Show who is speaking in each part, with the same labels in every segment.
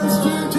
Speaker 1: Nations.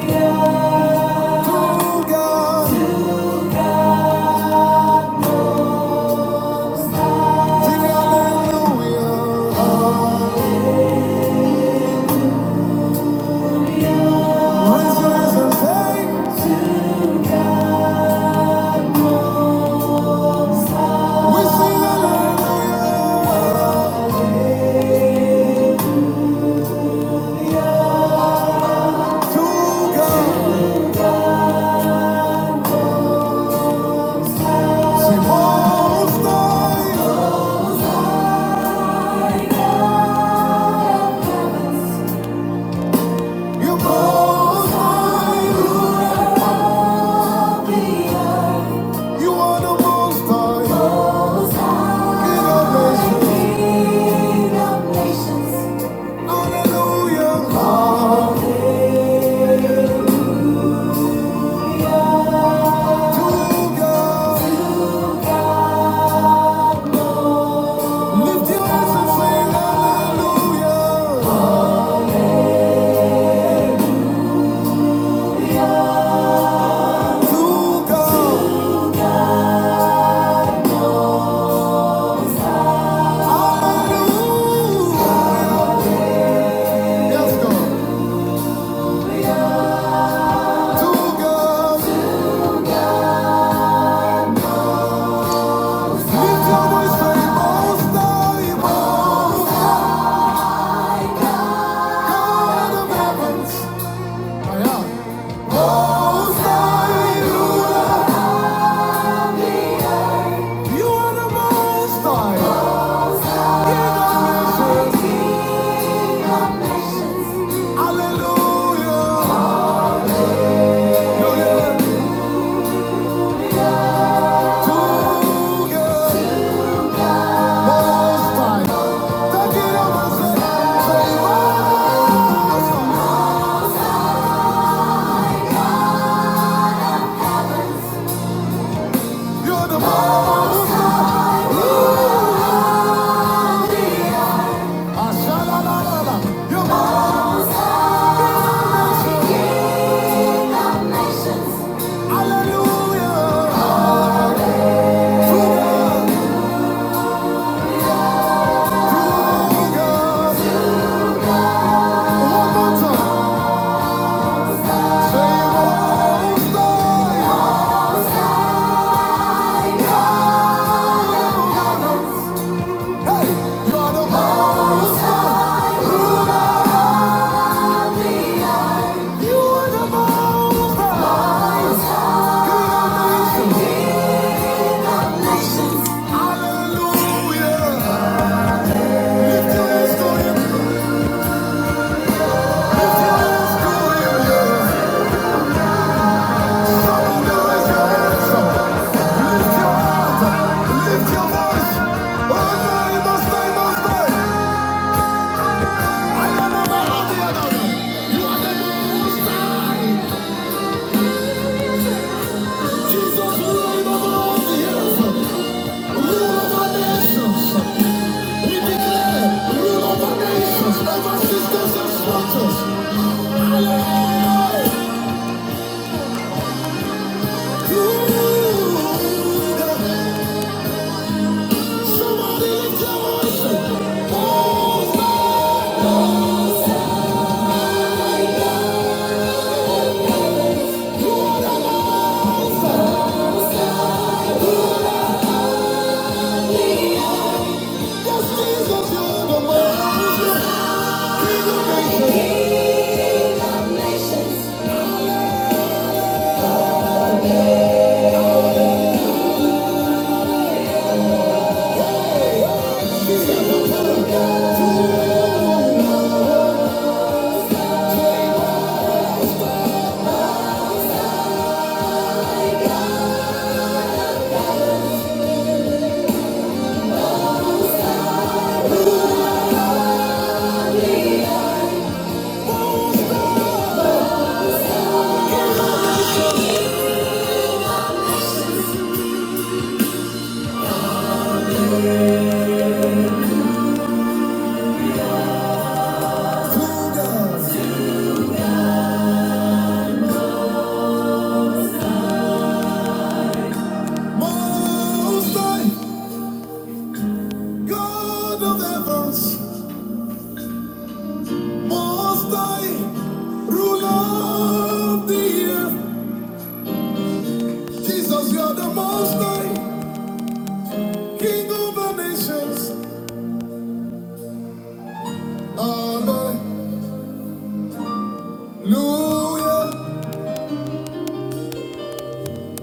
Speaker 1: You are the most high. King of nations. Hallelujah. To God. Lift your voice and sing hallelujah to God. Hallelujah. Yes, God. To God. Lift your voice, say, Most High, Most God of heavens. Most High, You are the Most High. King of nations. Hallelujah. Hallelujah. Hallelujah! Hallelujah. Lift your hands to him. To him, yeah. Somebody lift your voice. Hallelujah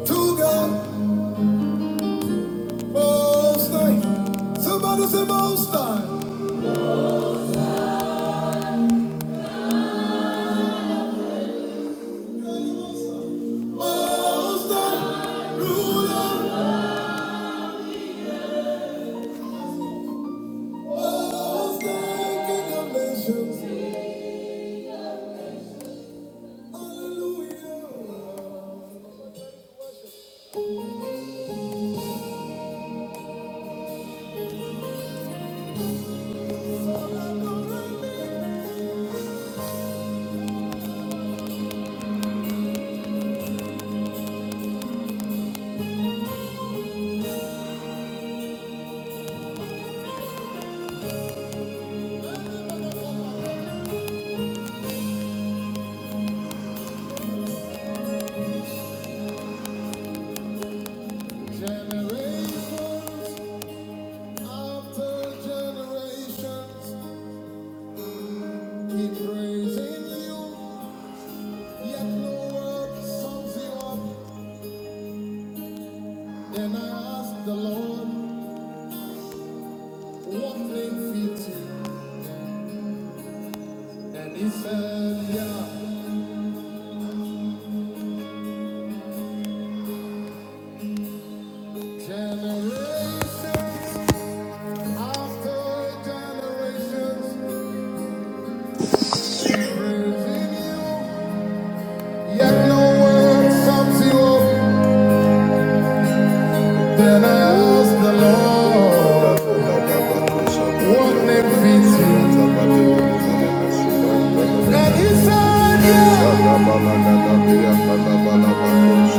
Speaker 1: to God, Most High. Somebody say Most High. Said, yeah, generation after generations, keep praising you. Yet no word sums you up. Then I
Speaker 2: Thank
Speaker 1: ask the Lord, what name fits you? And he said, Yeah. You're the Holy One.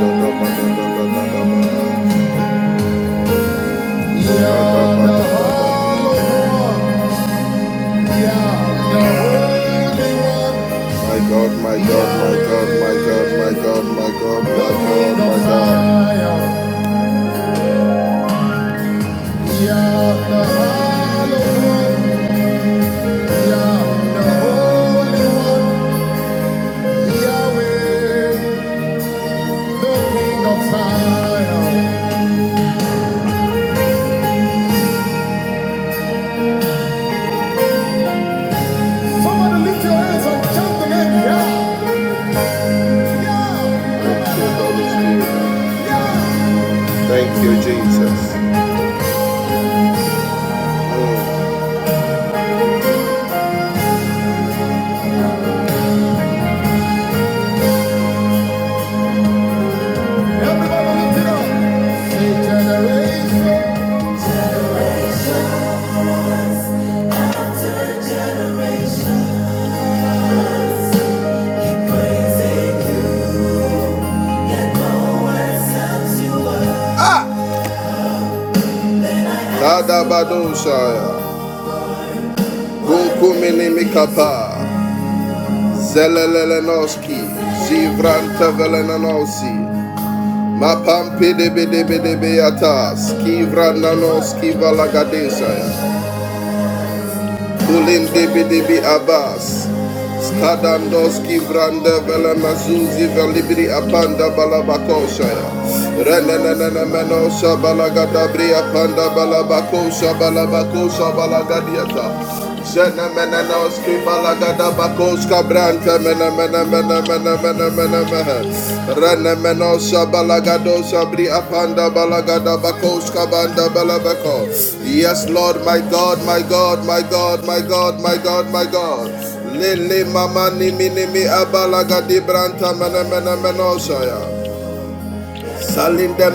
Speaker 1: You're the Holy One. My God, my God, my God, my God, my God, my God, my God, my God. Thank you, Jesus. Everybody lift it up. Say generation.
Speaker 2: You keep me
Speaker 1: Tadabadosha.
Speaker 2: safe. So let's
Speaker 1: Gokuminimikapa. Zelelelenoski, Zivranta Velenanosi, Mapampi de Bede Bede Beatas, Kivrananoski Valagadesaya, Kulin de Bede Be Abbas, Skadandoski Vranda Vela Mazuzi Velibri Apanda Balabakoshaya Renanana Menosha Balagadabri Apanda Balabakosha Balabakosha Balagadiata Zena mena noski balagada bakoska branta mena mena mena mena mena mena mena Rene menosha balagado sabri apanda balagada bakoska banda balabako Yes Lord my God my God my God my God my God my God Lele mama nimi nimi abalaga di branta mene mene menosha ya. Salinde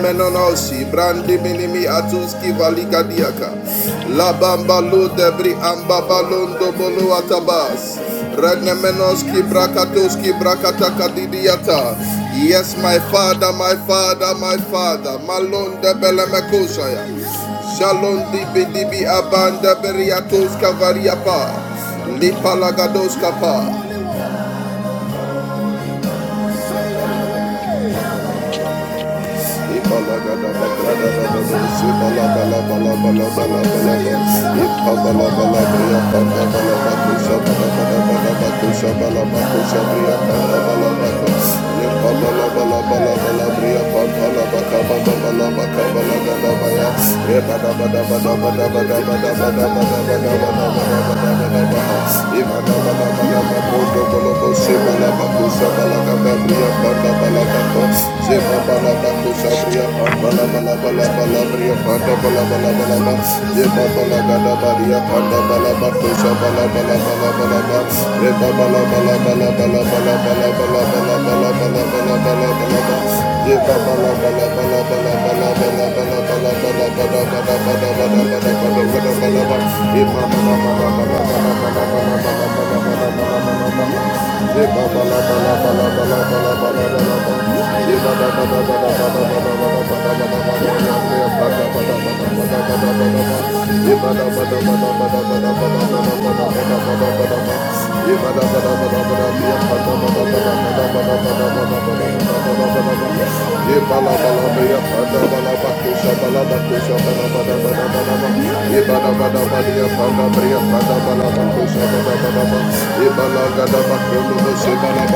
Speaker 1: brandi minimi atuski valika diaka. La bamba lu amba balondo bolu atabas. Regne menoski brakatoski brakataka didiata. Yes, my father, my father, my father. Malonde belemekosha ya. Shalom dibi dibi abanda beriatos kavariapa. Lipa lagados kapa. Ibala Thank you. Bala bala bala bala bala Ibala gada bakulu, sebala bakaga,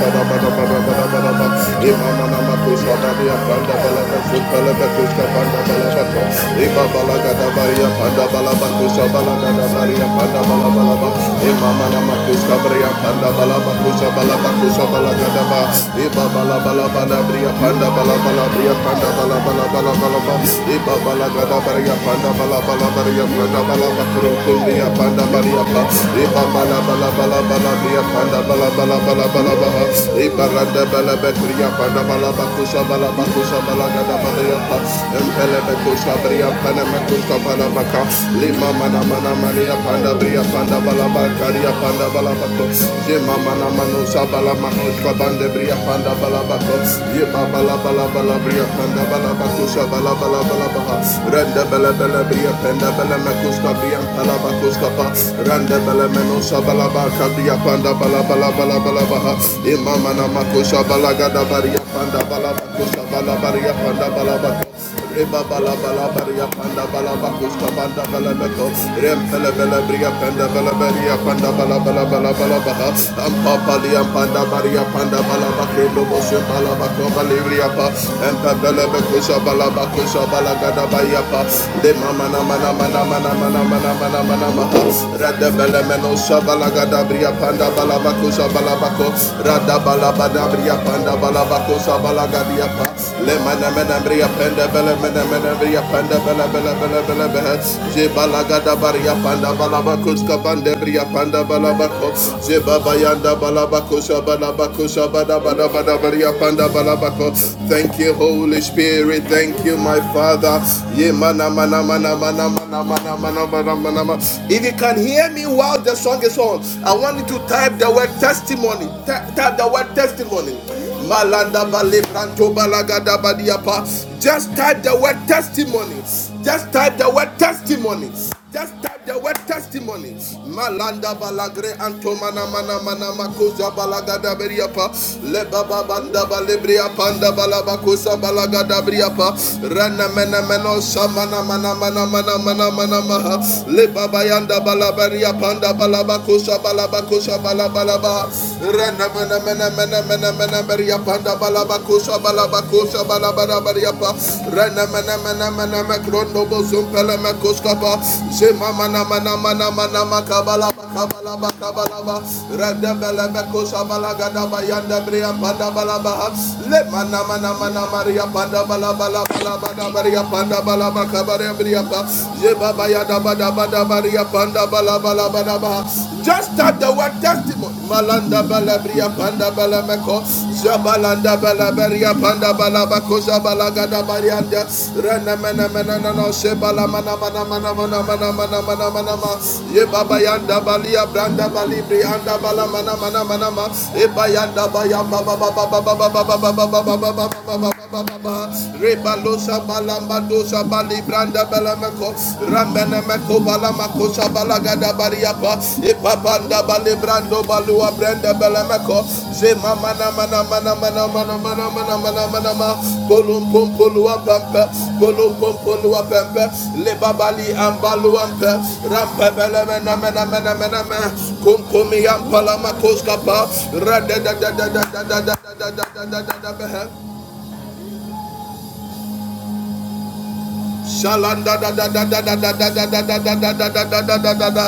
Speaker 1: bada bada bada Panda bala bala bala bala bala balabalaba, Ibaranda Balabetria Panabalabakusha Balabakusha Bria Panamakusha Balabaka, Lima Mana Bria Panda Balabakaria Panda Balabako, Jima Mana Manusha Balamakusha Bande Bria Panda Balabako, Yiba Balabalabala Bria Balabala Bria Panda Balamakusha Bria Palabakusha Pa, Maria Panda Bala Bala Bala Bala Baha Imama Namakosha Balagada Baria Panda Bala Bakosha Bala Baria Panda Bala Bakosha Reba bala bala baria panda bala bakusta panda bala beko rem pele bele bria panda bala baria panda bala bala bala bala baha am papa li am panda baria panda bala bakre lobo se bala bako bali bria pa em pe bele beko sha bala bako sha bala gada baria pa de mama na mana mana mana mana mana mana mana maha Lelemeno Shabalagada Bria Panda Balabako Shabalabako Rada Balabada Bria Panda Balabako Shabalagadia Pa Lemenemene Bria Panda Belemenemene Bria Panda Bele Bele Bele Bele Bele Jebalagada Bria Panda Balabako Skabande Bria Panda Balabako Jebabayanda Balabako Shabalabako Shabadabada Bada Bria Panda Balabako Thank you Holy Spirit Thank you my Father Ye Mana Mana Mana Mana if you can hear me while the song is on, I want you to type the word testimony. Ta- type the word testimony. Just type the word testimony. Just type the word testimony. Just type type the word testimony. Malanda balagre antomana mana mana makosa balagada beriapa. Leba babanda balebria panda balabakosa balagada beriapa. Rana mena meno samana mana mana mana mana mana maha. Leba bayanda balabaria panda balabakosa balabakosa balabalaba. Rana mena mena mena mena mena beria panda balabakosa balabakosa balaba. Barabarabariapa, Renamanamanamanamacrondo Bosumpelamacuskapa, Zemamanamanamanamanamacabala. Just start the word testimony. Zabalanda balabria panda balameko. Zabalanda balabaria panda balabako zabalagada barianda. Rana mana mana na no sebala mana mana mana mana mana mana mana mana ma. Ye baba yanda balia branda balibri anda bala mana mana mana ma. E bayanda bayamba baba baba baba baba baba baba baba baba baba Rebalosa balambadosa balibranda belameko rambenemeko balamakosa balagada bariapa ipapanda balibrando balua brenda belameko zema mana mana mana mana mana mana mana mana mana ma polum pom polua pempe polum pom polua pempe lebabali ambaluampe rampe belemena mena mena mena mena kumkumi ampalamakoska pa radadadadadadadadadadadadadadabehe Shalanda da da da da da da da da da da da da da da da da da da.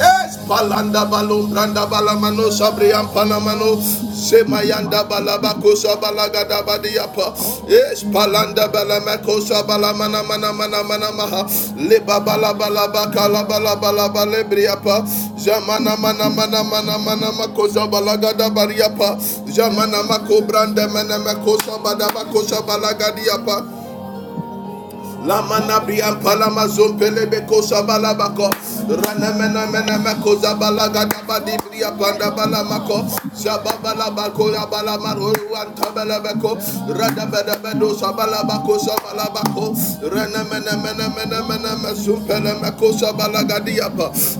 Speaker 1: Yes, palanda balu branda balamano sabriam panamano semayanda balabako sabalaga da badiapa. Yes, palanda balamako sabalamana mana mana mana maha leba balabalaba kala balabalaba lebriapa zamana mana mana mana mana mako sabalaga da bariapa zamana mako branda mana mako sabada mako Lamana brian palama zompele beko sabala bako. Rana mena bria panda bala mako. Zababala bako ya bala maro wan tabala beko. Rada bada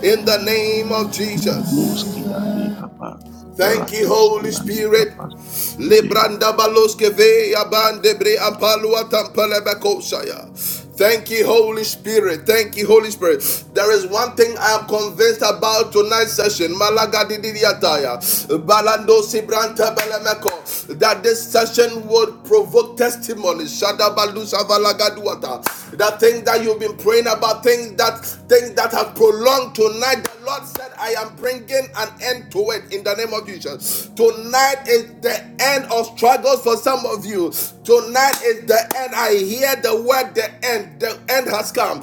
Speaker 1: In the name of Jesus.
Speaker 3: Boski and the Kappa,
Speaker 1: Thank you,
Speaker 3: Ratus
Speaker 1: Holy
Speaker 3: and the
Speaker 1: Spirit.
Speaker 3: Kappa,
Speaker 1: Libranda baloske ve abande bre ampalua tampele bakosaya. Thank you, Holy Spirit. Thank you, Holy Spirit. There is one thing I am convinced about tonight's session. Malaga didiataya, balando sibranta belemeko. That this session would provoke testimonies. Shadabalu savalagaduata. That thing that you've been praying about, things that things that have prolonged tonight. The Lord said, I am bringing an end to it in the name of Jesus. Tonight is the end of struggles for some of you. Tonight is the end. I hear the word, the end. The end has come.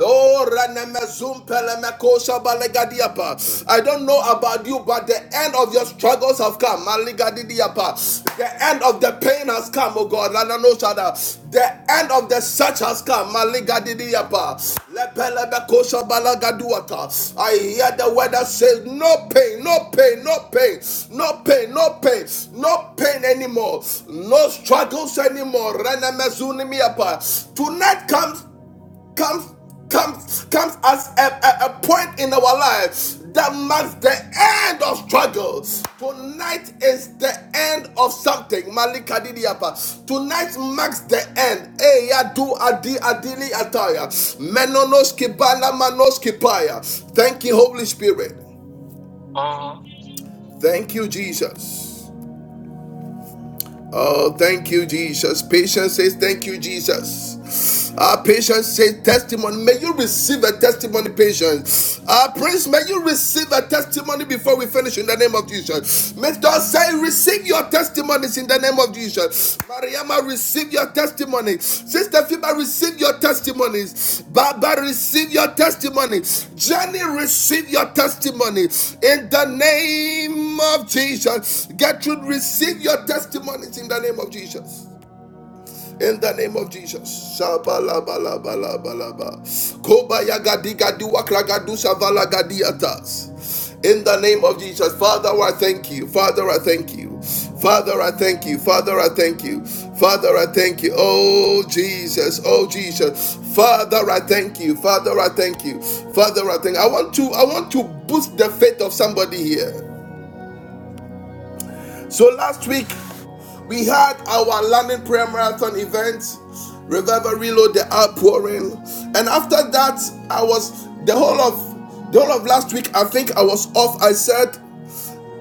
Speaker 1: Oh, I don't know about you, but the end of of your struggles have come. Maligadidiyapa. The end of the pain has come, oh God. Lananoshada. The end of the search has come. Maligadidiyapa. Lepelebekoshabalagaduata. I hear the word that says, No pain, no pain, no pain, no pain, no pain, no pain anymore, no struggles anymore. Renemezunimiapa. Tonight comes comes comes comes as a, a, a point in our life that marks the end of struggles. Tonight is the end of something. Malika Didiapa. Tonight marks the end. Eya du adi adili ataya. Menonos kibala manos kipaya. Thank you, Holy Spirit.
Speaker 4: Oh.
Speaker 1: Thank you, Jesus. Oh, thank you, Jesus. Patience says, Thank you, Jesus. Our patience says, Testimony. May you receive a testimony, patience. Our praise, may you receive a testimony before we finish in the name of Jesus. May God say, Receive your testimonies in the name of Jesus. Mariama, receive your testimony. Sister Fiba, receive your testimonies. Baba, receive your testimony. Jenny, receive your testimony. In the name of Jesus. Gertrude, receive your testimonies in the name of Jesus. In the name of Jesus. Shabalabalabalaba. Kobayagadigaduwakragadusavalagadiatas. In the name of Jesus. Father, I thank you. Father, I thank you. Father, I thank you. Father, I thank you. Father, I thank you. Oh, Jesus. Oh, Jesus. Father, I thank you. Father, I thank you. Father, I thank you. I want to I want to boost the faith of somebody here. So last week we had our London Prayer Marathon event, Revival Reload, the outpouring. And after that, I was the whole of the whole of last week, I think I was off. I said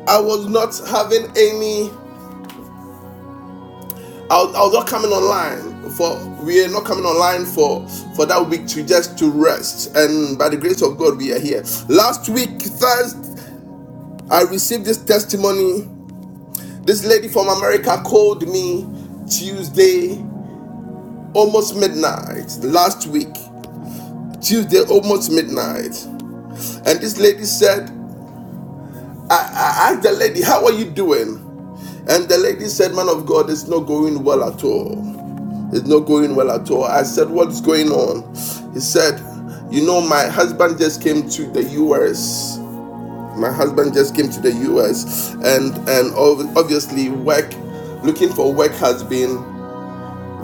Speaker 1: I was not having any I was, I was not coming online for we are not coming online for for that week to just to rest. And by the grace of God, we are here. Last week, Thursday, I received this testimony. This lady from America called me Tuesday almost midnight last week, Tuesday, almost midnight. And this lady said, I, I asked the lady, How are you doing? And the lady said, Man of God, it's not going well at all. It's not going well at all. I said, What's going on? He said, You know, my husband just came to the US. My husband just came to the US, and and obviously work, looking for work has been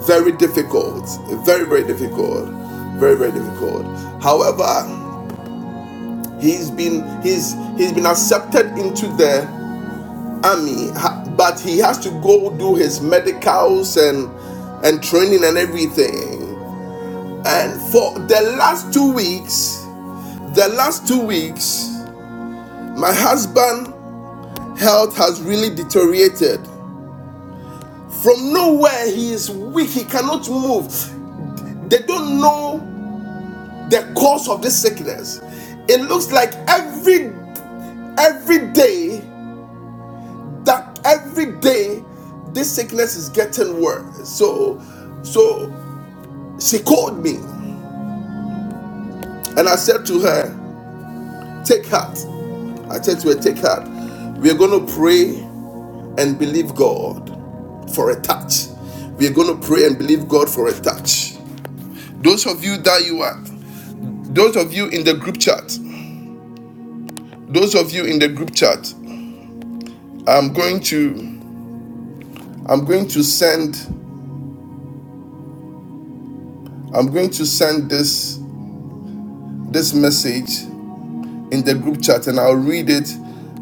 Speaker 1: Very difficult. Very, very difficult. Very, very difficult. However, he's been he's he's been accepted into the army, but he has to go do his medicals and and training and everything. And for the last two weeks, the last two weeks, my husband' health has really deteriorated. From nowhere, he is weak. He cannot move. They don't know. the cause of this sickness. It looks like every every day that every day this sickness is getting worse. So so she called me and I said to her, take heart. I said to her, take heart. We're gonna pray and believe God for a touch. We're going to pray and believe God for a touch. Those of you that you are, those of you in the group chat, those of you in the group chat, I'm going to. I'm going to send I'm going to send this this message in the group chat and I'll read it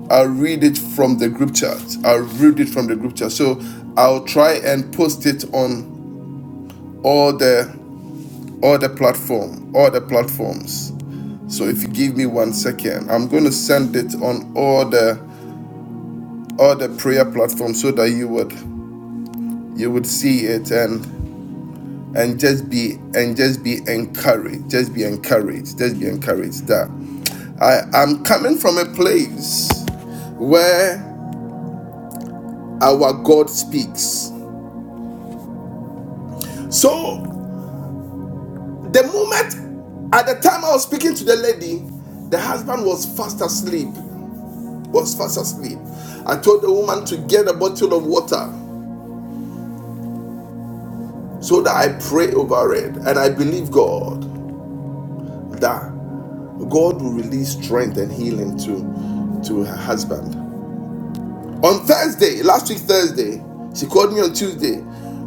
Speaker 1: I'll read it from the group chat. I'll read it from the group chat. So I'll try and post it on all the all the platform, all the platforms. So if you give me one second, I'm going to send it on all the all the prayer platforms so that you would you would see it and and just be and just be encouraged just be encouraged just be encouraged that i am coming from a place where our god speaks so the moment at the time i was speaking to the lady the husband was fast asleep was fast asleep i told the woman to get a bottle of water so that i pray over it and i believe god that god will release strength and healing to to her husband On Thursday, last week Thursday, she called me on Tuesday.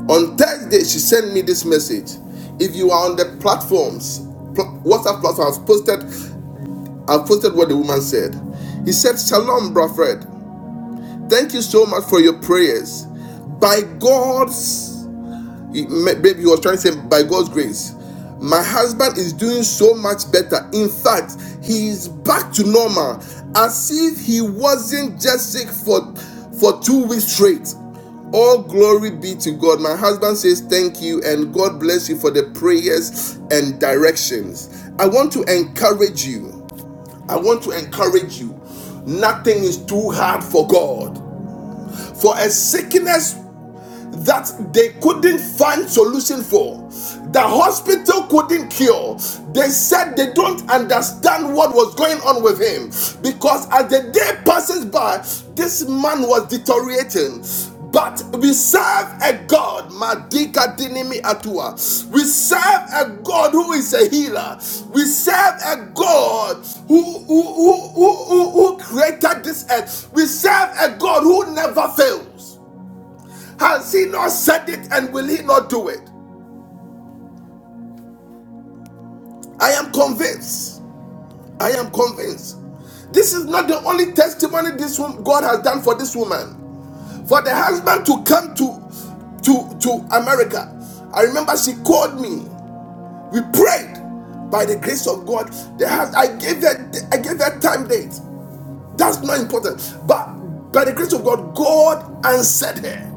Speaker 1: On Thursday, she sent me this message. If you are on the platforms, WhatsApp platform, I've posted, I've posted what the woman said. He said, Shalom, Bra Fred. Thank you so much for your prayers. By God's Baby, ma- he was trying to say, by God's grace, my husband is doing so much better. In fact, he is back to normal, as if he wasn't just sick for for two weeks straight. All glory be to God. My husband says thank you and God bless you for the prayers and directions. I want to encourage you. I want to encourage you. Nothing is too hard for God. For a sickness that they couldn't find solution for the hospital couldn't cure they said they don't understand what was going on with him because as the day passes by this man was deteriorating but we serve a God, Madika Dinimi Atua. We serve a God who is a healer. We serve a God who, who, who, who, who who created this earth. We serve a God who never fails. Has he not said it and will he not do it? I am convinced. I am convinced. This is not the only testimony this wom- God has done for this woman. For the husband to come to to to America. I remember she called me. We prayed by the grace of God. The hus- I gave her I gave her time date. That's not important. But by the grace of God, God answered her.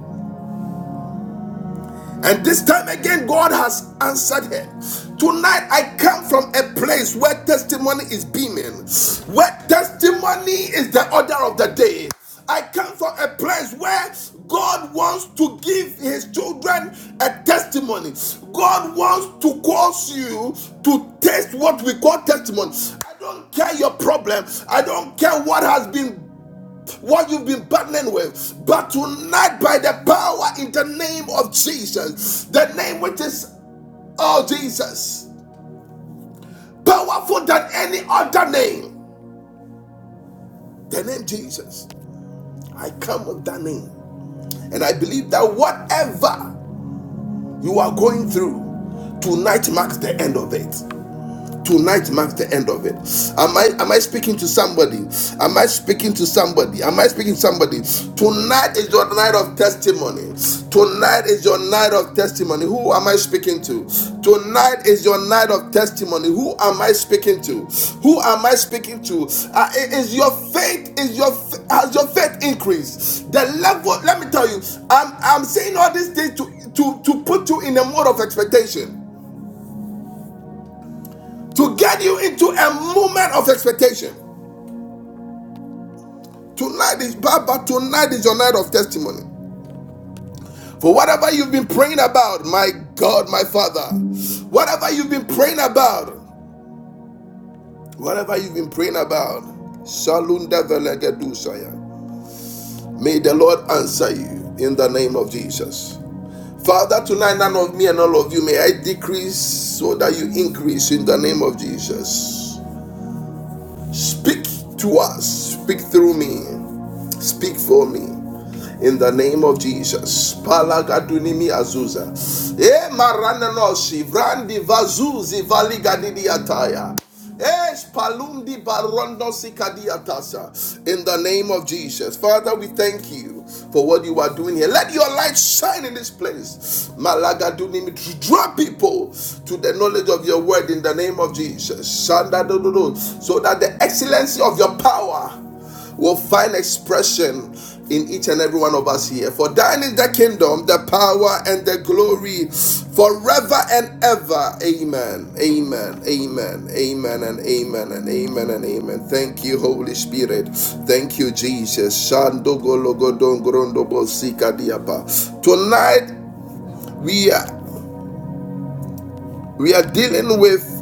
Speaker 1: And this time again, God has answered her. Tonight, I come from a place where testimony is beaming, where testimony is the order of the day. I come from a place where God wants to give his children a testimony. God wants to cause you to taste what we call testimony. I don't care your problem. I don't care what has been what you've been battling with. But tonight, by the power in the name of Jesus, the name which is, oh Jesus, powerful than any other name, the name Jesus. I come with that name. And I believe that whatever you are going through, tonight marks the end of it. tonight marks the end of it. Am I am I speaking to somebody? Am I speaking to somebody? Am I speaking to somebody? Tonight is your night of testimony. Tonight is your night of testimony. Who am I speaking to? Tonight is your night of testimony. Who am I speaking to? Who am I speaking to? Uh, is your faith is your has your faith increased? The level. Let me tell you. I'm I'm saying all these things to to to put you in a mode of expectation to get you into a moment of expectation. Tonight is Baba, tonight is your night of testimony. For whatever you've been praying about, my God, my Father, whatever you've been praying about, whatever you've been praying about, Shalunda Velegedusaya. may the Lord answer you in the name of Jesus. Father, tonight none of me and all of you may I decrease so that you increase in the name of Jesus. Speak to us, speak through me, speak for me. in the name of Jesus. Palagadunimi azuza. E marananoshi vrandi vazuzi valigadidiyataya. Es palumdi barondosi kadiatasa. In the name of Jesus. Father, we thank you for what you are doing here. Let your light shine in this place. Malaga dunimi. Draw people to the knowledge of your word in the name of Jesus. Shanda do So that the excellency of your power will find expression in each and every one of us here. For thine is the kingdom, the power, and the glory forever and ever. Amen. Amen. Amen. Amen. And amen. And amen. And amen. Thank you, Holy Spirit. Thank you, Jesus. Tonight, we are we are dealing with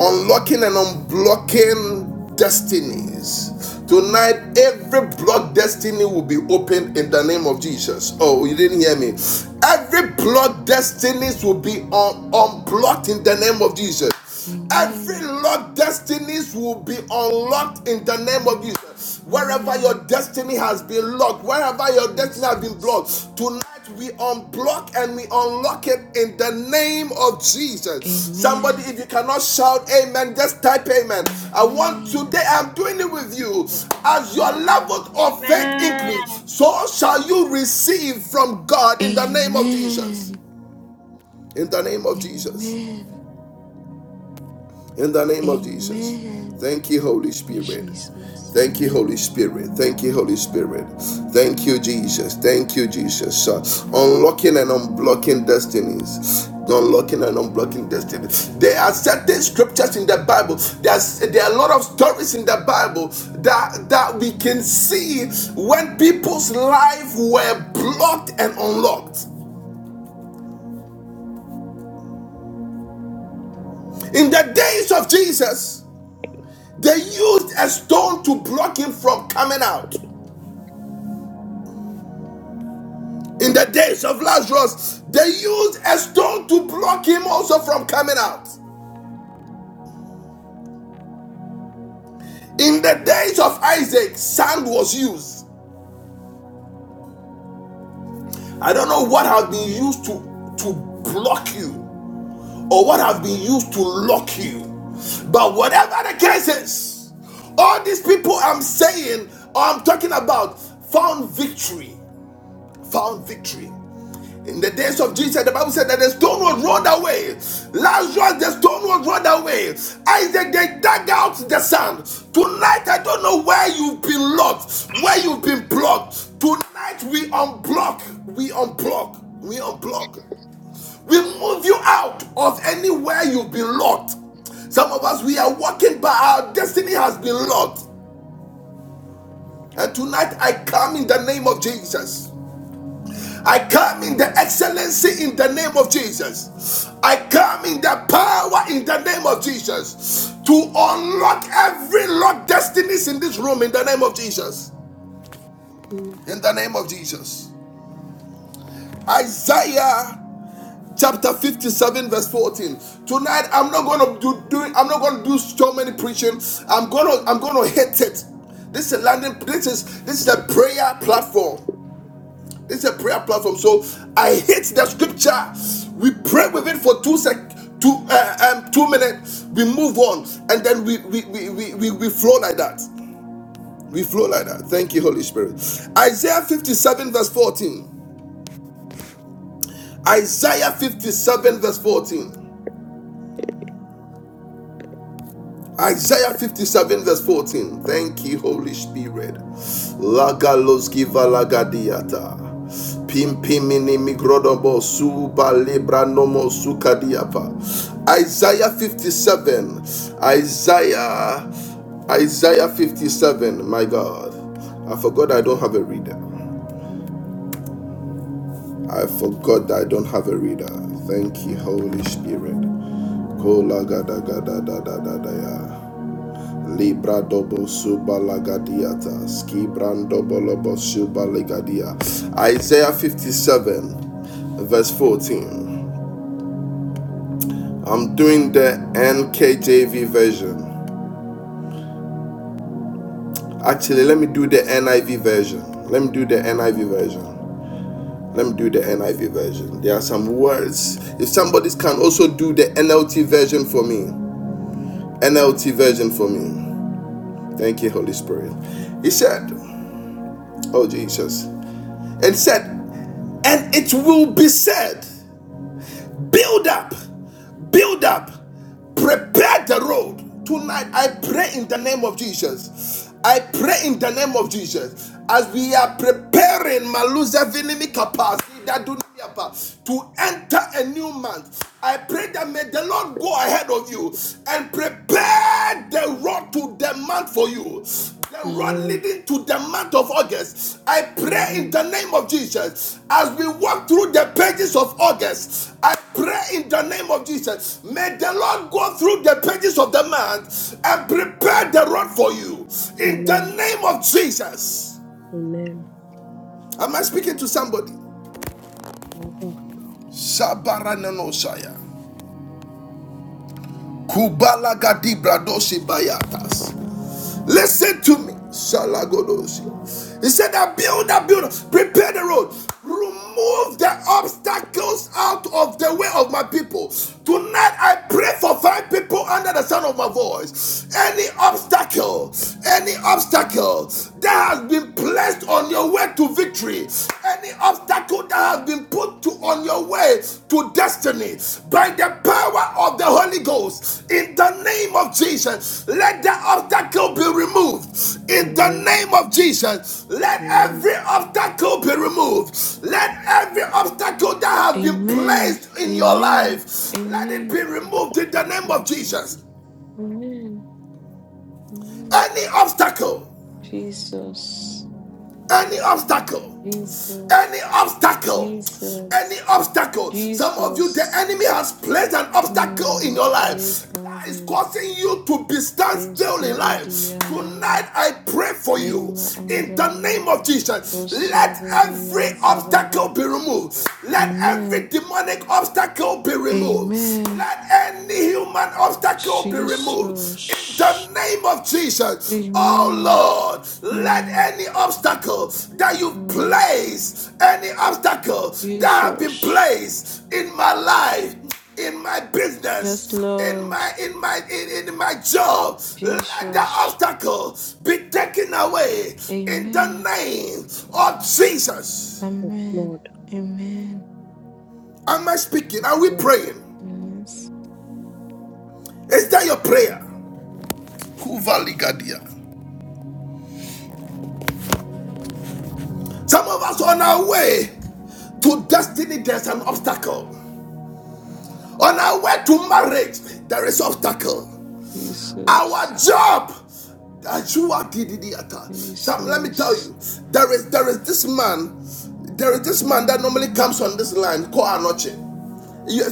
Speaker 1: unlocking and unblocking destinies. Tonight, every blocked destiny will be opened in the name of Jesus. Oh, you didn't hear me. Every blocked destinies will be un- unblocked in the name of Jesus. Every
Speaker 5: Amen.
Speaker 1: locked destinies will be unlocked in the name of Jesus. Wherever
Speaker 5: Amen.
Speaker 1: your destiny has been locked, wherever your destiny has been
Speaker 5: Jesus.
Speaker 1: blocked, tonight we unblock and we unlock it in the name of Jesus. Somebody,
Speaker 5: Amen.
Speaker 1: if you cannot shout amen, just type amen. I want today,
Speaker 5: Amen.
Speaker 1: I'm doing it with you. As your level of faith
Speaker 6: Amen.
Speaker 1: increase, so shall you receive from God in the name of Jesus.
Speaker 5: Amen.
Speaker 1: In the name of Jesus.
Speaker 5: Amen.
Speaker 1: In the name of Jesus.
Speaker 5: Amen.
Speaker 1: Thank you, Holy Spirit.
Speaker 5: Jesus.
Speaker 1: Thank you, Holy Spirit. Thank you, Holy Spirit. Thank you, Jesus. Thank you, Jesus. Uh, unlocking and unblocking destinies. Unlocking and unblocking destinies. There are certain scriptures in the Bible. There's there are a lot of stories in the Bible that that we can see when people's life were blocked and unlocked in the days of Jesus. They used a stone to block him from coming out.
Speaker 7: Amen.
Speaker 1: In the days of Lazarus, they used a stone to block him also from coming out. In the days of Isaac, sand was used. I don't know what has been used to, to block you or what has been used to lock you. But whatever the case is, all these people I'm saying or I'm talking about found victory. Found victory. In the days of Jesus, the Bible said that the stone was rolled away. Lazarus, the stone was rolled away. Isaac, they dug out the sand. Tonight, I don't know where you've been locked, where you've been blocked. Tonight, we unblock, we unblock, we unblock. We move you out of anywhere you've been locked. Some of us, we are walking, but our destiny has been locked. And tonight, I come in the name of Jesus. I come in the excellency in the name of Jesus. I come in the power in the name of Jesus to unlock every locked destinies in this room in the name of Jesus. In the name of Jesus. Isaiah chapter 57 verse 14 tonight i'm not gonna do, do i'm not gonna do so many preaching i'm gonna i'm gonna hit it this is a landing this is this is a prayer platform It's a prayer platform. So I hate the scripture. We pray with it for two sec, two uh, um, two minutes. We move on, and then we we, we we we we flow like that. We flow like that. Thank you, Holy Spirit. Isaiah 57 verse 14. Isaiah 57 verse 14. Isaiah 57 verse 14. Thank you, Holy Spirit. Lagaloski valagadiata. Pimpimini migrodobo suba lebranomo sukadiapa. Isaiah 57. Isaiah. Isaiah 57. My God. I forgot I don't have a reader. I forgot that I don't have a reader. Thank you, Holy Spirit. Kolagadagadadadadadaya. Libra dobo suba lagadiata, ski brando bolobo suba legadia. Isaiah 57, verse 14. I'm doing the NKJV version. Actually, let me do the NIV version. Let me do the NIV version. Let me do the NIV version. There are some words. If somebody can also do the NLT version for me, NLT version for me. Thank you, Holy Spirit. He said, Oh Jesus. And said, and it will be said Build up, build up, prepare the road. Tonight, I pray in the name of Jesus. I pray in the name of Jesus as we are preparing Maluza Vinimi capacity that do to enter a new month. I pray that may the Lord go ahead of you and prepare the road to the month for you. The road leading to the month of August. I pray in
Speaker 7: Amen. Amen.
Speaker 1: the name of Jesus as we walk through the pages of August. I Pray in the name of Jesus. May the Lord go through the pages of the month and prepare the road for you. In the
Speaker 7: Amen. Amen.
Speaker 1: name of Jesus. Am I speaking to somebody? Shabarananosaya. Kubalagadibradoshi bayatas. Listen to me. Shalagodosia. He said, I build, I build, prepare the road. Remove the obstacles out of the way of my people. Tonight I pray for five people under the sound of my voice. Any obstacle, any obstacle that has been placed on your way to victory, any obstacle that has been put to on your way to destiny by the power of the Holy Ghost. In the name of Jesus, let the obstacle be removed. In the
Speaker 7: Amen.
Speaker 1: name of Jesus, let
Speaker 7: Amen.
Speaker 1: every obstacle be removed. Let every obstacle that has been
Speaker 5: Amen.
Speaker 1: placed in your
Speaker 5: Amen.
Speaker 1: life,
Speaker 5: Amen.
Speaker 1: let it be removed in the name of
Speaker 5: Jesus.
Speaker 1: Jesus.
Speaker 5: Amen. Amen.
Speaker 1: Any obstacle
Speaker 5: Jesus.
Speaker 1: Any obstacle, any
Speaker 5: Jesus.
Speaker 1: obstacle, any
Speaker 5: Jesus.
Speaker 1: obstacle. Some of you, the
Speaker 5: Jesus.
Speaker 1: enemy has placed an obstacle
Speaker 5: Hmm.
Speaker 1: in your life that is
Speaker 5: Yekabe.
Speaker 1: causing you to be stand still in
Speaker 5: Yestebedi
Speaker 1: life. Tonight,
Speaker 5: andaba.
Speaker 1: I pray for you
Speaker 5: Yema
Speaker 1: in the
Speaker 5: andaba.
Speaker 1: name of Jesus. Let
Speaker 5: Oshabari
Speaker 1: every obstacle
Speaker 5: Ansabara.
Speaker 1: be removed. Let
Speaker 5: Amen.
Speaker 1: every demonic obstacle be removed.
Speaker 5: Amen.
Speaker 1: Let any human obstacle be removed. In the
Speaker 5: Jesus.
Speaker 1: name of Jesus.
Speaker 5: Amen.
Speaker 1: Oh Lord, let
Speaker 5: Mm,
Speaker 1: any obstacle that you've
Speaker 5: mm.
Speaker 1: placed, any obstacle that have been
Speaker 5: Jesus.
Speaker 1: placed in my life, in my
Speaker 5: Yes,
Speaker 1: business, in
Speaker 5: Lord.
Speaker 1: my in my in, in my job, let the
Speaker 5: Jesus.
Speaker 1: obstacle be taken away in the
Speaker 5: Amen.
Speaker 1: name of Jesus.
Speaker 7: Yes,
Speaker 5: Amen.
Speaker 7: Lord.
Speaker 5: Amen.
Speaker 1: Am I speaking?
Speaker 7: Yes.
Speaker 1: Are we
Speaker 7: Lord.
Speaker 1: praying?
Speaker 5: Yes.
Speaker 1: Is that your prayer? Kuvaligadia. Some of us on our way to destiny, there's an obstacle. On our way to marriage, there is obstacle. Our
Speaker 5: Jesus.
Speaker 1: job, Ajua Dididiata. Some, let me tell
Speaker 5: Jesus.
Speaker 1: you, there is there is this man, there is this man that normally comes on this line called Anoche.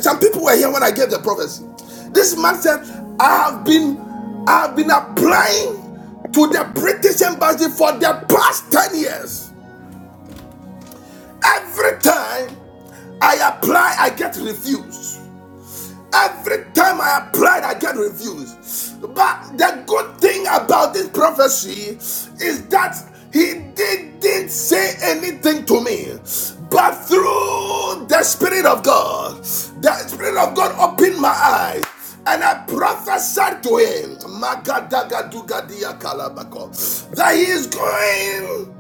Speaker 1: Some people were here when I gave the prophecy. This man said, I have been I have been applying to the British embassy for the past 10 years. Every time I apply, I get refused. Every time I applied, I get refused. But the good thing about this prophecy is that he didn't say anything to me. But through the Spirit of God, the Spirit of God opened my eyes. And I prophesied to him that he is going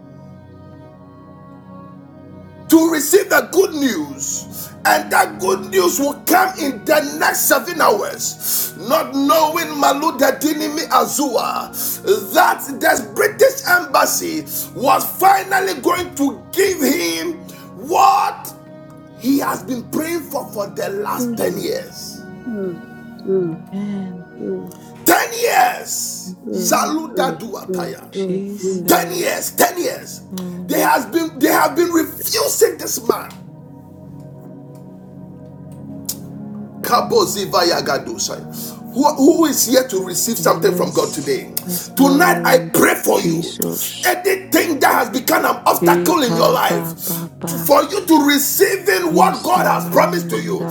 Speaker 1: to receive the good news and that good news will come in the next seven hours not knowing maluda dinimi azua that the british embassy was finally going to give him what he has been praying for for the last 10
Speaker 7: Mm,
Speaker 1: years
Speaker 7: mm, mm,
Speaker 5: Amen.
Speaker 7: mm,
Speaker 1: 10 years
Speaker 7: mm,
Speaker 5: Amen.
Speaker 1: saluda
Speaker 7: mm, mm,
Speaker 1: duataya
Speaker 7: mm, mm.
Speaker 1: 10 years
Speaker 5: Jesus.
Speaker 1: 10 years they
Speaker 5: Mm.
Speaker 1: has been they have been refusing this man Kabozivayagadosai. Who, who is here to receive something from God
Speaker 5: Yes.
Speaker 1: today?
Speaker 5: Yes,
Speaker 1: Tonight, I
Speaker 5: Lord.
Speaker 1: pray for you.
Speaker 5: Jesus.
Speaker 1: Anything that has become an obstacle in your life,
Speaker 5: Ekabababa,
Speaker 1: for you to receive in what God has promised to you.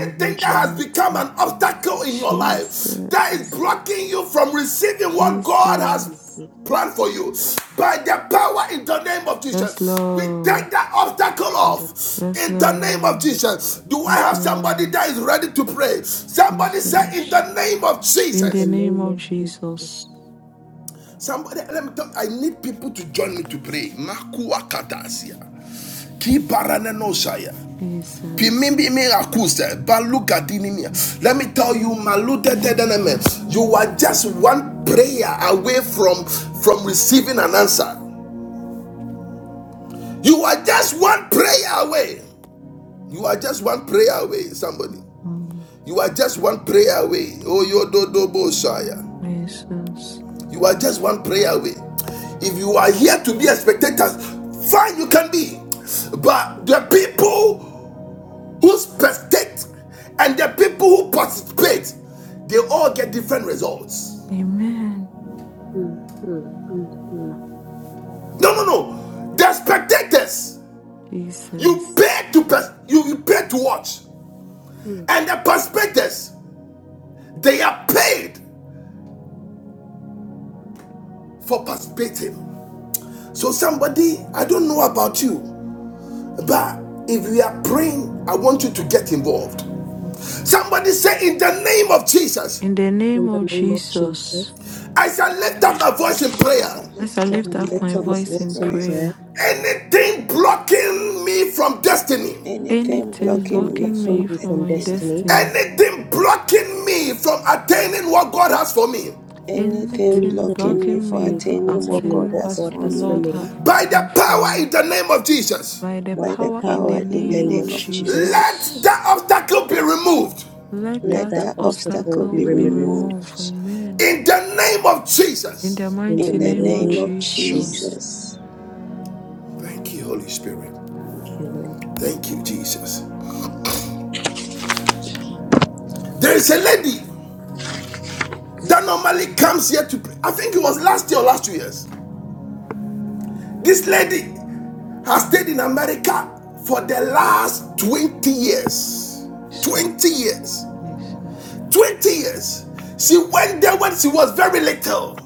Speaker 1: Anything that has become an obstacle
Speaker 7: Jesus.
Speaker 1: in your
Speaker 5: Jesus,
Speaker 1: life that is
Speaker 7: Jesus.
Speaker 1: blocking you from receiving what God has
Speaker 5: Jesus.
Speaker 7: Jesus.
Speaker 1: planned for you by the power in the name of
Speaker 5: Yes,
Speaker 1: Jesus. We
Speaker 5: Lord.
Speaker 1: take that obstacle
Speaker 7: In the name
Speaker 1: off
Speaker 5: Yes,
Speaker 1: in the
Speaker 7: of
Speaker 1: name of
Speaker 5: Lord.
Speaker 7: Jesus.
Speaker 1: Jesus. Do I
Speaker 5: Yes,
Speaker 1: have somebody
Speaker 5: Lord.
Speaker 1: that is ready to pray? Somebody say, In
Speaker 5: Jesus.
Speaker 1: the name of
Speaker 7: In
Speaker 5: In the
Speaker 7: the
Speaker 1: Jesus.
Speaker 5: name
Speaker 7: name
Speaker 5: of
Speaker 7: of
Speaker 5: Jesus.
Speaker 7: Jesus.
Speaker 1: Somebody, let me tell you, I need people to join me to pray. Makuakatasia. Kibaranenoshaya.
Speaker 5: Jesus.
Speaker 1: Pimimimi akuste, baluga dinimia. Let me tell you, malute dedeneme, you are just one prayer away from from receiving an answer. You are just one prayer away. You are just one prayer away, somebody.
Speaker 5: Mm.
Speaker 1: You are just one prayer away. Oh, yo do do bo shaya.
Speaker 5: Jesus.
Speaker 1: You are just one prayer away. If you are here to be a spectator, fine, you can be. But the people who spectate and the people who participate, they all get different results.
Speaker 5: Amen.
Speaker 7: Mm, mm, mm, mm,
Speaker 1: No, no, no. The spectators, you
Speaker 5: Jesus.
Speaker 1: pay to pers- you, you pay to watch,
Speaker 7: mm.
Speaker 1: and the participators, they are paid for participating. So somebody, I don't know about you, but if you are praying, I want you to get involved. Somebody say, in the name of Jesus,
Speaker 5: In the
Speaker 7: In
Speaker 5: name of
Speaker 7: the name of
Speaker 5: Jesus.
Speaker 7: Jesus.
Speaker 1: I shall lift up my voice in prayer.
Speaker 5: As
Speaker 2: Silence
Speaker 5: I
Speaker 2: God
Speaker 7: As I
Speaker 5: lift up my
Speaker 7: lift up my
Speaker 2: deliverance
Speaker 5: voice
Speaker 2: is
Speaker 5: in
Speaker 7: voice in
Speaker 2: prayer.
Speaker 5: prayer.
Speaker 7: prayer,
Speaker 1: Anything blocking me from destiny
Speaker 2: Anything
Speaker 5: Anything
Speaker 7: anything
Speaker 2: blocking me
Speaker 5: blocking
Speaker 7: blocking
Speaker 5: me
Speaker 2: from
Speaker 7: me
Speaker 5: from
Speaker 7: from
Speaker 5: my
Speaker 2: destiny,
Speaker 7: destiny,
Speaker 5: destiny.
Speaker 1: Anything blocking me from attaining what God has for me,
Speaker 2: anything
Speaker 5: Anything
Speaker 7: anything
Speaker 2: blocking me
Speaker 5: blocking
Speaker 2: for
Speaker 7: blocking
Speaker 5: me
Speaker 7: me from
Speaker 5: from
Speaker 2: attaining what
Speaker 7: attaining
Speaker 2: God
Speaker 5: obtaining
Speaker 7: what
Speaker 5: what
Speaker 2: has
Speaker 7: God
Speaker 2: for
Speaker 5: the
Speaker 7: has for
Speaker 5: Lord
Speaker 2: me
Speaker 7: me,
Speaker 5: have
Speaker 1: by the
Speaker 5: planned for
Speaker 1: power in
Speaker 5: me.
Speaker 1: the name of Jesus,
Speaker 5: By the
Speaker 7: By
Speaker 2: by
Speaker 7: the
Speaker 2: the
Speaker 5: power in
Speaker 7: power
Speaker 2: power
Speaker 5: the
Speaker 7: in the
Speaker 2: in the
Speaker 5: name
Speaker 7: name
Speaker 5: of
Speaker 2: name
Speaker 7: of
Speaker 2: of Jesus.
Speaker 7: Jesus,
Speaker 1: let
Speaker 5: Jesus.
Speaker 1: that obstacle be removed
Speaker 5: Let
Speaker 7: let
Speaker 2: Let
Speaker 5: that
Speaker 7: that
Speaker 2: that
Speaker 7: obstacle
Speaker 2: obstacle
Speaker 7: be
Speaker 2: be
Speaker 5: obstacle be
Speaker 7: removed.
Speaker 5: removed.
Speaker 2: removed
Speaker 5: Amen.
Speaker 1: in the name of
Speaker 5: In the
Speaker 1: Jesus.
Speaker 7: In the
Speaker 2: in
Speaker 5: mighty
Speaker 2: the
Speaker 5: name of
Speaker 7: name
Speaker 2: name of
Speaker 7: of
Speaker 5: Jesus.
Speaker 7: Jesus.
Speaker 2: Jesus.
Speaker 1: Thank you, Holy Spirit.
Speaker 7: Thank you, Lord.
Speaker 1: Thank you, Jesus. There is a lady that normally comes here to pray. I think it was last year or last two years. This lady has stayed in America for the last 20 years. 20
Speaker 5: Jesus.
Speaker 1: years.
Speaker 5: Jesus.
Speaker 1: 20 years. She went there when she was very little.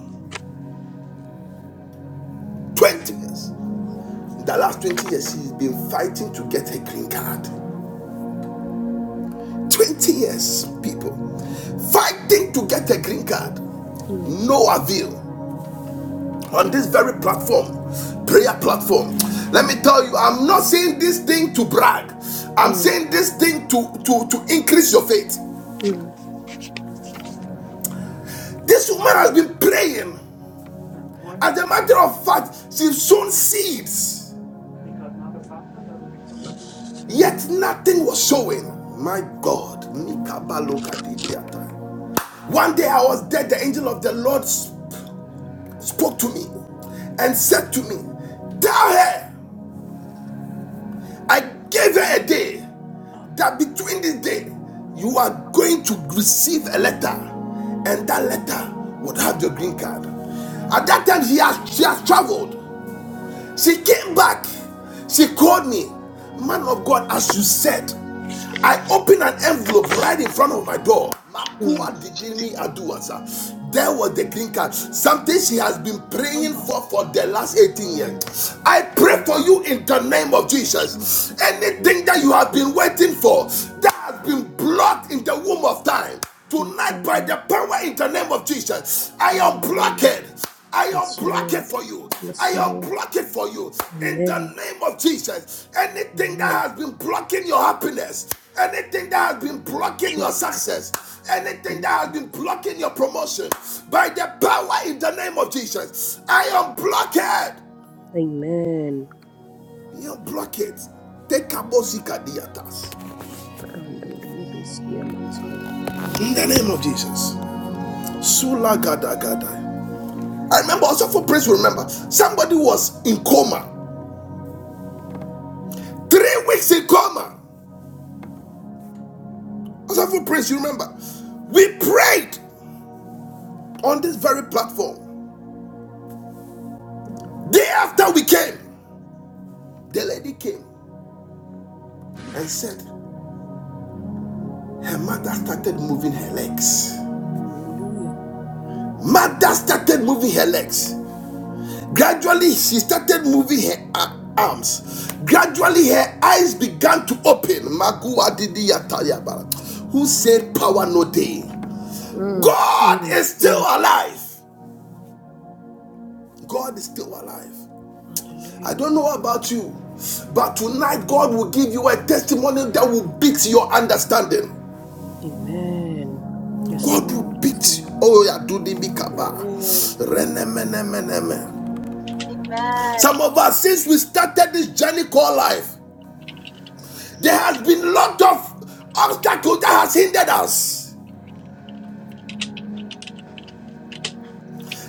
Speaker 1: 20 years. In the last 20 years, she's been fighting to get her green card. 20 years, people. Fighting to get her green card.
Speaker 7: Mm,
Speaker 1: No avail. On this very platform, prayer platform. Let me tell you, I'm not saying this thing to brag. I'm
Speaker 7: mm,
Speaker 1: saying this thing to, to, to increase your faith.
Speaker 7: mm,
Speaker 1: This woman has been praying.
Speaker 5: Amen.
Speaker 1: As a matter of fact, she sown seeds. Yet nothing was showing. My God. Mikabalokadidiata. One day I was dead. The angel of the Lord spoke to me and said to me, Tell her, I gave her a day that between this day you are going to receive a letter, and that letter would have the green card. At that time, she has, she has traveled. She came back. She called me, man of God, as you said. I opened an envelope right in front of my door.
Speaker 7: mm.
Speaker 1: There was the green card. Something she has been praying for for the last 18
Speaker 5: Sorry.
Speaker 1: years. I pray for you in the name of
Speaker 7: Jesus,
Speaker 1: Jesus. Anything that
Speaker 7: Jesus,
Speaker 1: you have been waiting for,
Speaker 7: Jesus,
Speaker 1: that has been blocked in the womb of time.
Speaker 7: make
Speaker 1: Tonight,
Speaker 7: way,
Speaker 1: by the
Speaker 7: Lord.
Speaker 1: power in the name of Jesus, I unblock
Speaker 7: Hallelujah.
Speaker 1: it. I
Speaker 7: Yes,
Speaker 1: unblock it
Speaker 7: Lord.
Speaker 1: for you. I
Speaker 7: Yes, Lord.
Speaker 1: unblock it for you. In the
Speaker 7: Amen.
Speaker 1: name of Jesus, anything that
Speaker 7: Amen.
Speaker 1: has been blocking your happiness, anything that has been blocking your
Speaker 7: Jesus,
Speaker 1: success, anything that has
Speaker 7: Jesus.
Speaker 1: been blocking your promotion, by the power in the name of Jesus, I unblock it.
Speaker 7: Amen.
Speaker 1: You unblock it. Take a diatas.
Speaker 7: Hallelujah.
Speaker 1: In the name of Jesus. Sulagadagada. I remember also for praise, you remember somebody was in coma, three weeks in coma. Also for praise, you remember we prayed on this very platform. Day after we came, the lady came and said her mother started moving her legs. Mother started moving her legs. Gradually, she started moving her uh, arms. Gradually, her eyes began to open. Who said power no day?
Speaker 7: Mm,
Speaker 1: God
Speaker 7: mm,
Speaker 1: is still
Speaker 7: mm.
Speaker 1: alive. God is still alive.
Speaker 7: Hallelujah.
Speaker 1: I don't know about you, but tonight God will give you a testimony that will beat your understanding.
Speaker 7: Amen. Yes,
Speaker 1: God will
Speaker 7: Lord. Yes,
Speaker 1: beat.
Speaker 7: Lord.
Speaker 1: Oh, yeah, do the big kaba.
Speaker 2: Amen.
Speaker 1: Renemenemeneme.
Speaker 6: Amen.
Speaker 1: Some of us, since we started this journey called life, there has been a lot of obstacles that has hindered us.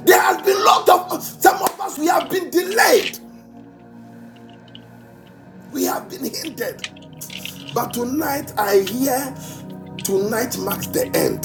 Speaker 1: There has been a lot of some of us we have been delayed, we have been hindered. But tonight I hear tonight marks the end.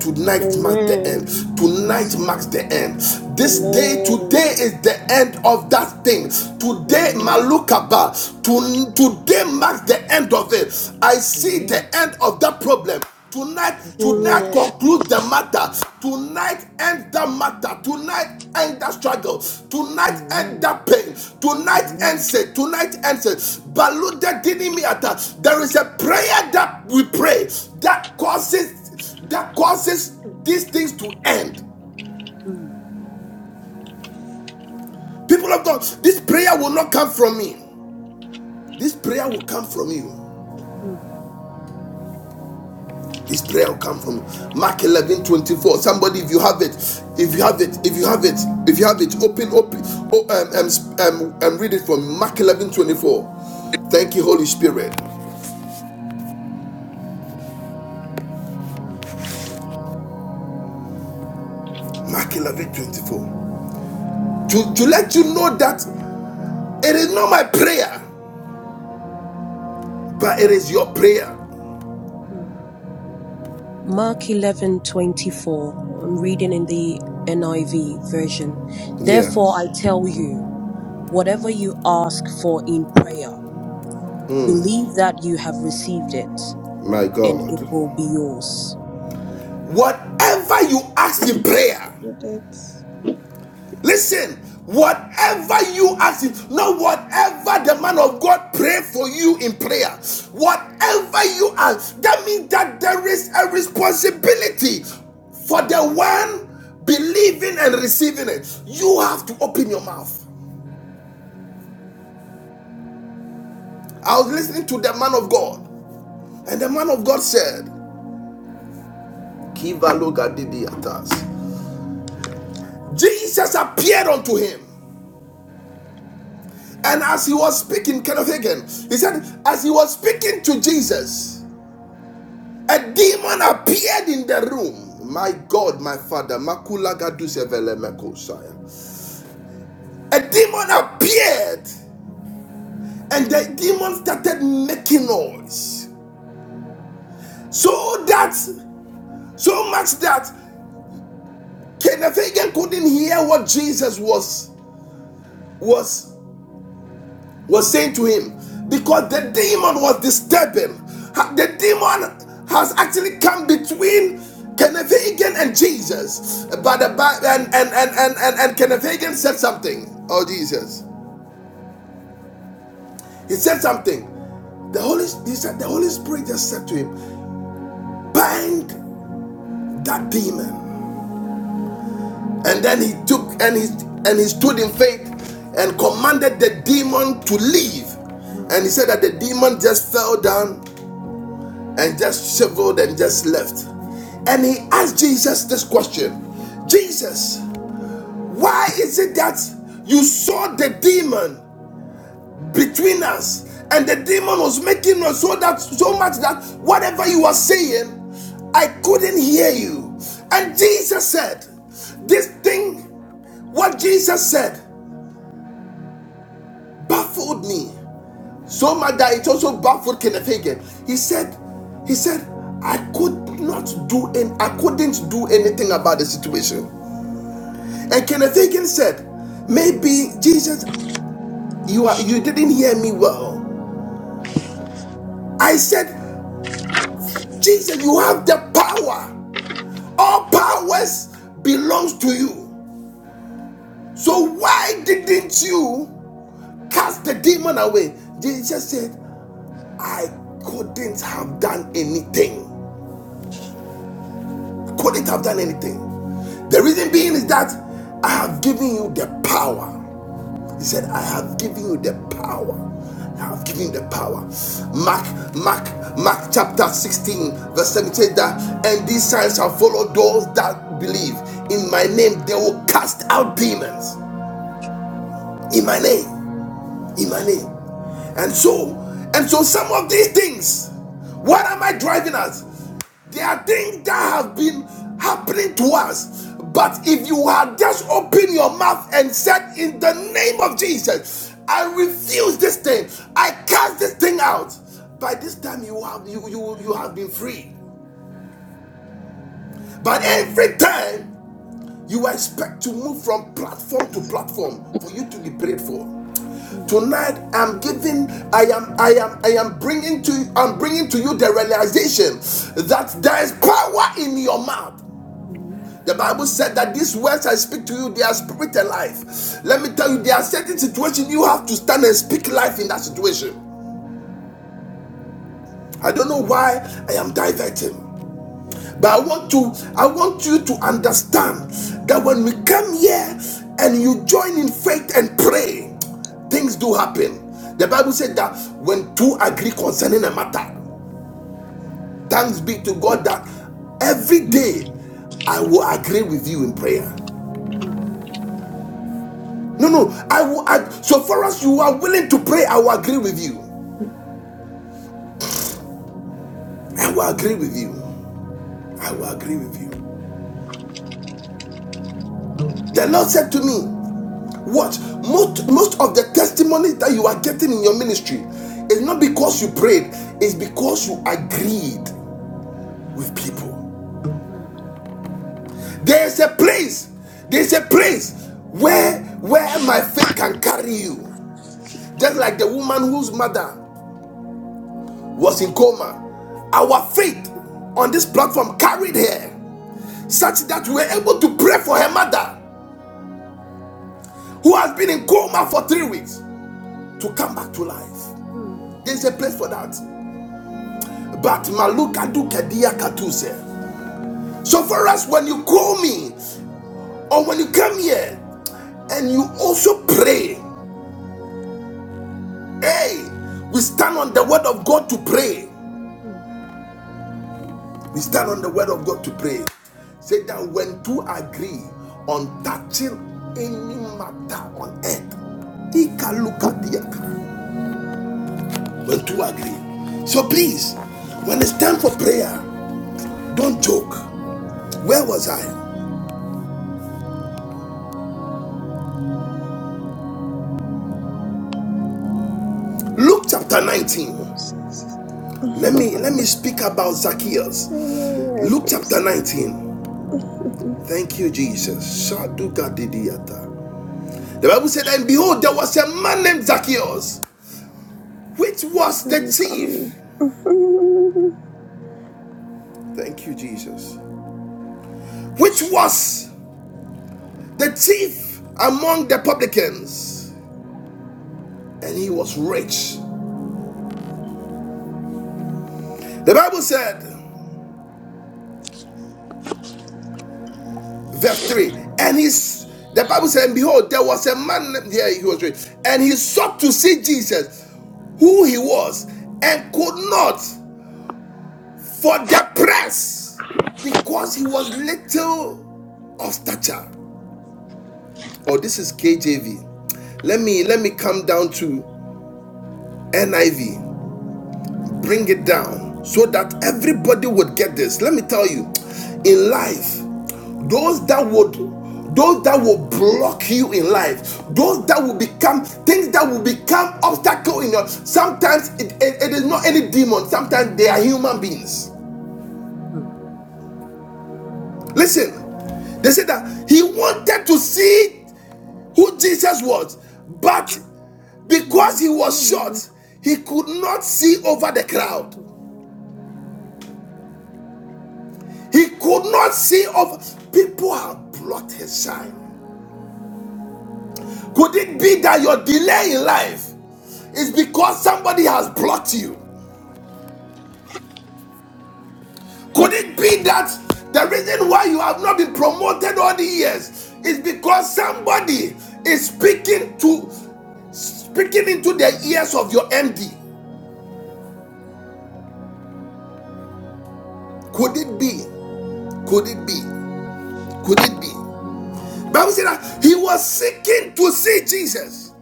Speaker 1: Tonight marks the end.
Speaker 2: Amen.
Speaker 7: Yes,
Speaker 1: Tonight marks
Speaker 7: Lord.
Speaker 1: the end. This day,
Speaker 7: Amen.
Speaker 1: today is
Speaker 2: Amen.
Speaker 1: the end of that thing. Today,
Speaker 7: Amen.
Speaker 1: Malukaba, to, today marks the end of it. I see the
Speaker 7: Amen.
Speaker 1: end of that problem. Tonight,
Speaker 7: Yes, Lord.
Speaker 1: tonight
Speaker 2: Amen.
Speaker 1: conclude the matter. Tonight end the matter. Tonight end that struggle. Tonight end
Speaker 7: Amen.
Speaker 1: that pain. Tonight
Speaker 7: Amen.
Speaker 1: ends it. Tonight ends it. Baluda dinimiata. There is a prayer that we pray that causes that causes these things to end.
Speaker 7: Mm,
Speaker 1: People of God, this prayer will not come from me. This prayer will come from you.
Speaker 7: mm,
Speaker 1: This prayer will come from Mark 11 24. Somebody, if you have it, if you have it, if you have it, if you have it, open, open, oh, um, um, um, um, read it from Mark 11 24. Thank you, Holy Spirit.
Speaker 7: mm,
Speaker 1: Mark 11 24. To, to let you know that it is not my prayer, but it is your prayer.
Speaker 7: mm. Mark eleven i I'm reading in the NIV version.
Speaker 1: Yeah,
Speaker 7: Therefore, I tell you, whatever you ask for in prayer, believe that you have received it,
Speaker 1: my
Speaker 7: and
Speaker 1: God.
Speaker 7: it will be yours.
Speaker 1: Whatever you ask in prayer,
Speaker 2: So that's
Speaker 1: listen, whatever you ask in, not whatever the man of God pray for you in prayer, whatever you ask, that means that there is a responsibility for
Speaker 7: Mm,
Speaker 1: the one believing and receiving it. You have to open your mouth. I was listening to the man of God. And the man of God said, Kivalogadidiotas. Jesus appeared unto him. And as he was speaking, Kenneth Hagin, he said, as he was speaking to Jesus, a demon appeared in the room. My God, my Father, makula Makulagadusevelemekosaya. a demon appeared and the demon started making noise. So that, so much that Kenneth Hagin couldn't hear what Jesus was was was saying to him because the demon was disturbing. The demon has actually come between Kenneth Hagin and Jesus. But the and and and and and, and Kenneth Hagin said something. Oh Jesus, he said something. The Holy he said the Holy Spirit just said to him, bind that demon. And then he took and he and he stood in faith and commanded the demon to leave. And
Speaker 7: mm,
Speaker 1: he said that the demon just fell down and just shivered and just left. And he asked Jesus this question Jesus, why is it that you saw the demon between us? And the demon was making noise so that so much that whatever you were saying, I couldn't hear you. And Jesus said, This thing, what Jesus said, baffled me. So much that it also baffled Kenneth Hagin. He said, he said, I could not do and I couldn't do anything about the situation. And Kenneth Hagin said, Maybe Jesus, you are you didn't hear me well. I said, Jesus, you have the power. All powers belongs to you. So why didn't you cast the demon away? Jesus said, I couldn't have done anything. Couldn't have done anything. The reason being is that I have given you the power. He said, I have given you the power. I have given you the power. Mark, Mark, Mark chapter 16, verse 17 says that, and these signs shall follow those that believe. In my
Speaker 7: mm,
Speaker 1: name, they will cast out demons. In my name. In my name. And so, and so some of these things, what am I driving at? There are things that have been happening to us. But if you had just opened your mouth and said, In the name of Jesus, I refuse this thing, I cast this thing out. By this time you have you you, you have been free. But every time you expect to move from platform to platform for you to be prayed for.
Speaker 7: mm.
Speaker 1: Tonight I'm giving I am I am I am bringing to I'm bringing to you the realization that there is power in your mouth.
Speaker 7: Amen.
Speaker 1: The Bible said that these words I speak to you, they are spirit and life. Let me tell you, there are certain situations you have to stand and speak life in that situation. I don't know why I am diverting. But I want to I want you to understand that when we come here and you join in faith and pray, things do happen. The Bible said that when two agree concerning a matter, thanks be to God that every day I will agree with you in prayer.
Speaker 7: Mm, mm,
Speaker 1: No, no. I will. I, so far as you are willing to pray, I will agree with you. I will agree with you. I will agree with you. The Lord said to me, "Watch. Most most of the testimonies that you are getting in your ministry is not because you prayed. It's because you agreed with people.
Speaker 7: mm,
Speaker 1: There is a place. There is a place where where my faith can carry you. Just like the woman whose mother was in coma, our faith on this platform carried her. such that we were able to pray for her mother who has been in coma for three weeks to come back to life.
Speaker 7: mm,
Speaker 1: There's a place for that. But Maluka du Kedia Katuse. So for us, when you call me or when you come here and you also pray, hey, we stand on the word of God to pray.
Speaker 7: mm.
Speaker 1: We stand on the word of God to pray. Say that when two agree on touching any matter on earth, he can look at the when two agree. So please, when it's time for prayer, don't joke. Where was I? Luke chapter 19.
Speaker 2: process.
Speaker 1: Let me let me speak about Zacchaeus.
Speaker 2: Amen. know you are a
Speaker 1: Luke chapter
Speaker 2: process.
Speaker 1: 19. Thank you, Jesus. Shaduka didiata. The Bible said, and behold, there was a man named Zacchaeus, which was
Speaker 2: You
Speaker 1: the
Speaker 2: will
Speaker 1: chief. Thank you, Jesus. Which was the chief among the publicans, and he was rich. The Bible said. verse 3 and he's the bible said and behold there was a man here yeah, he was reading, and he sought to see jesus who he was and could not for the press because he was little of stature oh this is kjv let me let me come down to niv bring it down so that everybody would get this. Let me tell you, in life, those that would those that will block you in life those that will become things that will become obstacle in your sometimes it, it it is not any demon sometimes they are human beings
Speaker 7: mm.
Speaker 1: listen they said that he wanted to see who jesus was but because he was short
Speaker 2: Amen.
Speaker 1: he could not see over the crowd He could not see of people have blocked his shine. Could it be that your delay in life is because somebody has blocked you? Could it be that the reason why you have not been promoted all the years is because somebody is speaking to speaking into the ears of your MD? Could it be? Could it be? Could it be? Bible said that he was seeking to see Jesus.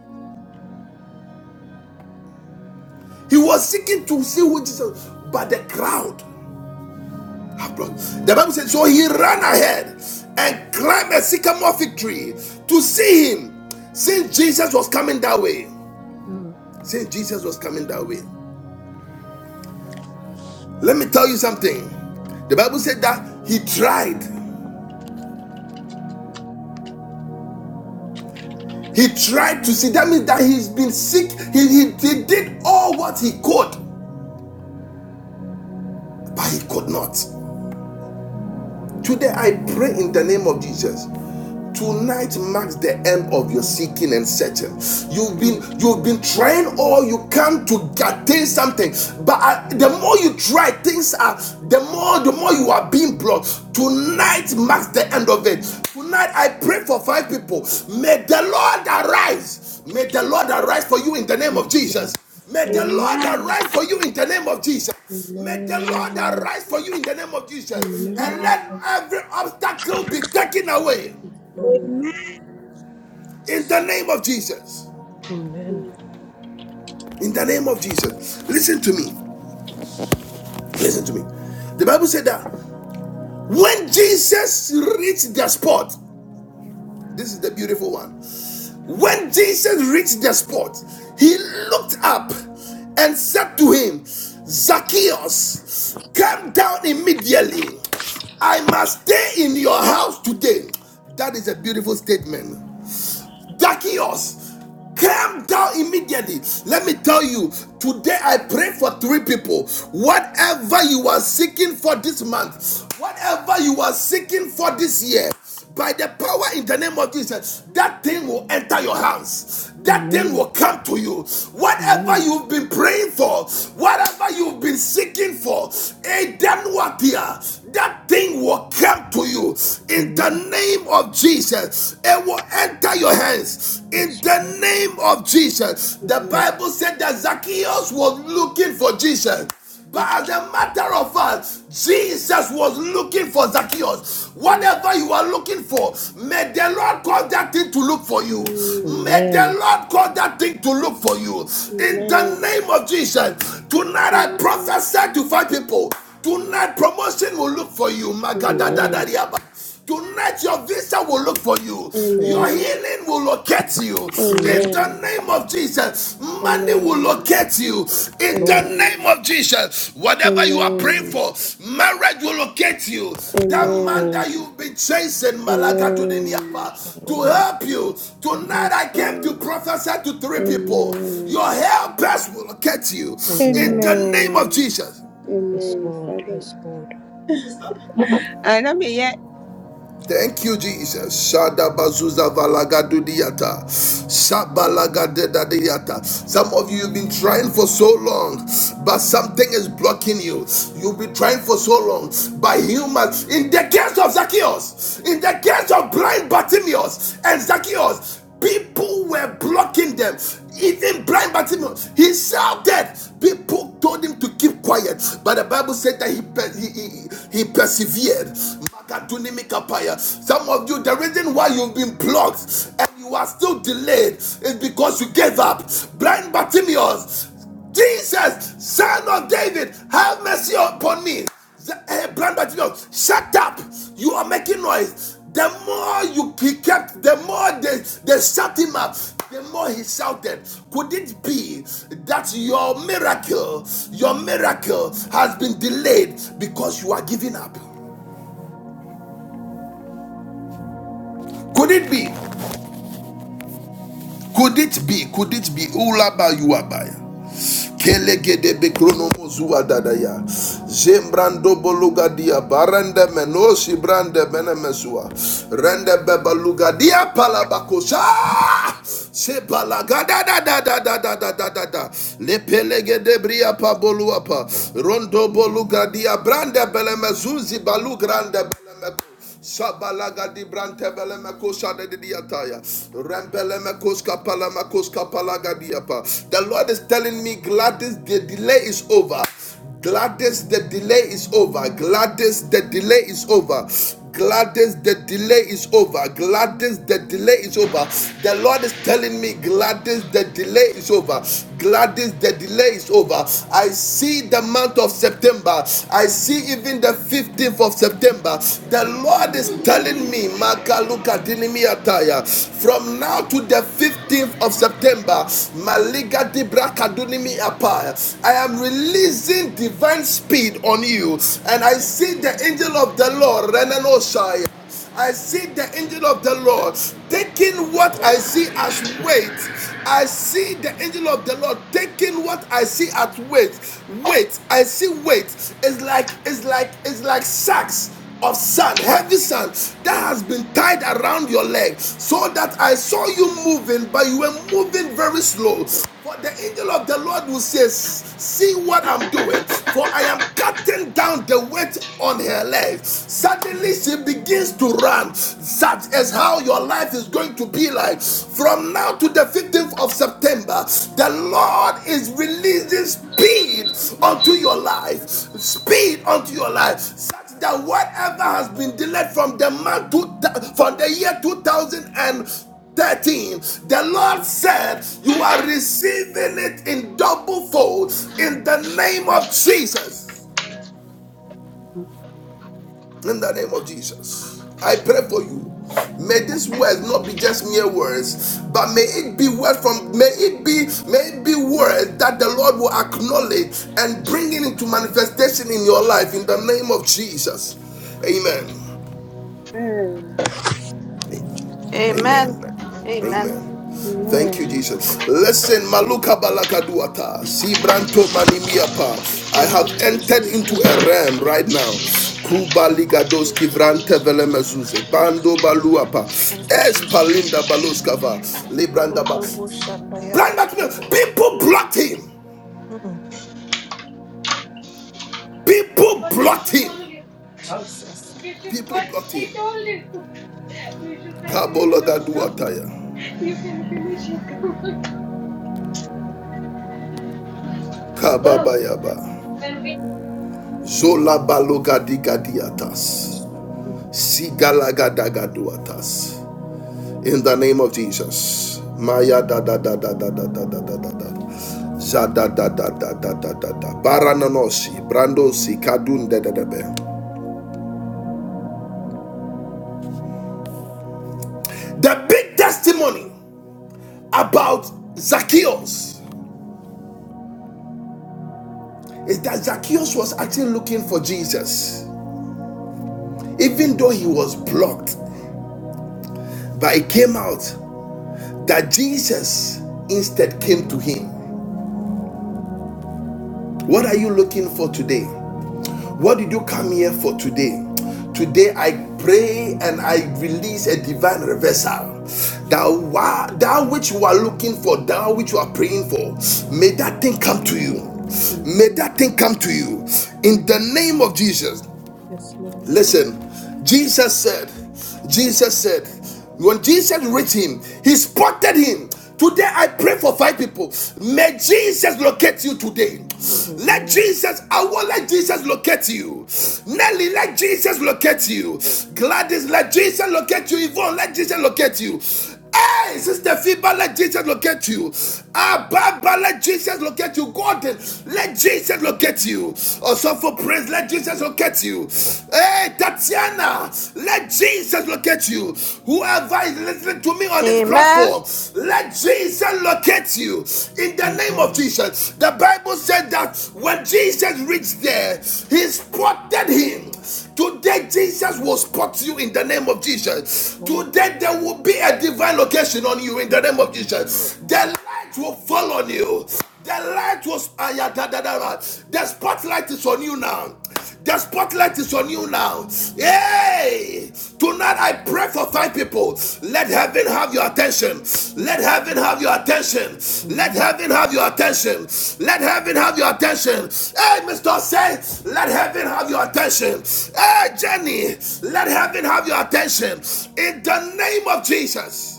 Speaker 1: He was seeking to see who Jesus, but the crowd have brought. The Bible says, So he ran ahead and climbed a sycamore fig tree to see him, since Jesus was coming that way.
Speaker 7: Mm.
Speaker 1: Since Jesus was coming that way. Let me tell you something. The Bible said that he tried. He tried to see. That means that he's been sick. He, he, he did all what he could, but he could not. Today I pray in the name of Jesus. tonight marks the end of your seeking and searching you've been you've
Speaker 7: Jesus.
Speaker 1: been trying all you can to attain something but uh, the more you try things are the more the more you are being blocked. tonight marks the end of it tonight i pray for five people may the lord arise may the lord arise for you in the name
Speaker 7: Yes,
Speaker 1: of
Speaker 7: Lord,
Speaker 1: jesus may the
Speaker 7: Lord, yes,
Speaker 1: lord
Speaker 8: Amen.
Speaker 7: yes,
Speaker 1: arise for you in the name of jesus May the Lord
Speaker 7: amen,
Speaker 1: arise for you in the name of Jesus
Speaker 8: Amen.
Speaker 1: and let
Speaker 7: amen,
Speaker 1: every obstacle be taken away.
Speaker 7: yes, Lord,
Speaker 8: Amen.
Speaker 1: In the name of Jesus.
Speaker 7: amen,
Speaker 1: In the name of Jesus. Listen to me. Listen to me. The Bible said that when Jesus reached the spot, this is the beautiful one. When Jesus reached the spot, he looked up and said to him, Zacchaeus, come down immediately. I must stay in your house today. That is a beautiful statement. Zacchaeus came down immediately. Let me tell you, today I pray for three people. Whatever you are seeking for this month, whatever you are seeking for this year, by the power in the name of Jesus, that thing will enter your hands. That thing
Speaker 7: amen,
Speaker 1: will come to you. Whatever
Speaker 7: amen,
Speaker 1: you've been praying for, whatever you've been seeking for, it then will appear that thing will come to you in the
Speaker 7: amen,
Speaker 1: name of Jesus. It will enter your hands in
Speaker 7: yes, Lord,
Speaker 1: the name of Jesus.
Speaker 7: yes,
Speaker 1: The
Speaker 7: Lord,
Speaker 1: Bible said that Zacchaeus was looking for Jesus. But as a matter of fact, Jesus was looking for Zacchaeus. Whatever you are looking for, may the Lord cause that thing to look for you. May the
Speaker 7: amen,
Speaker 1: Lord cause that thing to look for you. In the
Speaker 2: Amen.
Speaker 1: name of Jesus, tonight I prophesy to five people. Tonight, promotion will look for you.
Speaker 7: amen,
Speaker 2: Amen.
Speaker 1: Magadadadariaba. Tonight, your visa will look for you. Your
Speaker 7: amen,
Speaker 2: Amen.
Speaker 1: healing will locate you.
Speaker 7: amen,
Speaker 1: In the
Speaker 2: Amen.
Speaker 1: name of Jesus, money will
Speaker 2: Amen.
Speaker 1: locate you. In
Speaker 7: Lord,
Speaker 1: the name
Speaker 2: Amen.
Speaker 1: of Jesus, whatever you are praying
Speaker 2: Amen.
Speaker 1: for, marriage will locate you.
Speaker 7: yes,
Speaker 1: That man
Speaker 7: Lord,
Speaker 1: that
Speaker 2: Amen.
Speaker 1: you've been chasing,
Speaker 2: Amen.
Speaker 1: Malagadudimiapa,
Speaker 7: shadow
Speaker 1: to
Speaker 7: wonder,
Speaker 1: help you.
Speaker 7: amen,
Speaker 1: Tonight,
Speaker 2: Yes,
Speaker 1: I came to
Speaker 2: Lord.
Speaker 1: prophesy to three people. Your
Speaker 2: Amen.
Speaker 1: helpers will locate you. In
Speaker 7: amen,
Speaker 1: the name of
Speaker 2: Amen.
Speaker 1: Jesus.
Speaker 7: yes,
Speaker 2: Amen.
Speaker 7: Lord,
Speaker 2: Father.
Speaker 7: yes, Lord,
Speaker 2: And I'm here.
Speaker 1: Thank you, Jesus. Shada bazuza valagadudiyata. Sabalagadedadiyata. Some of you have been trying for so long, but something is blocking you. You've been trying for so long by humans. In the case of Zacchaeus, in the case of blind Bartimaeus and Zacchaeus, people were blocking them. Even blind Bartimaeus, he shouted. People told him to keep quiet, but the Bible said that he, he, he, he persevered. Some of you, the reason why you've been blocked and you are still delayed is because you gave up. Blind Bartimaeus, Jesus, son of David, have mercy upon me. eh, Blind Bartimaeus, shut up. You are making noise. The more you he kept, the more they, they shut him up, the more he shouted. Could it be that your miracle, your miracle has been delayed because you are giving up? Could it be? Could it be? Could it be? Ulaba yuabaya. Kelegede bekronomo zua dadaya. Zembrando boluga dia barende menosi brande menemesua. Rende bebaluga dia palabakosa. Se balaga da da da da da da da da da da. Le pelegede bria pa boluapa. Rondo boluga dia brande belemezuzi balu grande beleme. Shabalaga di brante bele mekosha de diataya. Rembele mekoska pala makoska palaga diapa. The Lord is telling me, Gladys, the delay is over. Gladys, the delay is over. Gladys, the delay is over. Gladys, the delay is over. Gladys, the delay is over. The Lord is telling me, Gladys, the delay is over. Gladys, Gladys, the delay is over. I see the month of September. I see even the 15th of September. The Lord is telling me, Magaluka Dinimiataya, from now to the 15th of September, Maliga Dibra Kadunimi Apaya, I am releasing divine speed on you. And I see the angel of the Lord, Renanosha. I see the angel of the Lord taking what I see as weight. I see the angel of the Lord taking what I see as weight. Weight. I see weight. It's like it's like it's like sacks of sand, heavy sand that has been tied around your leg, so that I saw you moving, but you were moving very slow. For the angel of the Lord will say, See what I'm doing, for I am cutting down the weight on her leg leg.
Speaker 7: yes,
Speaker 1: Suddenly
Speaker 7: Lord,
Speaker 1: she begins to run. That
Speaker 7: yes,
Speaker 1: is
Speaker 7: Lord,
Speaker 1: how your life is going to be like. From now to the 15th of September, the Lord is releasing speed unto your life. Speed unto your life. Such that whatever has been delayed from the month to from the year 2000 and 13, the lord said you are receiving it in double fold in the name of jesus
Speaker 7: Amen.
Speaker 1: in the name of Jesus. I pray for you. May these words not be just mere words, but may it be word from may it be may it be words that the Lord will acknowledge and bring it into manifestation in your life in the name of Jesus. Amen.
Speaker 2: Amen.
Speaker 9: Amen.
Speaker 1: Amen.
Speaker 9: Amen.
Speaker 1: Amen. Thank you,
Speaker 2: Amen.
Speaker 1: Jesus. Listen, Maluka Balakaduata, Sibranto Manimiapa. I
Speaker 2: Open
Speaker 9: Thank you,
Speaker 1: have
Speaker 2: thy
Speaker 1: entered
Speaker 2: feet
Speaker 9: Jesus.
Speaker 1: into
Speaker 2: under
Speaker 1: a
Speaker 2: my
Speaker 1: realm
Speaker 2: feet.
Speaker 1: right now. Kuba
Speaker 2: Spirit,
Speaker 1: Ligadoski Vrante
Speaker 2: spirit,
Speaker 1: Velemezuze,
Speaker 2: spirit,
Speaker 1: Bando
Speaker 2: spirit,
Speaker 1: Baluapa,
Speaker 9: Thank you,
Speaker 1: Es
Speaker 9: Jesus.
Speaker 1: Palinda Baloskava, Libranda Ba. Branda to
Speaker 2: spirit,
Speaker 1: me. People
Speaker 2: spirit.
Speaker 1: blocked him.
Speaker 9: Mm,
Speaker 1: People
Speaker 10: But we
Speaker 1: blocked
Speaker 10: should
Speaker 1: him.
Speaker 10: told you. Huh?
Speaker 9: Jesus.
Speaker 10: We should,
Speaker 1: People
Speaker 10: but
Speaker 1: blocked
Speaker 10: he
Speaker 1: him.
Speaker 10: told you. We should set him don't come.
Speaker 1: Kabolagaduataya,
Speaker 10: You can finish your cover. Bro,
Speaker 1: Kababayaba,
Speaker 10: when we
Speaker 1: Zola Balogadigadiatas. Sigalagadagadwatas. In the name of Jesus. Maya da da da da da da da da da da da. Zada da da da da da da da. Barananosi, Brandosi, Kadun da da da da The big testimony about Zacchaeus is that Zacchaeus was actually looking for Jesus, even though he was blocked. But it came out that Jesus instead came to him. What are you looking for today? What did you come here for today? Today I pray and I release a divine reversal. That,
Speaker 7: amen,
Speaker 1: wa- that which you are looking for, that which you are praying for, may that thing come to you. May
Speaker 7: amen,
Speaker 1: that thing come to you in
Speaker 7: amen,
Speaker 1: the name of Jesus.
Speaker 7: yes, Lord,
Speaker 1: Listen, Jesus said, Jesus said, when Jesus reached him, he spotted him. Today I pray for five people. May Jesus locate you today. Let
Speaker 7: amen,
Speaker 1: Jesus, I will let Jesus locate you. Nelly, let Jesus locate you. Gladys, let Jesus locate you. Yvonne, let Jesus locate you. Hey, Sister Fiba, let Jesus locate you. Ah, Baba, let Jesus locate you. God, let Jesus locate you. Also for praise, let Jesus locate you. Hey, Tatiana, let Jesus locate you. Whoever is listening to me on this
Speaker 9: Amen.
Speaker 1: platform, let Jesus locate you. In the name of
Speaker 7: amen,
Speaker 1: Jesus, the Bible said that when Jesus reached there, he spotted him Today, Jesus will spot you in the name of Jesus.
Speaker 7: Lord,
Speaker 1: Today, there will be a divine location on you in
Speaker 7: we
Speaker 1: the name
Speaker 7: thank
Speaker 1: of
Speaker 7: you
Speaker 1: Jesus. The light will fall on you. The light was ayadadadara. The spotlight is on you now. The spotlight is on you now. Hey! tonight Tonight I pray for five people. Let heaven have your attention. Let
Speaker 7: this
Speaker 1: heaven
Speaker 7: way.
Speaker 1: have your attention. Let
Speaker 7: Amen.
Speaker 1: heaven have your attention. Let heaven have your attention. Hey, Mr. Say, let heaven have your attention. Hey, Jenny, let heaven have your attention. In the name of Jesus.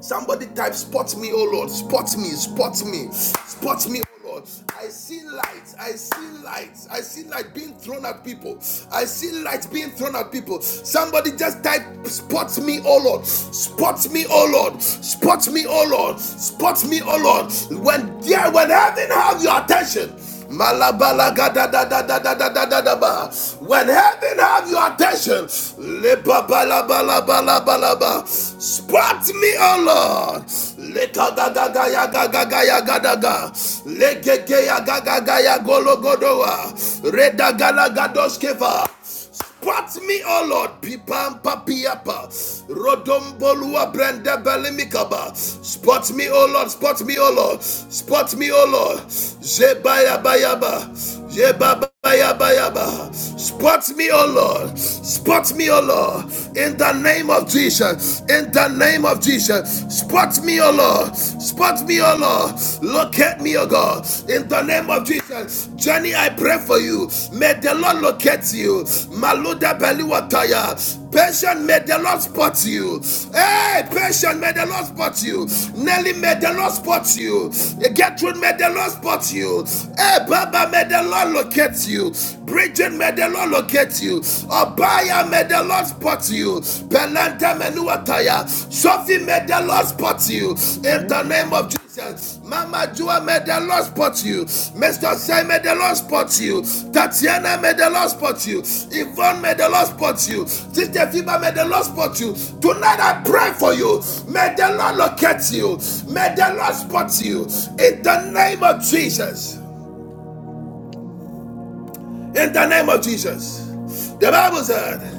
Speaker 1: Somebody type, spot me, oh Lord, spot me, spot me, spot me, oh Lord. I see light, I see light, I see light being thrown at people. I see light being thrown at people. Somebody just type, spot me, oh Lord, spot me, oh Lord, spot me, oh Lord, spot me, oh Lord. When yeah, when heaven have your attention. Malabala gada da da da da da da da da ba. When heaven have your attention, lepa bala bala bala bala ba. Spot me, O Lord. Leta da da ga ya ga ga ya ga da ga. Lege ge ya ga ga ya golo godoa. Reda gala gadoskeva. Spot me, oh Lord. Pipam papiapa. Rodombolua brenda Balimikaba. Spot me, oh Lord. Spot me, oh Lord. Spot me, oh Lord. Zebaya bayaba. Zebaba. Bayaba. Spot me, oh Lord. Spot me, oh Lord. In the name of Jesus. In the name of Jesus. Spot me, oh Lord. Spot me, oh Lord. Locate me, oh God, in the name of Jesus. Johnny, I pray for you. May the Lord locate you. Maluda Beliwataya. Patient, may the Lord spot you. Hey, patient, may the Lord spot you. Nelly, may the Lord spot you. Gertrude, may the Lord spot you. Hey, Baba, may the Lord locate you. Bridget, may the Lord locate you. Obaya, may the Lord spot you. Belanta Menuataya. Sophie, may the Lord spot you. In the
Speaker 7: Amen.
Speaker 1: name of Jesus. Mama Jua, may the Lord spot you. Mr. Sai, may the Lord spot you. Tatiana, may the Lord spot you. Yvonne, may the Lord spot you. Sister Fiba, may the Lord spot you. Tonight I pray for you. May the Lord locate you. May
Speaker 7: Amen.
Speaker 1: the Lord spot you. In the name of Jesus. In the name of Jesus. The Bible said.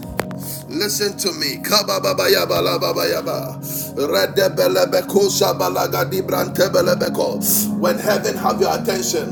Speaker 1: Listen to me. Kabababa Balaba yaba. Redebelebeko shabalagadi brantebelebeko. When heaven have your attention,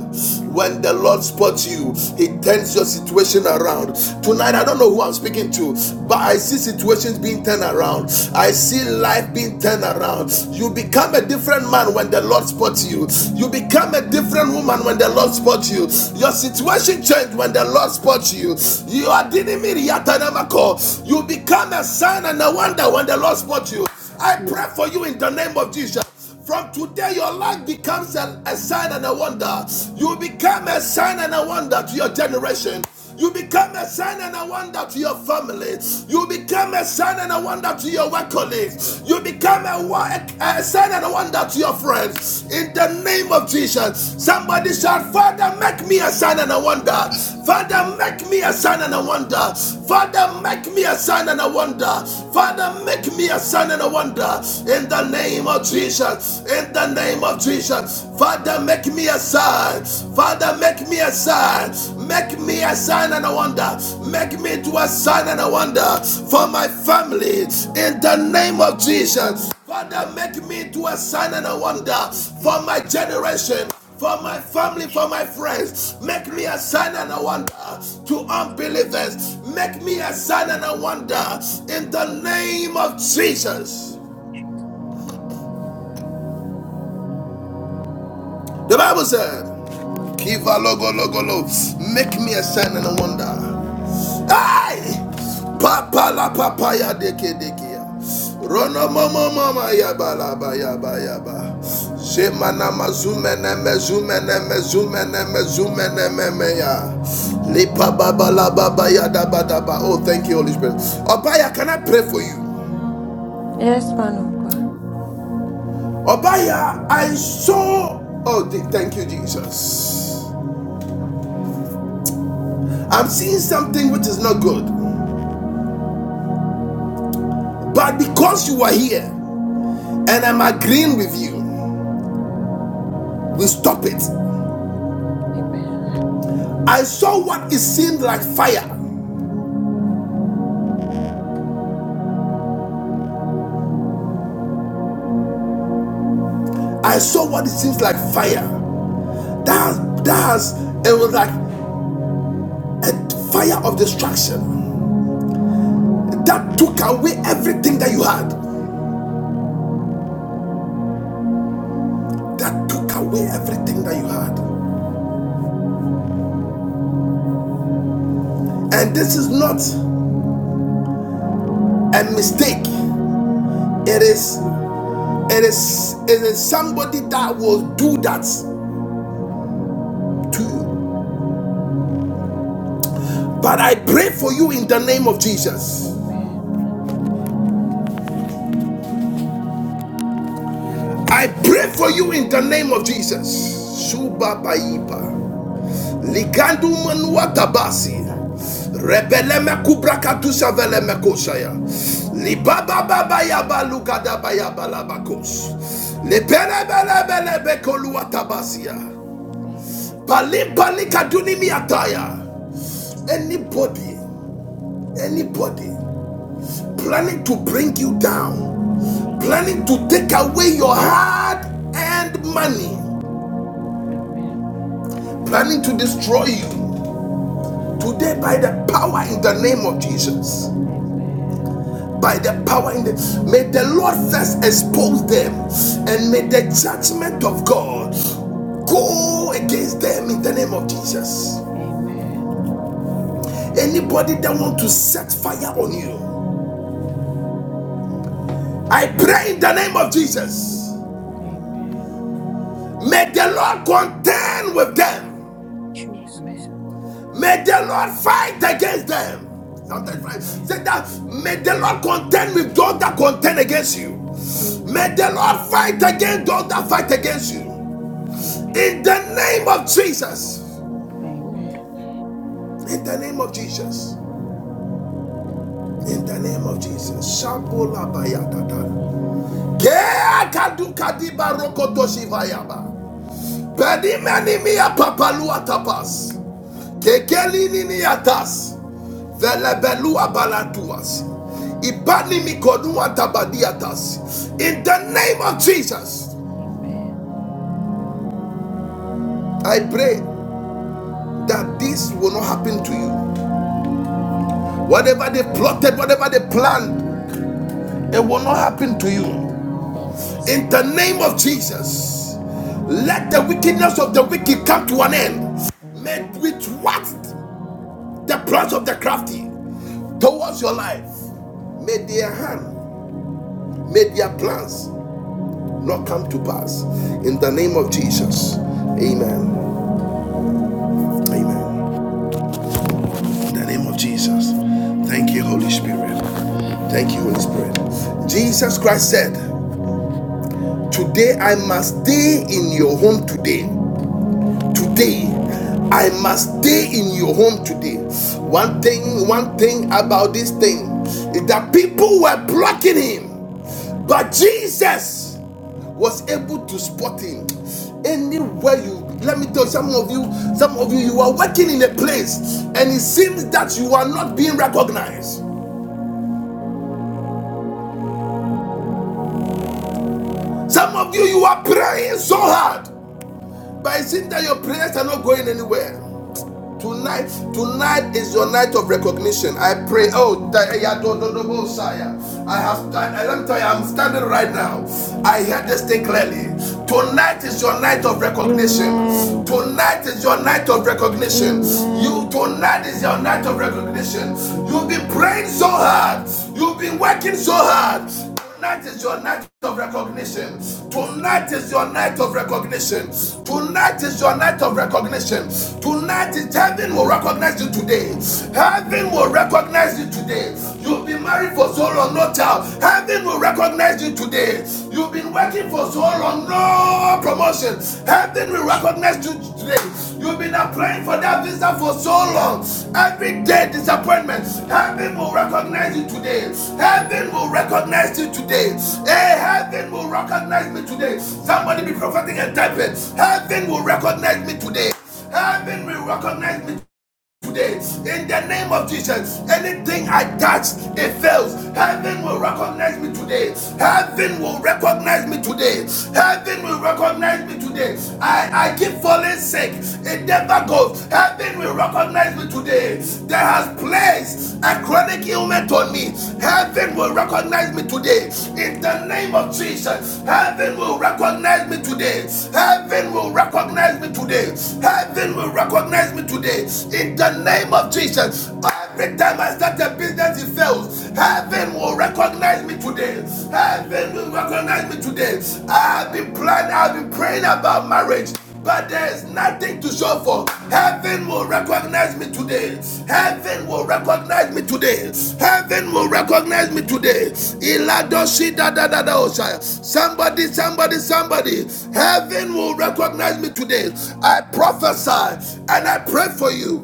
Speaker 1: when the Lord spots you, He turns your situation around. Tonight, I don't know who I'm speaking to, but I see situations being turned around. I see life being turned around. You become a different man when the Lord spots you. You become a different and woman when the Lord spots you. Your situation changed when the Lord spots you. You are dinimiri yatanamako. You become a sign and a wonder when the Lord spots you. I pray
Speaker 7: Mm.
Speaker 1: for you in the name of Jesus. From today, your life becomes a, a sign and a wonder. You become a sign and a wonder to your generation. You become a sign and a wonder to your family. You become a sign and a wonder to your work colleagues. You become a, wa- a sign and a wonder to your friends. In the name of Jesus, somebody shout, Father, make me a sign and a wonder.
Speaker 7: We
Speaker 1: Father,
Speaker 7: Make you
Speaker 1: make me a
Speaker 7: strong
Speaker 1: sign
Speaker 7: and
Speaker 1: and a
Speaker 7: wonderful
Speaker 1: wonder. Father, make me a sign and a wonder.
Speaker 7: and
Speaker 1: Father, make
Speaker 7: thank you
Speaker 1: me a sign and a wonder. In the name of Jesus. In the name of Jesus.
Speaker 7: for
Speaker 1: Father,
Speaker 7: your
Speaker 1: Make me a sign,
Speaker 7: heart.
Speaker 1: Father. Make me a sign, make me a sign and a wonder, make me to a sign and a wonder for
Speaker 7: You
Speaker 1: my family in the name of Jesus.
Speaker 7: and
Speaker 1: Father,
Speaker 7: then
Speaker 1: make me to a sign and a wonder
Speaker 7: make me
Speaker 1: for
Speaker 7: a
Speaker 1: my
Speaker 7: son of
Speaker 1: generation, for
Speaker 7: my
Speaker 1: my family,
Speaker 7: generation.
Speaker 1: for my friends.
Speaker 7: I thank
Speaker 1: Make me
Speaker 7: you
Speaker 1: a
Speaker 7: for your
Speaker 1: sign and
Speaker 7: son
Speaker 1: a wonder to
Speaker 7: and
Speaker 1: unbelievers. Make me a sign and a
Speaker 7: deliver
Speaker 1: wonder in
Speaker 7: your
Speaker 1: the
Speaker 7: son
Speaker 1: name
Speaker 7: wonderful
Speaker 1: of Jesus.
Speaker 7: Lord Jesus.
Speaker 1: The Bible said. Kiva logo logo lo. Make me a sign and a wonder. Hey! Papa la papaya deke deke ya. Rono mama mama yaba la ba yaba yaba. Zemana mazume ne mezume ne mezume ne mezume ne meme ya. Lipa baba la baba ya da ba da ba. Oh, thank you, Holy Spirit. Obaya, can I pray for you?
Speaker 11: Yes, man of God.
Speaker 1: Obaya, I saw. Oh, thank you, Jesus. I'm seeing something which is not good. But because you are here and I'm agreeing with you, we stop it.
Speaker 11: Amen.
Speaker 1: I saw what it seemed like fire. I saw what it seems like fire. That that's it was like a fire of destruction that took away everything that you had. That took away everything that you had. And this is not a mistake. It is it is it is somebody that will do that to
Speaker 7: Lord
Speaker 1: you. But I pray for you in the name of Jesus.
Speaker 11: Amen.
Speaker 1: I pray for you in the name of Jesus.
Speaker 11: Amen.
Speaker 1: Subabaipa. Ligandu manua tabasi.
Speaker 11: And uh, Master.
Speaker 1: Rebeleme kubrakatu saveleme kosaya.
Speaker 11: Amen.
Speaker 1: Libaba baba yaba lugada bayaba labakos. Lebele bele bele bekolua tabasia.
Speaker 11: Amen.
Speaker 1: Bali bali kaduni miataya. Anybody, anybody planning to bring you down, planning
Speaker 11: Amen.
Speaker 1: to take away your hard earned money
Speaker 11: Amen.
Speaker 1: planning to destroy you today by the power in the name of Jesus.
Speaker 11: Amen.
Speaker 1: By the power in the may the Lord first expose them and may
Speaker 11: Amen.
Speaker 1: the judgment of God go against them in the name of Jesus.
Speaker 11: Amen.
Speaker 1: Anybody that want to set fire on you, I pray in the name of Jesus.
Speaker 11: Amen.
Speaker 1: May the Lord contend with them
Speaker 7: Jesus.
Speaker 1: May the Lord fight against them. right,
Speaker 11: Amen.
Speaker 1: say that may the Lord contend with those that contend against you.
Speaker 11: Amen. Amen. Amen.
Speaker 7: Mm.
Speaker 1: May the
Speaker 11: Amen.
Speaker 1: Lord fight against those that fight against you.
Speaker 11: Amen. Amen.
Speaker 1: In the name of Jesus.
Speaker 7: Lord.
Speaker 1: In the name of Jesus. In the name of Jesus. Shabola bayadada. Kea kadu kadiba rokoto shivayaba. Pedimeni miya papalua tapas. Kekeli nini atas. Velebelua balanduas. Ibani mikodua tabadiatas. In the name of Jesus, I pray that this will not happen to you.
Speaker 11: Amen.
Speaker 1: Whatever they plotted, whatever they planned, it will not happen to you.
Speaker 11: Amen.
Speaker 1: In the name of Jesus, let
Speaker 7: Amen.
Speaker 1: the
Speaker 11: Amen.
Speaker 1: wickedness of the wicked come to an end. May
Speaker 11: Amen.
Speaker 7: Lord.
Speaker 1: with what the plans of the crafty towards your life, may their hand, may their plans not come to pass. In the name of Jesus.
Speaker 11: Amen.
Speaker 1: Amen. Amen. In the name of Jesus. Thank you, Holy Spirit. Thank you, Holy Spirit. Jesus Christ said, Today I must stay in your home today. Today. I must stay in your home today. One thing, one thing about this thing is that people were blocking him. But Jesus was able to spot him anywhere you let me tell some of you some of you you are working in a place and it seems that you are not being recognized some of you you are praying so hard but it seems that your prayers are not going anywhere Tonight, tonight is your night of recognition. I pray. Oh, da- eh, sire. I have. let me tell you, I'm standing right now. I hear this thing clearly. Tonight is your night of recognition.
Speaker 9: Amen.
Speaker 7: Amen.
Speaker 1: Tonight is your night of recognition.
Speaker 7: Amen.
Speaker 1: You
Speaker 9: Amen.
Speaker 1: tonight is your night of recognition. You've
Speaker 7: Amen.
Speaker 1: been praying so hard. You've been working so hard. Tonight is your night of recognition.
Speaker 7: Yes, Lord.
Speaker 1: Tonight is your night of recognition.
Speaker 7: Yes, Lord.
Speaker 1: Tonight is your night of recognition.
Speaker 7: Yes,
Speaker 1: Tonight
Speaker 7: Lord.
Speaker 1: is heaven will recognize you today.
Speaker 7: God, Lord,
Speaker 1: Heaven will recognize you today. You've been
Speaker 7: we
Speaker 1: married for so long, no child. Heaven will recognize you today. You've been
Speaker 7: Amen.
Speaker 1: working for
Speaker 7: Amen.
Speaker 1: so
Speaker 7: Amen.
Speaker 1: long, no
Speaker 7: Amen.
Speaker 1: promotion. Heaven will
Speaker 7: Jesus.
Speaker 1: recognize you today. You've been
Speaker 7: Jesus.
Speaker 1: applying for that visa for so long. Every day, disappointment. Heaven will recognize you today. Heaven
Speaker 7: Amen.
Speaker 1: will recognize you today.
Speaker 7: Amen.
Speaker 1: Hey, heaven will recognize me today. Somebody be
Speaker 7: Amen.
Speaker 1: prophetic and type it. Heaven will recognize me today. Heaven will recognize me today in the name of Jesus. Anything I touch, it fails. Heaven will recognize me today. Heaven will recognize me today. Heaven will recognize me today. I, I keep falling sick. It never goes. Heaven will recognize me today.
Speaker 7: Lord,
Speaker 1: There has placed a chronic ailment on me. Heaven will recognize me today.
Speaker 7: Lord,
Speaker 1: In the name of Jesus, heaven will recognize me today. Heaven will recognize me today. Heaven will recognize me today. In in the name of Jesus. Every time I start a business, it fails. Heaven will recognize me today.
Speaker 7: yes, Lord,
Speaker 1: Heaven will recognize me today. I've been planning, I've been praying about marriage.
Speaker 7: I
Speaker 1: But
Speaker 7: am.
Speaker 1: there's nothing to show for. Heaven will recognize me today. Heaven will recognize me today. Heaven will recognize me today. Iladoshi da da da da osha. Somebody, somebody, somebody. Heaven will recognize me today. I prophesy and I pray for you.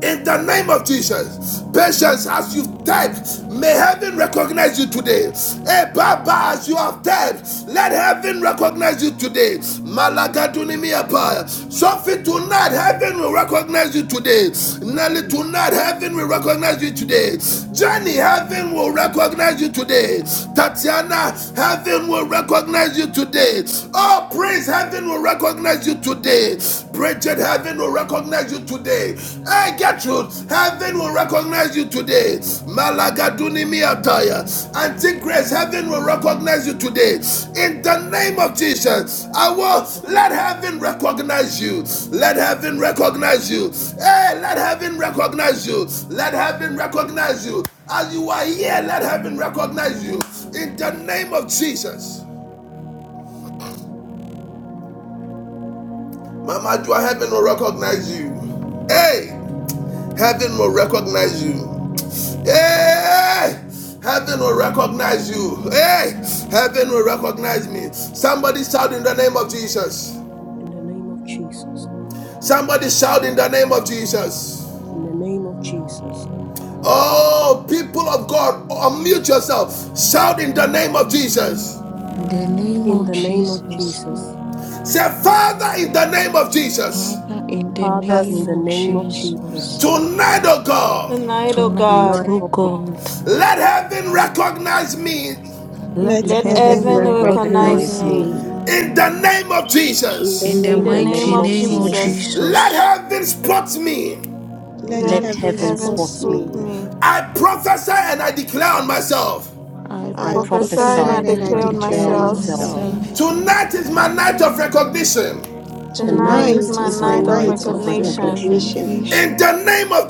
Speaker 1: In the name of Jesus, patience as you typed, may heaven recognize you today. Hey, Baba, as you have typed, let heaven recognize you today. Malagadunimiapa. Sophie, tonight heaven will recognize you today. Nelly,
Speaker 7: Amen.
Speaker 1: tonight heaven will recognize you today. Jenny, heaven will recognize you today. Tatiana, heaven will recognize you today. Oh, praise, heaven will recognize you today today. Bridget, heaven will recognize you today. Hey, Gertrude, heaven will recognize you today. Malagaduni miataya. Auntie Grace, heaven will recognize you today. In the name of Jesus, I will let heaven recognize you. Let heaven recognize you. Hey, let heaven recognize you. Let heaven recognize you. As you are here, let heaven recognize you. In the
Speaker 7: Amen.
Speaker 1: name of Jesus, Mama, do heaven will recognize you. Hey! Heaven will recognize you. Hey! Heaven will recognize you. Hey! Heaven will recognize me. Somebody shout in the name of Jesus.
Speaker 7: In the name of Jesus.
Speaker 1: Somebody shout in the name of Jesus.
Speaker 7: In the name of Jesus.
Speaker 1: Oh, people of God, unmute yourself. Shout in the name of Jesus.
Speaker 5: In the name
Speaker 7: In
Speaker 5: of
Speaker 7: the name of
Speaker 5: Jesus,
Speaker 7: Jesus.
Speaker 1: Say, Father, in the name of Jesus,
Speaker 5: Father, in the
Speaker 7: Father, in
Speaker 5: name
Speaker 9: Yes.
Speaker 7: the
Speaker 5: of
Speaker 7: name of Jesus.
Speaker 5: Jesus,
Speaker 1: tonight, oh God,
Speaker 9: Tonight, oh
Speaker 5: tonight,
Speaker 9: God,
Speaker 7: Tonight,
Speaker 5: oh
Speaker 7: oh God,
Speaker 5: God,
Speaker 1: let heaven recognize me
Speaker 5: let
Speaker 2: Let
Speaker 7: let
Speaker 9: let
Speaker 2: heaven
Speaker 5: heaven
Speaker 7: heaven
Speaker 9: heaven recognize
Speaker 5: recognize
Speaker 7: recognize
Speaker 2: recognize
Speaker 7: me.
Speaker 9: me.
Speaker 5: me.
Speaker 2: me
Speaker 1: in the name of
Speaker 2: in the
Speaker 1: Jesus.
Speaker 5: In the
Speaker 9: In
Speaker 7: In
Speaker 2: name
Speaker 9: the
Speaker 7: the
Speaker 2: of
Speaker 9: name
Speaker 5: mighty
Speaker 7: name
Speaker 9: of
Speaker 7: of
Speaker 5: name of
Speaker 2: Jesus.
Speaker 9: Jesus,
Speaker 7: Jesus.
Speaker 1: Let
Speaker 5: Jesus,
Speaker 1: heaven spot me
Speaker 2: Let
Speaker 5: let
Speaker 7: Let
Speaker 9: let
Speaker 2: heaven
Speaker 7: heaven
Speaker 9: heaven
Speaker 2: spot
Speaker 5: heavens.
Speaker 7: spot me.
Speaker 9: spoke
Speaker 2: me.
Speaker 9: me.
Speaker 1: I prophesy and I declare on myself
Speaker 5: I
Speaker 9: I
Speaker 7: I
Speaker 2: I
Speaker 9: prophesy
Speaker 5: prophesy
Speaker 2: prophesy
Speaker 9: and I
Speaker 7: prophesy
Speaker 5: and
Speaker 2: and
Speaker 7: and
Speaker 2: I
Speaker 5: I
Speaker 7: I
Speaker 9: declare on
Speaker 7: declare
Speaker 5: declare
Speaker 7: on
Speaker 2: declare
Speaker 9: myself.
Speaker 7: myself.
Speaker 2: myself.
Speaker 5: myself.
Speaker 1: tonight is my night of recognition.
Speaker 9: Tonight is
Speaker 7: Tonight
Speaker 2: Tonight
Speaker 5: Tonight
Speaker 9: my
Speaker 7: is
Speaker 2: is
Speaker 5: is
Speaker 7: my
Speaker 2: my
Speaker 5: my
Speaker 9: night of
Speaker 7: night
Speaker 2: night
Speaker 5: night
Speaker 7: of
Speaker 5: of
Speaker 2: of
Speaker 9: recognition.
Speaker 7: recognition
Speaker 2: recognition
Speaker 1: In
Speaker 5: recognition.
Speaker 1: the name of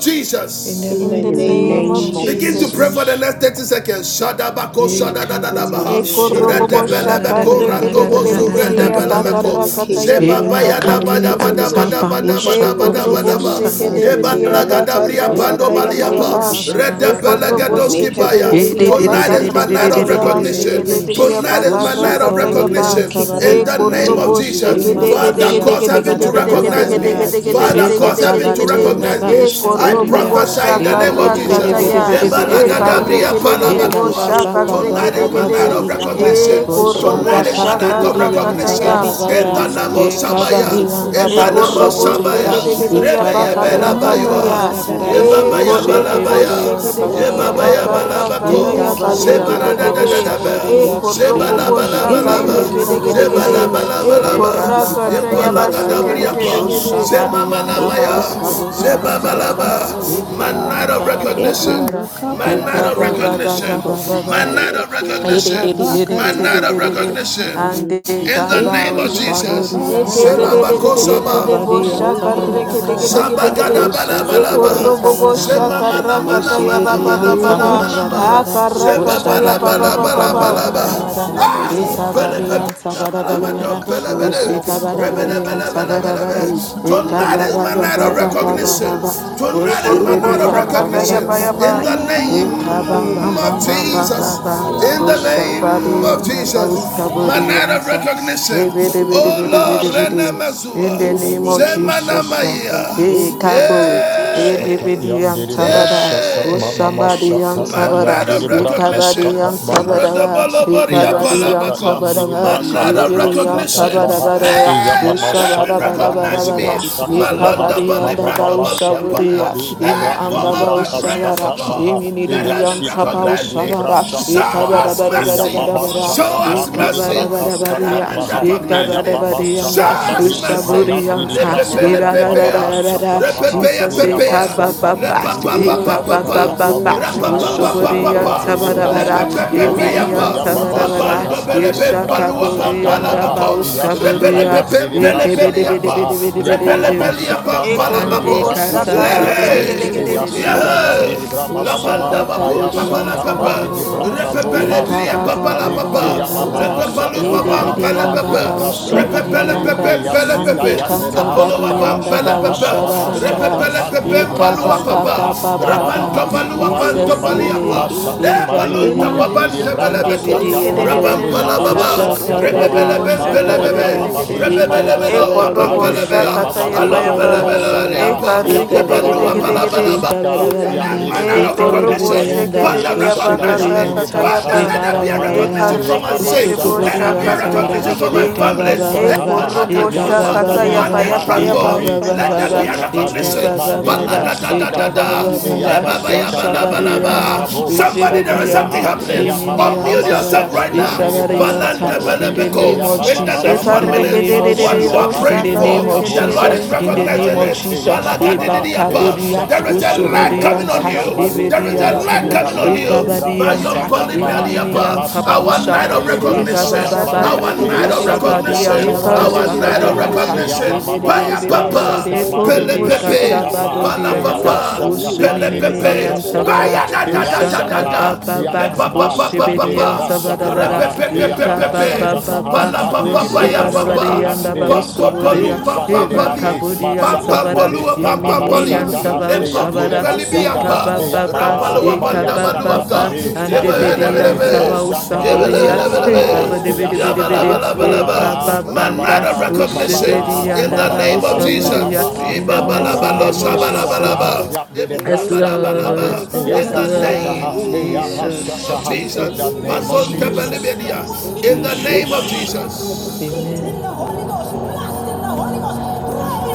Speaker 5: In the
Speaker 2: in
Speaker 1: Jesus,
Speaker 9: In
Speaker 2: the
Speaker 9: the
Speaker 7: in the
Speaker 5: mighty
Speaker 2: name
Speaker 9: name
Speaker 2: of
Speaker 5: name
Speaker 9: of
Speaker 7: name
Speaker 5: of
Speaker 7: of
Speaker 1: begin to
Speaker 9: Jesus.
Speaker 1: pray for
Speaker 2: Jesus.
Speaker 7: Jesus.
Speaker 1: the
Speaker 5: Jesus.
Speaker 1: next 30 seconds. Shadabako,
Speaker 5: Yea, Kabu,
Speaker 7: Tonight
Speaker 1: shadadadadabaha,
Speaker 5: yea,
Speaker 7: is my
Speaker 9: Ekorobobo
Speaker 5: Shebedi,
Speaker 7: night of
Speaker 5: yam,
Speaker 9: shaka
Speaker 5: da, da,
Speaker 1: redebelebeko,
Speaker 5: da,
Speaker 9: reke
Speaker 7: recognition
Speaker 5: da, da,
Speaker 7: in
Speaker 9: dege
Speaker 7: the
Speaker 1: randobo,
Speaker 5: da,
Speaker 2: Imakatikeakabokabokoyoko.
Speaker 9: dege
Speaker 7: name
Speaker 5: da,
Speaker 7: of
Speaker 9: dege
Speaker 5: da, da,
Speaker 9: ya
Speaker 2: May
Speaker 5: da,
Speaker 7: Jesus.
Speaker 5: da,
Speaker 9: paka
Speaker 5: da.
Speaker 1: zubrendebelebeko,
Speaker 2: heaven
Speaker 9: raka
Speaker 2: locate
Speaker 9: taya
Speaker 2: me.
Speaker 5: Ye
Speaker 7: Tonight is
Speaker 2: May
Speaker 9: paya
Speaker 7: my
Speaker 9: paka
Speaker 2: heaven
Speaker 7: night
Speaker 5: makanini
Speaker 7: of
Speaker 9: reke
Speaker 2: locate
Speaker 9: dege
Speaker 2: me.
Speaker 5: ansa
Speaker 9: dege.
Speaker 7: recognition
Speaker 5: pa
Speaker 7: in the
Speaker 2: May
Speaker 7: name of
Speaker 9: Ee
Speaker 5: wusha
Speaker 2: heaven
Speaker 9: korro
Speaker 5: bodi
Speaker 7: Jesus.
Speaker 2: locate
Speaker 1: jebabayadabadabadabadabadabadabadaba,
Speaker 2: me.
Speaker 9: boshi
Speaker 5: ansa
Speaker 9: ke de
Speaker 5: bada
Speaker 2: Father,
Speaker 9: de
Speaker 7: Heaven
Speaker 9: de de
Speaker 7: will
Speaker 5: bada.
Speaker 9: aba
Speaker 2: tonight, oh
Speaker 9: kara
Speaker 7: recognize me
Speaker 2: God,
Speaker 9: katha
Speaker 7: in
Speaker 5: Eka
Speaker 2: in
Speaker 9: ya
Speaker 2: the
Speaker 5: ba
Speaker 9: pa
Speaker 7: the
Speaker 5: ba
Speaker 9: ya
Speaker 7: name of
Speaker 1: jebalagadabriapandobaliapa,
Speaker 2: name
Speaker 5: ba
Speaker 9: pa.
Speaker 2: of
Speaker 5: ba ba ba
Speaker 7: Jesus.
Speaker 5: ba
Speaker 9: Ee
Speaker 2: Jesus. uh,
Speaker 5: ba
Speaker 9: korro
Speaker 5: ba
Speaker 7: No
Speaker 5: ba.
Speaker 2: May
Speaker 9: boshi ke
Speaker 7: weapon
Speaker 9: de
Speaker 2: heaven
Speaker 1: baya.
Speaker 9: de de
Speaker 5: Ye
Speaker 7: formed
Speaker 9: de
Speaker 5: de de
Speaker 9: aba
Speaker 5: de
Speaker 7: against
Speaker 2: recognize
Speaker 1: Tonight
Speaker 5: de
Speaker 7: me
Speaker 5: de
Speaker 1: is
Speaker 2: me
Speaker 7: shall
Speaker 5: de
Speaker 1: my
Speaker 5: de
Speaker 1: night
Speaker 5: de de
Speaker 1: of
Speaker 5: de
Speaker 2: today
Speaker 5: de
Speaker 7: prosper
Speaker 2: in
Speaker 5: de
Speaker 2: the
Speaker 5: de
Speaker 1: recognition.
Speaker 2: name of
Speaker 5: de.
Speaker 7: in the
Speaker 1: Tonight
Speaker 7: name
Speaker 2: Jesus.
Speaker 1: is
Speaker 7: of
Speaker 1: my
Speaker 5: Gosso
Speaker 9: kara
Speaker 1: night
Speaker 2: May
Speaker 7: Jesus.
Speaker 1: of
Speaker 9: katha ya
Speaker 2: heaven
Speaker 5: kovori
Speaker 9: ba.
Speaker 1: recognition.
Speaker 5: anta
Speaker 2: locate
Speaker 5: bara
Speaker 2: me
Speaker 1: In
Speaker 9: Ee
Speaker 1: the
Speaker 5: bara
Speaker 1: name
Speaker 9: korro
Speaker 1: name
Speaker 5: bara.
Speaker 1: of
Speaker 2: today
Speaker 7: Rakadori
Speaker 2: in
Speaker 9: boshi
Speaker 2: the
Speaker 7: Sia
Speaker 5: Ye
Speaker 1: Jesus.
Speaker 9: ke de
Speaker 2: name
Speaker 9: ge
Speaker 2: of
Speaker 9: de
Speaker 5: makari
Speaker 1: Father,
Speaker 9: ge
Speaker 7: Mantaya
Speaker 9: de
Speaker 1: cause
Speaker 9: ge
Speaker 5: anta
Speaker 9: de
Speaker 2: Jesus.
Speaker 9: ge
Speaker 1: heaven
Speaker 9: de
Speaker 5: bara
Speaker 1: to
Speaker 9: ge de
Speaker 5: bara
Speaker 9: ge
Speaker 2: Oh
Speaker 9: de
Speaker 5: bara
Speaker 1: recognize
Speaker 2: Lord, I
Speaker 1: me.
Speaker 9: ge
Speaker 5: bara.
Speaker 9: de ge
Speaker 2: avail
Speaker 9: de ge
Speaker 1: Father,
Speaker 5: Ye
Speaker 9: de
Speaker 2: myself
Speaker 1: cause
Speaker 2: to
Speaker 5: baka
Speaker 9: ge de
Speaker 1: heaven
Speaker 2: you
Speaker 1: to
Speaker 9: ge
Speaker 5: bari
Speaker 9: de.
Speaker 5: anda
Speaker 2: tonight.
Speaker 1: recognize
Speaker 5: ba
Speaker 1: me.
Speaker 9: Ee
Speaker 1: I
Speaker 9: korro
Speaker 2: Oh,
Speaker 7: Mandori
Speaker 2: my
Speaker 5: ushaburiya.
Speaker 7: mama.
Speaker 9: boshi
Speaker 1: prophesy in
Speaker 5: Ye
Speaker 1: the
Speaker 5: de
Speaker 1: name
Speaker 5: be
Speaker 9: kara
Speaker 1: of
Speaker 5: de be de
Speaker 1: Jesus.
Speaker 9: katha
Speaker 5: be
Speaker 7: Let
Speaker 5: de
Speaker 7: there
Speaker 9: ya.
Speaker 5: be de
Speaker 7: be
Speaker 5: be
Speaker 7: a
Speaker 5: de
Speaker 9: Ee
Speaker 5: be
Speaker 7: change.
Speaker 5: de be
Speaker 9: kara
Speaker 5: de.
Speaker 9: ke de de
Speaker 7: Let
Speaker 9: de
Speaker 7: there
Speaker 5: Eka
Speaker 7: be a
Speaker 2: Locate
Speaker 5: ba
Speaker 9: boshi
Speaker 2: me,
Speaker 7: shift.
Speaker 5: ba
Speaker 2: O
Speaker 5: ba
Speaker 9: kara
Speaker 5: ba
Speaker 2: Lord.
Speaker 9: ke
Speaker 1: Tonight
Speaker 5: ba
Speaker 9: de
Speaker 1: is
Speaker 7: Let
Speaker 9: ge
Speaker 1: my
Speaker 5: ba
Speaker 7: there
Speaker 9: de.
Speaker 2: Locate
Speaker 1: night
Speaker 5: ba
Speaker 7: be
Speaker 1: of
Speaker 7: a
Speaker 2: me.
Speaker 5: di anda.
Speaker 2: Locate
Speaker 7: change.
Speaker 1: recognition.
Speaker 9: Ee
Speaker 2: me in the
Speaker 7: Let
Speaker 9: korro
Speaker 5: Gosha
Speaker 7: there
Speaker 2: name
Speaker 7: be
Speaker 1: Tonight
Speaker 2: of
Speaker 1: is
Speaker 7: a
Speaker 5: baka
Speaker 9: boshi
Speaker 1: my night
Speaker 7: shift.
Speaker 1: of
Speaker 2: Jesus.
Speaker 9: kara
Speaker 5: tovori
Speaker 7: In
Speaker 9: katha
Speaker 5: anta
Speaker 7: the
Speaker 1: recognition.
Speaker 7: name
Speaker 9: ya.
Speaker 5: bara
Speaker 7: of
Speaker 2: Locate me
Speaker 5: bara.
Speaker 2: in
Speaker 7: Jesus,
Speaker 2: the
Speaker 1: Edanamo
Speaker 2: name of
Speaker 7: I
Speaker 5: Eka ba
Speaker 1: Shabaya.
Speaker 5: di
Speaker 7: pray
Speaker 2: Jesus.
Speaker 7: for a
Speaker 5: anda
Speaker 9: E
Speaker 5: ba
Speaker 2: Locate me
Speaker 7: shift.
Speaker 1: Edanamo
Speaker 2: in the
Speaker 9: korobo
Speaker 2: name of
Speaker 7: In
Speaker 5: ushaburiya.
Speaker 9: sheke
Speaker 1: Shabaya.
Speaker 7: the
Speaker 9: de de
Speaker 7: name of
Speaker 2: Jesus.
Speaker 9: dia
Speaker 5: Eka
Speaker 7: Jesus,
Speaker 5: bara
Speaker 2: O
Speaker 1: Rebeyebela
Speaker 5: bara bara
Speaker 9: bakarakata
Speaker 2: mama
Speaker 5: bara
Speaker 7: I
Speaker 1: Bayua.
Speaker 9: ya.
Speaker 5: bara
Speaker 7: come by
Speaker 5: bara.
Speaker 2: kataka
Speaker 7: a
Speaker 9: E
Speaker 1: Rebabaya
Speaker 2: yeke
Speaker 7: story
Speaker 2: ya
Speaker 7: this
Speaker 9: korobo
Speaker 7: year.
Speaker 1: Yabalabaya,
Speaker 5: Ushikibiriyan
Speaker 2: kabaka
Speaker 9: sheke de
Speaker 7: Mama,
Speaker 2: boko
Speaker 9: dia
Speaker 7: mama,
Speaker 1: Yebabaya
Speaker 2: yoko.
Speaker 5: Sabarabara,
Speaker 9: bakarakata
Speaker 1: Balabako,
Speaker 9: ya
Speaker 2: Eleke
Speaker 7: Kari
Speaker 2: ya
Speaker 9: kareke
Speaker 5: Ikabadianda
Speaker 7: Wandaya,
Speaker 9: de
Speaker 1: Zebarada da
Speaker 2: kabaka
Speaker 9: gede.
Speaker 2: taka
Speaker 9: E
Speaker 7: Mantari,
Speaker 5: Baushaburia,
Speaker 2: yeke
Speaker 7: Kuri,
Speaker 2: ya.
Speaker 7: the
Speaker 9: korobo
Speaker 5: Iminian
Speaker 2: E
Speaker 7: city,
Speaker 9: shaka
Speaker 5: Sibidi
Speaker 1: Zebalabalabalaba,
Speaker 2: mama
Speaker 9: reke de
Speaker 5: Bidi
Speaker 9: gede
Speaker 5: Bidi
Speaker 2: kabaka
Speaker 5: Bidi
Speaker 9: gede.
Speaker 5: Bidi,
Speaker 7: Show
Speaker 2: yeke
Speaker 9: E
Speaker 2: ya.
Speaker 1: Zebalabalabalaba,
Speaker 5: Ikaba
Speaker 9: korakata
Speaker 5: Baba
Speaker 9: ya
Speaker 2: In the
Speaker 1: Impalaga
Speaker 9: basheke
Speaker 2: name
Speaker 5: Baba,
Speaker 9: de
Speaker 2: of
Speaker 9: gede gede.
Speaker 2: Jesus, ah,
Speaker 5: Ushabadianda
Speaker 1: Zemamanamaya,
Speaker 5: Bauskaburian Sabara,
Speaker 1: Zebabalaba, my
Speaker 2: Ekabalakabakatakayekeya,
Speaker 5: Ibirian
Speaker 1: night of recognition,
Speaker 5: Sabarabara,
Speaker 1: my night of
Speaker 5: Ikaba Baba
Speaker 1: recognition,
Speaker 2: Emamakabakabokoyoko,
Speaker 5: Baba Baba.
Speaker 1: my night of
Speaker 5: Ande
Speaker 1: recognition, my night of recognition.
Speaker 2: Elekeyakabakatakayekeya,
Speaker 1: In the
Speaker 5: kaba
Speaker 1: name
Speaker 5: o
Speaker 1: of Jesus,
Speaker 5: shaburi
Speaker 9: Eke de de
Speaker 5: antabara,
Speaker 9: de de de de
Speaker 5: e
Speaker 2: Emamakabakayekeya,
Speaker 9: de
Speaker 1: Selabakosaba.
Speaker 9: de bo
Speaker 5: kabari
Speaker 9: shaka
Speaker 5: antabara
Speaker 9: reke
Speaker 5: bara
Speaker 9: de gede
Speaker 5: bara,
Speaker 9: gede gede.
Speaker 5: o
Speaker 1: Shabagada bada
Speaker 9: E
Speaker 1: bada
Speaker 5: shibiri
Speaker 1: baha.
Speaker 9: korobo bo
Speaker 2: Elekeyakabakabokoyokobekeya.
Speaker 5: antabara
Speaker 1: Shema
Speaker 5: bara,
Speaker 9: shaka
Speaker 1: mana
Speaker 5: o
Speaker 1: mana
Speaker 9: rakata ya ba
Speaker 1: mana
Speaker 5: shibiri
Speaker 9: pa
Speaker 2: In The
Speaker 1: mana
Speaker 9: pa pa
Speaker 2: name
Speaker 1: mana
Speaker 2: of
Speaker 9: pa.
Speaker 5: antabara
Speaker 1: mana
Speaker 5: bara
Speaker 2: Jesus,
Speaker 9: A
Speaker 1: maha.
Speaker 5: bara,
Speaker 2: in the
Speaker 5: o
Speaker 1: Sheba
Speaker 2: name
Speaker 9: karakata
Speaker 2: of
Speaker 9: ya
Speaker 1: bada
Speaker 2: Jesus.
Speaker 9: pa
Speaker 5: shabari
Speaker 9: pa
Speaker 1: bada
Speaker 9: pa pa
Speaker 1: bada
Speaker 9: pa.
Speaker 5: antabara
Speaker 1: bada
Speaker 5: bara
Speaker 1: baha.
Speaker 5: bara,
Speaker 1: Ah!
Speaker 5: e
Speaker 1: Pele
Speaker 2: Emakatakayekeya,
Speaker 5: kabari
Speaker 1: pepe.
Speaker 5: antabara bara bara,
Speaker 1: Tonight
Speaker 5: o
Speaker 7: yourself
Speaker 5: shikabara
Speaker 7: strong, O
Speaker 5: bari
Speaker 7: God.
Speaker 2: Eyakabakatakayekeya.
Speaker 5: antabara bara,
Speaker 7: Yea,
Speaker 5: e
Speaker 7: Karu and
Speaker 5: kaba
Speaker 1: is
Speaker 5: ba
Speaker 1: my
Speaker 5: ba
Speaker 1: night
Speaker 5: ba
Speaker 1: of
Speaker 5: ba ba ba
Speaker 1: recognition.
Speaker 5: ba ba,
Speaker 2: Imakatakayekia.
Speaker 5: o
Speaker 9: E
Speaker 1: Tonight is my
Speaker 9: korobo
Speaker 1: night
Speaker 5: shibiri
Speaker 1: of
Speaker 7: Papa,
Speaker 9: shakata
Speaker 5: antabara
Speaker 9: ya
Speaker 1: recognition.
Speaker 9: ba
Speaker 5: bara
Speaker 9: ya
Speaker 1: In
Speaker 5: bara,
Speaker 9: pa.
Speaker 1: the
Speaker 2: Imamamamamahaya
Speaker 5: e
Speaker 1: name
Speaker 5: kaba ba
Speaker 1: name
Speaker 5: ba
Speaker 1: of
Speaker 5: ba
Speaker 2: makabokoyoko.
Speaker 12: Thank
Speaker 5: ba
Speaker 1: Jesus.
Speaker 5: ba ba.
Speaker 1: In the
Speaker 7: Rapandesiamatayama,
Speaker 5: Usha
Speaker 2: Elekia
Speaker 1: name
Speaker 5: body
Speaker 7: the
Speaker 1: of
Speaker 5: and the
Speaker 7: name
Speaker 1: Jesus.
Speaker 2: kabakatekia.
Speaker 5: Pauskaburi
Speaker 1: Manner
Speaker 5: and
Speaker 1: of recognition.
Speaker 7: of
Speaker 2: In the
Speaker 1: Oh
Speaker 2: name
Speaker 7: Marandakia,
Speaker 2: of
Speaker 1: Lord, Rena
Speaker 2: Jesus.
Speaker 5: in
Speaker 1: Mazua.
Speaker 5: the
Speaker 2: In the
Speaker 5: name of
Speaker 2: name of
Speaker 1: Zemana
Speaker 5: Jesus,
Speaker 2: Jesus.
Speaker 7: remember
Speaker 1: Maya.
Speaker 5: eh,
Speaker 7: me,
Speaker 5: Kabul, eh,
Speaker 2: Imakatekia
Speaker 13: Skata
Speaker 1: Yay.
Speaker 5: Debidi and
Speaker 13: yandere bra
Speaker 7: remember
Speaker 5: Tabada,
Speaker 13: sata
Speaker 2: kabalakabokoyoko.
Speaker 13: mama
Speaker 1: Yay.
Speaker 13: masata
Speaker 5: Roshamadian
Speaker 13: ma
Speaker 2: Ikea
Speaker 5: Tabara,
Speaker 1: Manner
Speaker 7: me,
Speaker 1: of
Speaker 13: yandere bra
Speaker 1: recognition.
Speaker 13: kaskata
Speaker 5: Ikabadian
Speaker 13: maha
Speaker 7: remember me,
Speaker 5: Tabara,
Speaker 2: kabalakabokoyoko.
Speaker 1: Rodoboloboria
Speaker 7: remember
Speaker 5: Ikabadian
Speaker 13: Iyasata
Speaker 7: me.
Speaker 1: palabako.
Speaker 13: yandiri
Speaker 5: Tabara,
Speaker 7: Mariam
Speaker 1: Manada
Speaker 13: brakabo
Speaker 5: Ijirian
Speaker 13: maskata
Speaker 1: recognition.
Speaker 13: maha.
Speaker 5: Tabarabara,
Speaker 13: Iya
Speaker 1: Hey,
Speaker 13: mama
Speaker 1: let heaven
Speaker 5: Rushabara
Speaker 13: sata
Speaker 1: recognize
Speaker 13: yandiri
Speaker 1: me.
Speaker 5: Barabara,
Speaker 13: braskata
Speaker 7: Rekititia,
Speaker 13: maha.
Speaker 1: Malonda
Speaker 5: Ikabadian
Speaker 1: Bali
Speaker 13: Mama
Speaker 1: Brando
Speaker 13: mama
Speaker 1: Bali
Speaker 13: sata
Speaker 1: Apaya.
Speaker 5: Dabausaburia,
Speaker 13: mabi
Speaker 1: God.
Speaker 5: Ima
Speaker 1: Hey, for
Speaker 13: mayandiri
Speaker 1: all
Speaker 7: Mariam
Speaker 1: my prayers, oh
Speaker 5: Andabausabara,
Speaker 13: brakaskata
Speaker 7: Matayamanda,
Speaker 13: maha.
Speaker 1: God, let
Speaker 13: Iya
Speaker 5: Iminidian
Speaker 1: heaven
Speaker 13: sita
Speaker 1: recognize me.
Speaker 13: yandiri
Speaker 5: Tabausabar.
Speaker 7: Santa
Speaker 1: Show
Speaker 13: brasata maha.
Speaker 1: us
Speaker 13: Iya
Speaker 1: mercy.
Speaker 13: mama
Speaker 5: Ikabara
Speaker 1: Show
Speaker 13: sata
Speaker 1: us
Speaker 13: mandiri
Speaker 1: mercy. Let
Speaker 13: brakaskata
Speaker 5: Ikabarabarabariya,
Speaker 1: heaven
Speaker 13: maha.
Speaker 1: recognize
Speaker 13: Iya
Speaker 1: me.
Speaker 13: mama
Speaker 1: Show
Speaker 5: ikabarabarianda,
Speaker 13: sata
Speaker 1: us
Speaker 13: mabi
Speaker 1: mercy.
Speaker 13: mayandiri
Speaker 1: Le
Speaker 5: ushaburianta,
Speaker 12: you.
Speaker 1: pepe le
Speaker 13: braskata
Speaker 12: Thank
Speaker 13: mama
Speaker 1: pepea.
Speaker 5: ibararararara.
Speaker 13: masata
Speaker 1: Le
Speaker 13: maha.
Speaker 1: pepea
Speaker 5: Jesus,
Speaker 13: Iya
Speaker 1: pepea.
Speaker 13: masata
Speaker 1: Le
Speaker 5: ikabababa,
Speaker 13: mandiri
Speaker 1: papa papa
Speaker 2: Imakati
Speaker 1: papa.
Speaker 13: brakaskata
Speaker 2: kia
Speaker 13: mabi
Speaker 5: ibabababa,
Speaker 1: Rapa
Speaker 2: kabala
Speaker 1: papa papa
Speaker 7: Sharua
Speaker 13: mayasata
Speaker 1: papa.
Speaker 2: kaboko
Speaker 5: ushuburianta
Speaker 13: mandiri
Speaker 7: Kasaya
Speaker 1: Le
Speaker 2: yoko.
Speaker 5: barabara,
Speaker 7: Mandur
Speaker 1: pepe
Speaker 13: braskata maha.
Speaker 1: pepea
Speaker 7: Bibisiya
Speaker 1: pa.
Speaker 5: imidianta
Speaker 2: Imakati
Speaker 5: barabara,
Speaker 2: kia.
Speaker 13: Yababasata
Speaker 1: Abando bele be
Speaker 13: mandiri
Speaker 12: you.
Speaker 1: palua
Speaker 13: brakaskata
Speaker 12: Thank
Speaker 1: pampala
Speaker 12: you.
Speaker 5: ishakaburianda
Speaker 7: Rapapaya
Speaker 13: maha.
Speaker 1: bako.
Speaker 7: Mandur
Speaker 13: Yasita
Speaker 1: Repele
Speaker 5: bauskaburia,
Speaker 1: pepe
Speaker 13: yandiri
Speaker 1: pele pele
Speaker 13: brasata
Speaker 1: yapa.
Speaker 7: Bibisiya
Speaker 13: maha.
Speaker 7: Saya
Speaker 1: Repele
Speaker 7: Mandur
Speaker 5: ikebidibidibidibidibidi.
Speaker 1: pele yapa
Speaker 13: Yababasata
Speaker 1: pampala
Speaker 13: mandiri
Speaker 5: Andi
Speaker 9: Ekorobobo
Speaker 1: bako.
Speaker 5: kata
Speaker 7: Bibiki
Speaker 5: ba
Speaker 13: brakaskata
Speaker 5: do
Speaker 7: City
Speaker 5: do
Speaker 13: mabi.
Speaker 5: do do
Speaker 1: Lere.
Speaker 5: do do do
Speaker 9: shakarrekedegedegede.
Speaker 5: do do
Speaker 13: Yasita
Speaker 5: yanta.
Speaker 13: yandiri
Speaker 1: Yehe.
Speaker 13: brama
Speaker 1: La
Speaker 5: Usha
Speaker 13: mama
Speaker 1: banda
Speaker 5: ba
Speaker 1: babum
Speaker 13: Maya
Speaker 5: kaburi
Speaker 1: papa la
Speaker 7: Lord
Speaker 13: sata
Speaker 5: yanta ba da
Speaker 1: papa,
Speaker 5: ba
Speaker 13: mandiri
Speaker 5: da.
Speaker 7: and
Speaker 13: brakabo
Speaker 1: repepele
Speaker 5: Ika
Speaker 1: bria
Speaker 5: ba
Speaker 13: maskata
Speaker 2: Imakati
Speaker 5: ba
Speaker 1: papa la
Speaker 5: ba
Speaker 2: kia.
Speaker 13: mabi.
Speaker 5: ba
Speaker 7: in
Speaker 1: papa,
Speaker 5: ba ba
Speaker 7: the
Speaker 1: le
Speaker 5: ba.
Speaker 7: mighty
Speaker 1: papa lo
Speaker 2: Imakati
Speaker 13: Yababasata
Speaker 7: name of
Speaker 5: Idi
Speaker 13: maha.
Speaker 7: Jesus
Speaker 1: babam
Speaker 2: kia.
Speaker 5: bidi
Speaker 1: pele
Speaker 5: yanda
Speaker 1: pepe,
Speaker 13: Mandiri
Speaker 5: ba ushi
Speaker 13: Bratska
Speaker 5: bidi
Speaker 1: repepele
Speaker 13: Mari
Speaker 1: pepe
Speaker 5: yanda.
Speaker 7: Bibiki
Speaker 1: pele
Speaker 7: City
Speaker 13: Yasita
Speaker 1: pepe,
Speaker 5: Andi
Speaker 13: Yandere
Speaker 5: kata
Speaker 7: Mandaya
Speaker 5: ba
Speaker 1: apolo
Speaker 5: di
Speaker 13: Sataha
Speaker 1: wabam
Speaker 5: yanda
Speaker 1: pele
Speaker 5: ba
Speaker 13: Ya
Speaker 7: Bibisiya
Speaker 1: pepe,
Speaker 13: Mama
Speaker 5: usha ba
Speaker 13: Mama
Speaker 5: da ba da.
Speaker 13: Sata
Speaker 1: repepele pepe
Speaker 13: Mandiri
Speaker 5: Ika
Speaker 7: Papaya
Speaker 1: balua
Speaker 5: ba ba
Speaker 7: Mandur
Speaker 1: papa,
Speaker 5: ba
Speaker 13: Brakaskataha
Speaker 5: ba
Speaker 13: Ya
Speaker 5: ba
Speaker 13: Mama
Speaker 1: rapanta
Speaker 5: ba.
Speaker 13: Mabi
Speaker 7: Bibiki
Speaker 1: balua
Speaker 13: Mandiri
Speaker 1: panto
Speaker 5: Jesus
Speaker 13: Mabi
Speaker 2: Imakati
Speaker 1: baliapa,
Speaker 5: eh.
Speaker 2: kia.
Speaker 1: e
Speaker 13: Masata
Speaker 7: Sarwan
Speaker 5: Ika
Speaker 13: Mabi
Speaker 1: palunta
Speaker 5: eh.
Speaker 13: Mayandiri
Speaker 1: babante
Speaker 2: Imamakata
Speaker 1: bele
Speaker 5: Andi
Speaker 1: beko,
Speaker 2: kaya
Speaker 5: bidi
Speaker 13: Brakaskata
Speaker 2: kia.
Speaker 13: Maha
Speaker 5: yanda.
Speaker 1: rabam
Speaker 13: Ya
Speaker 9: Ekededededebo
Speaker 1: pala
Speaker 13: Mama
Speaker 12: In
Speaker 1: baba,
Speaker 5: Usha
Speaker 13: Sata
Speaker 5: ka ba
Speaker 2: Imakabala
Speaker 5: di
Speaker 1: repepele
Speaker 13: Mama
Speaker 9: shakarrekedededebo
Speaker 12: the
Speaker 1: bem
Speaker 5: yanta ba
Speaker 2: kaboko
Speaker 1: pele
Speaker 5: da
Speaker 13: Mandiri
Speaker 5: ba
Speaker 1: bebe,
Speaker 7: Masaya
Speaker 13: Brahma
Speaker 2: yoko
Speaker 5: da.
Speaker 9: shakarrekedegede.
Speaker 13: Mabi
Speaker 7: Mandur
Speaker 2: bekia.
Speaker 5: Ika
Speaker 1: repepele
Speaker 13: Maya
Speaker 5: ba da
Speaker 1: beno
Speaker 5: ba da
Speaker 13: Sata
Speaker 5: ba
Speaker 1: wabam
Speaker 5: da
Speaker 9: Ekorobo
Speaker 5: ba
Speaker 13: Mabi
Speaker 5: da
Speaker 1: pele
Speaker 5: ba
Speaker 13: Ya
Speaker 5: da.
Speaker 1: bea,
Speaker 2: Imakata
Speaker 13: Mama
Speaker 2: kaya
Speaker 1: alom
Speaker 5: Ika
Speaker 13: Mama
Speaker 9: shakatayabayaba.
Speaker 1: pele
Speaker 5: bara
Speaker 2: kia.
Speaker 1: bele
Speaker 5: bara bara.
Speaker 13: Masata
Speaker 1: eliapa,
Speaker 13: Ya
Speaker 2: Kabakata
Speaker 5: Ika
Speaker 13: Mama
Speaker 5: bara
Speaker 2: kaya
Speaker 1: yebandu
Speaker 5: bara.
Speaker 1: wabala
Speaker 2: kia.
Speaker 9: Ekarrekedegedegedegede.
Speaker 13: Mama
Speaker 5: Ika
Speaker 1: balaba.
Speaker 5: bara
Speaker 13: skata
Speaker 5: bara
Speaker 1: In that
Speaker 5: bara.
Speaker 7: Bibisiya
Speaker 13: yandiri
Speaker 2: Imakata
Speaker 1: manner of
Speaker 5: Ika
Speaker 2: kaya
Speaker 5: biri
Speaker 13: braskata
Speaker 9: Ekorobo
Speaker 2: kia.
Speaker 5: biri
Speaker 1: recognition,
Speaker 13: mabi
Speaker 5: yanda.
Speaker 1: Father,
Speaker 13: ya
Speaker 2: Kabakata
Speaker 5: Usu
Speaker 7: Mandaya
Speaker 13: shata
Speaker 1: recognize
Speaker 5: biri
Speaker 1: me.
Speaker 13: yandiri
Speaker 5: yanta.
Speaker 9: shekedediabakarakatayaba.
Speaker 1: Father, let there
Speaker 5: Imara
Speaker 13: brakaskata
Speaker 1: be a
Speaker 5: bara
Speaker 13: mabi
Speaker 5: bara.
Speaker 1: recognition for
Speaker 13: ya
Speaker 1: my
Speaker 13: mama
Speaker 1: sake.
Speaker 5: usu
Speaker 7: Recognize
Speaker 9: Ekarrekedededebo
Speaker 13: shata
Speaker 1: Let
Speaker 5: kuburi
Speaker 1: there be a
Speaker 13: mabi
Speaker 5: yanta
Speaker 13: ma
Speaker 5: bara.
Speaker 1: recognition for
Speaker 9: shakarrekedegede.
Speaker 1: my
Speaker 13: yandiri
Speaker 5: Ika
Speaker 7: me,
Speaker 5: ba
Speaker 1: family.
Speaker 5: ba ba
Speaker 13: brakaskata
Speaker 5: ba.
Speaker 13: maha
Speaker 9: Ekorobo
Speaker 7: recognize
Speaker 13: ya
Speaker 5: Ika
Speaker 7: me,
Speaker 5: ba
Speaker 1: Epalakatuapa,
Speaker 7: recognize
Speaker 5: ba
Speaker 13: sita
Speaker 7: me,
Speaker 5: ba
Speaker 13: ye
Speaker 1: On
Speaker 5: ba.
Speaker 1: this
Speaker 13: mandiri
Speaker 7: Lord,
Speaker 9: shakatayabayapayaba.
Speaker 5: Ika
Speaker 1: platform,
Speaker 5: ba
Speaker 13: mabi
Speaker 5: ba
Speaker 13: ma
Speaker 1: let
Speaker 5: ba
Speaker 7: amen.
Speaker 1: there be
Speaker 5: ba.
Speaker 1: a
Speaker 13: shata
Speaker 5: Ika
Speaker 13: mabi
Speaker 1: recognition.
Speaker 5: ba ba ba
Speaker 13: mandiri
Speaker 5: ba.
Speaker 13: brasata
Speaker 5: Ika ba
Speaker 13: maha
Speaker 1: Paladadadadada,
Speaker 5: ba ba
Speaker 12: mighty
Speaker 13: ya
Speaker 5: ba.
Speaker 12: name,
Speaker 13: kasata
Speaker 5: Usabari
Speaker 13: yandiri
Speaker 5: yanda.
Speaker 1: yebabayabalabalaba.
Speaker 13: brakabo
Speaker 1: Somebody, there
Speaker 5: Izibiri
Speaker 13: maskata
Speaker 1: is something
Speaker 13: maha
Speaker 5: yanta.
Speaker 1: happening.
Speaker 13: ya
Speaker 5: Imini
Speaker 13: mama
Speaker 2: Imakata
Speaker 1: Unmute
Speaker 13: mama
Speaker 5: yanta bara.
Speaker 1: yourself
Speaker 13: shata
Speaker 1: right now.
Speaker 13: mandiri
Speaker 5: Isabari yanta.
Speaker 13: braskata
Speaker 5: In
Speaker 13: mabi
Speaker 5: the name
Speaker 13: ya
Speaker 5: of
Speaker 1: Balandebelebeko. In
Speaker 13: mama
Speaker 1: the next
Speaker 13: mama
Speaker 5: Jesus.
Speaker 1: one
Speaker 5: In
Speaker 13: mama
Speaker 5: the
Speaker 1: minute,
Speaker 5: name of
Speaker 1: what you
Speaker 5: Jesus
Speaker 13: Masata
Speaker 9: Ekarrekedededebo
Speaker 1: are
Speaker 5: in
Speaker 1: praying
Speaker 13: mandiri
Speaker 5: the
Speaker 1: for,
Speaker 5: name of
Speaker 1: the
Speaker 13: brakabo,
Speaker 1: Lord
Speaker 9: shakarrekedegede.
Speaker 1: is
Speaker 5: Jesus, in the
Speaker 13: maskata
Speaker 5: name
Speaker 1: recognizing
Speaker 13: mabi,
Speaker 5: of
Speaker 1: it.
Speaker 13: ya
Speaker 5: Jesus,
Speaker 13: mama, ya
Speaker 5: Ebakabodia,
Speaker 1: There
Speaker 13: sata
Speaker 1: is a
Speaker 13: mandiri
Speaker 1: light coming on
Speaker 5: Usobodianta,
Speaker 13: braskata
Speaker 1: you.
Speaker 13: mabi,
Speaker 1: There is a
Speaker 13: ya
Speaker 1: light
Speaker 5: Ebediantara,
Speaker 13: sita
Speaker 1: coming on you.
Speaker 13: yandiri
Speaker 5: Ekabadianta,
Speaker 13: brakaskata maha, ya
Speaker 5: Emininianta
Speaker 1: Our
Speaker 13: masata
Speaker 1: night
Speaker 5: Bausaba,
Speaker 1: of
Speaker 13: mandiri
Speaker 1: recognition.
Speaker 13: brasata
Speaker 5: Ekabababa,
Speaker 13: mabi,
Speaker 1: Our night
Speaker 13: ya
Speaker 1: of
Speaker 13: sata
Speaker 2: Gemakateke,
Speaker 1: recognition.
Speaker 13: yandiri
Speaker 2: my
Speaker 5: Usabadianda
Speaker 2: time
Speaker 1: Our
Speaker 2: of
Speaker 1: night
Speaker 13: brakaskata
Speaker 1: of
Speaker 13: ha,
Speaker 5: Bauskabodianta,
Speaker 2: recognition.
Speaker 9: Ekorvoshikiri.
Speaker 13: ya
Speaker 1: recognition.
Speaker 2: On
Speaker 13: mama,
Speaker 1: Paya
Speaker 2: this land I
Speaker 1: Papa.
Speaker 5: Ebedibedibedibedibede,
Speaker 13: masata
Speaker 2: stand
Speaker 5: and
Speaker 1: Pele
Speaker 13: mandiri
Speaker 2: on, I sit
Speaker 1: Pepe.
Speaker 13: brasata
Speaker 2: on,
Speaker 13: maha,
Speaker 1: Pala
Speaker 2: shall
Speaker 13: ya
Speaker 5: Ekatabadodianta,
Speaker 2: yield
Speaker 1: Papa.
Speaker 2: for
Speaker 13: masata
Speaker 2: me.
Speaker 1: Pele
Speaker 13: mandiri
Speaker 2: It's my
Speaker 1: Pepe.
Speaker 5: Usimininianta
Speaker 2: time
Speaker 13: brakaskata
Speaker 2: of
Speaker 5: Bada,
Speaker 1: Paya
Speaker 13: ha,
Speaker 1: da da
Speaker 13: ya
Speaker 1: da da da
Speaker 2: recognition, my
Speaker 1: da.
Speaker 13: sata,
Speaker 2: time
Speaker 13: ya
Speaker 2: of
Speaker 1: Le
Speaker 5: Usakabababa,
Speaker 13: mama,
Speaker 1: Papa
Speaker 2: recognition.
Speaker 1: Papa
Speaker 13: Mandiri
Speaker 1: Papa.
Speaker 5: Usibedianta
Speaker 13: Brasata
Speaker 5: Badabada,
Speaker 13: Maha, Yababa
Speaker 1: Repepepepepepe.
Speaker 13: Sata Maha,
Speaker 5: Ekabababa,
Speaker 1: Pala
Speaker 13: Mandiri
Speaker 1: Papa Paya
Speaker 13: Brakaskata,
Speaker 5: Oshabarabari
Speaker 2: Kimakati
Speaker 1: Papa.
Speaker 5: and
Speaker 2: Kia,
Speaker 1: Pompo
Speaker 13: Yasatahi,
Speaker 5: Abauskoburia,
Speaker 1: Polumpa
Speaker 13: Mandiri
Speaker 5: Eba
Speaker 13: Mabi,
Speaker 1: Pavali.
Speaker 2: Kimakabakata
Speaker 5: Kabudi and
Speaker 13: Masata
Speaker 5: Sabara,
Speaker 13: Mabi,
Speaker 2: Kayakira,
Speaker 1: Pampalua
Speaker 13: Yamama
Speaker 5: Iminini
Speaker 1: pampampali.
Speaker 2: Lema
Speaker 5: and
Speaker 13: Sataha,
Speaker 5: Sabau
Speaker 1: Lempa
Speaker 13: Yandiri
Speaker 2: Makabaka
Speaker 5: Shabara,
Speaker 1: pumpeli
Speaker 2: Boko
Speaker 5: Eka
Speaker 13: Masataha,
Speaker 1: biampa.
Speaker 2: yoko,
Speaker 5: Baba,
Speaker 13: Yamama,
Speaker 1: Rampalua
Speaker 5: Eka
Speaker 2: Kemakatekea, kemakabakatakayekera, lemamakabokoyoko, alekeya
Speaker 13: Mayaskata
Speaker 1: pandabaluata.
Speaker 5: Baba,
Speaker 13: Mabi,
Speaker 5: and
Speaker 13: Mandiri
Speaker 5: Debedi
Speaker 13: Mabi,
Speaker 5: and
Speaker 2: kabakatakayekera,
Speaker 1: Yebelebelebe.
Speaker 5: Sabau
Speaker 13: Masata. Yasata,
Speaker 5: Saboria,
Speaker 2: eyama,
Speaker 1: Yebelebelebe.
Speaker 5: Eka
Speaker 13: Yamama, Yasata,
Speaker 5: Bodibidibidibidi,
Speaker 2: ekeya
Speaker 1: Yabalabalaba.
Speaker 5: Eka
Speaker 13: Mamama,
Speaker 5: Baba,
Speaker 1: Manada
Speaker 13: Mamama,
Speaker 1: recognition
Speaker 5: Oshibidi
Speaker 13: Mamama,
Speaker 2: kabakatakayekera,
Speaker 1: in
Speaker 5: and
Speaker 1: the name of
Speaker 13: Mamama,
Speaker 5: Abauskaburia,
Speaker 1: Jesus.
Speaker 2: elekeya
Speaker 13: Mamama,
Speaker 5: in the mighty
Speaker 1: Ibabalabalo
Speaker 13: Mamama,
Speaker 5: name of Jesus.
Speaker 13: Yasata,
Speaker 2: kabakabokoyoko,
Speaker 1: shabalabalaba.
Speaker 13: Yamdede
Speaker 5: Yes,
Speaker 13: Braskata
Speaker 2: elekeya
Speaker 13: Mabi,
Speaker 5: Lord.
Speaker 1: Ibalabalabalaba. In
Speaker 5: Yes,
Speaker 1: the
Speaker 5: Lord.
Speaker 1: name
Speaker 13: Yatasata,
Speaker 2: kabakatakayekera.
Speaker 1: of
Speaker 5: Jesus.
Speaker 2: In
Speaker 13: Yamasata,
Speaker 2: the
Speaker 13: in the
Speaker 1: Jesus.
Speaker 2: name
Speaker 13: name
Speaker 2: of
Speaker 13: of
Speaker 1: Bazonte
Speaker 5: Amen.
Speaker 2: Jesus
Speaker 13: Jesus.
Speaker 1: belibedia.
Speaker 2: Christ.
Speaker 1: In the name of
Speaker 5: Jesus.
Speaker 1: Jesus
Speaker 5: Amen.
Speaker 2: Yekabakabakatakayekeya.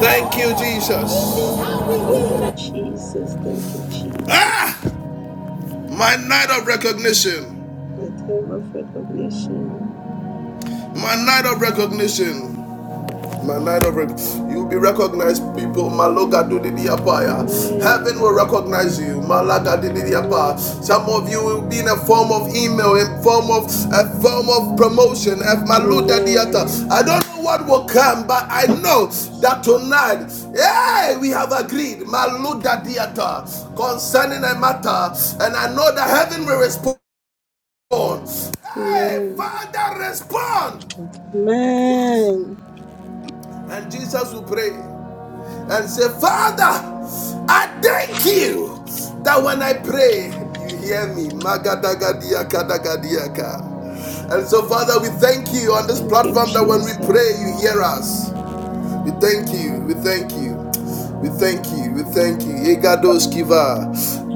Speaker 1: right Thank you, Jesus.
Speaker 2: Thank you, Jesus. Thank you, Jesus.
Speaker 1: Ah! My night of recognition.
Speaker 2: My time of recognition.
Speaker 1: My night of recognition. My night of rec- you'll be recognized, people. Maloga do didiapaya. Heaven will
Speaker 2: Amen.
Speaker 1: recognize you. Malaga do di diapa.
Speaker 2: Amen.
Speaker 1: Some of you will be in a form of email, in form of a form of promotion. F maluda diata.
Speaker 2: Amen.
Speaker 1: I don't know what will come, but I know that tonight, yeah, we have agreed. Maluda diata concerning a matter, and I know that heaven will respond. Hey,
Speaker 2: Amen.
Speaker 1: Father, respond to us.
Speaker 2: Amen.
Speaker 1: And Jesus will pray and say, Father, I thank you that when I pray, you hear me. Magadagadiakadagadiaka. And so, Father, we thank you on this
Speaker 2: Thank you,
Speaker 1: platform that when we pray,
Speaker 2: Jesus.
Speaker 1: you hear us. We thank you. We thank you. We thank you. We thank you. Egados kiva.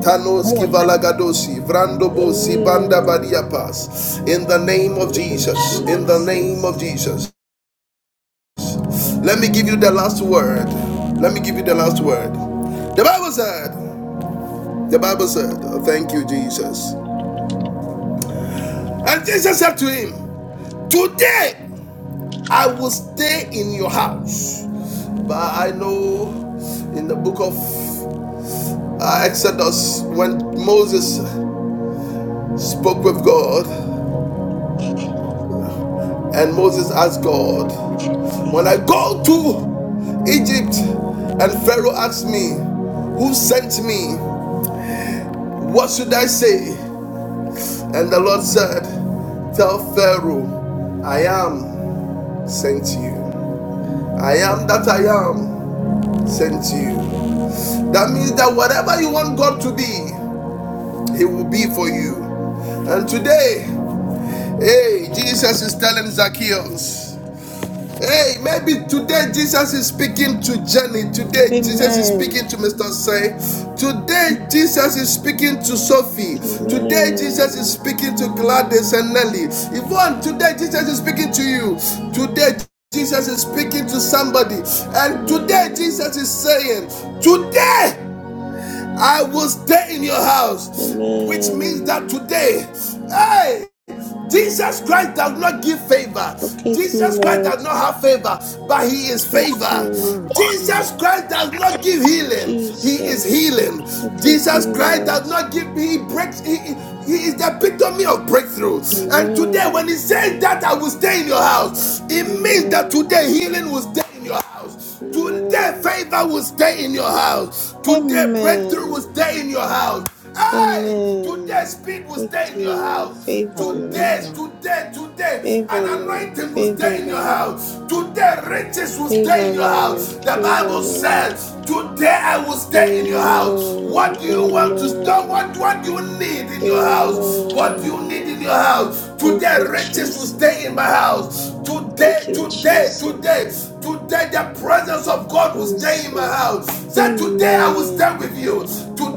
Speaker 1: Tanos
Speaker 14: more
Speaker 1: kiva lagadosi. Vrandobo si banda
Speaker 2: Amen.
Speaker 1: badiapas. In the name of
Speaker 2: Thank you,
Speaker 1: Jesus. In the name of
Speaker 2: Jesus.
Speaker 1: Jesus. Let me give you the last word. Let me give you the last word. The Bible said, the Bible said, oh, thank you, Jesus. And Jesus said to him, Today I will stay in your house. But I know in the book of uh, Exodus, when Moses spoke with God, and Moses asked God, When I go to Egypt, and Pharaoh asked me, Who sent me? What should I say? And the Lord said, Tell Pharaoh, I am sent you. I am that I am sent you. That means that whatever you want God to be, He will be for you. And today, hey, Jesus is telling Zacchaeus. Hey, maybe today Jesus is speaking to Jenny. Today Jesus is
Speaker 2: Amen.
Speaker 1: speaking to Mr. Say. Today Jesus is speaking to Sophie.
Speaker 7: Mm,
Speaker 1: Today Jesus is
Speaker 2: Amen.
Speaker 1: speaking to Gladys and Nelly. Yvonne, today Jesus is speaking to you. Today Jesus is speaking to somebody. And today
Speaker 2: Amen.
Speaker 1: Jesus is saying, Today I will stay in your house. Which means that
Speaker 2: Amen.
Speaker 1: today, hey, Jesus Christ does not give favor.
Speaker 2: Locate me,
Speaker 1: Jesus Christ
Speaker 2: Lord.
Speaker 1: does not have favor, but he is
Speaker 2: Locate
Speaker 1: favor.
Speaker 2: me.
Speaker 7: mm,
Speaker 1: Jesus Christ does not give healing. He is
Speaker 2: Jesus,
Speaker 1: healing.
Speaker 2: protect
Speaker 1: Jesus
Speaker 2: me,
Speaker 1: Christ
Speaker 2: Lord.
Speaker 1: does not give he breaks he, he is the epitome of breakthrough.
Speaker 7: mm.
Speaker 1: And today when
Speaker 2: Amen.
Speaker 1: he says that I will stay in your house, it means that today
Speaker 2: Amen.
Speaker 1: healing will stay in your house house. Today,
Speaker 2: Amen.
Speaker 1: favor will stay in your house. Today, breakthrough will
Speaker 2: Amen.
Speaker 1: stay in your house. Hey, today,
Speaker 2: Amen.
Speaker 1: speed will stay in your
Speaker 2: Breakthrough, Lord.
Speaker 1: house.
Speaker 2: Favor, Lord.
Speaker 1: Today,
Speaker 7: Hallelujah.
Speaker 1: today, today, an
Speaker 2: Favor, Lord.
Speaker 1: anointing will
Speaker 2: Favor,
Speaker 1: stay in your
Speaker 2: Lord.
Speaker 1: house. Today, riches will stay
Speaker 2: Favor,
Speaker 1: in your
Speaker 2: Lord.
Speaker 1: house. The
Speaker 2: Favor,
Speaker 1: Bible
Speaker 2: Lord.
Speaker 1: says, Today I will stay in your house.
Speaker 2: Amen.
Speaker 7: Mm,
Speaker 1: What do you want to store?
Speaker 2: Amen.
Speaker 1: What, what do you need in your house? What do
Speaker 7: mm,
Speaker 1: you need
Speaker 2: Amen.
Speaker 1: in your house?
Speaker 2: Thank
Speaker 1: Today,
Speaker 7: mm,
Speaker 2: you,
Speaker 1: riches will stay
Speaker 2: Jesus.
Speaker 1: in my house. Today,
Speaker 2: Thank you,
Speaker 1: today, today, today,
Speaker 2: Jesus.
Speaker 1: today, the presence of God will stay in my
Speaker 2: Jesus.
Speaker 1: house. Say, today I will stay
Speaker 2: Amen.
Speaker 1: with you.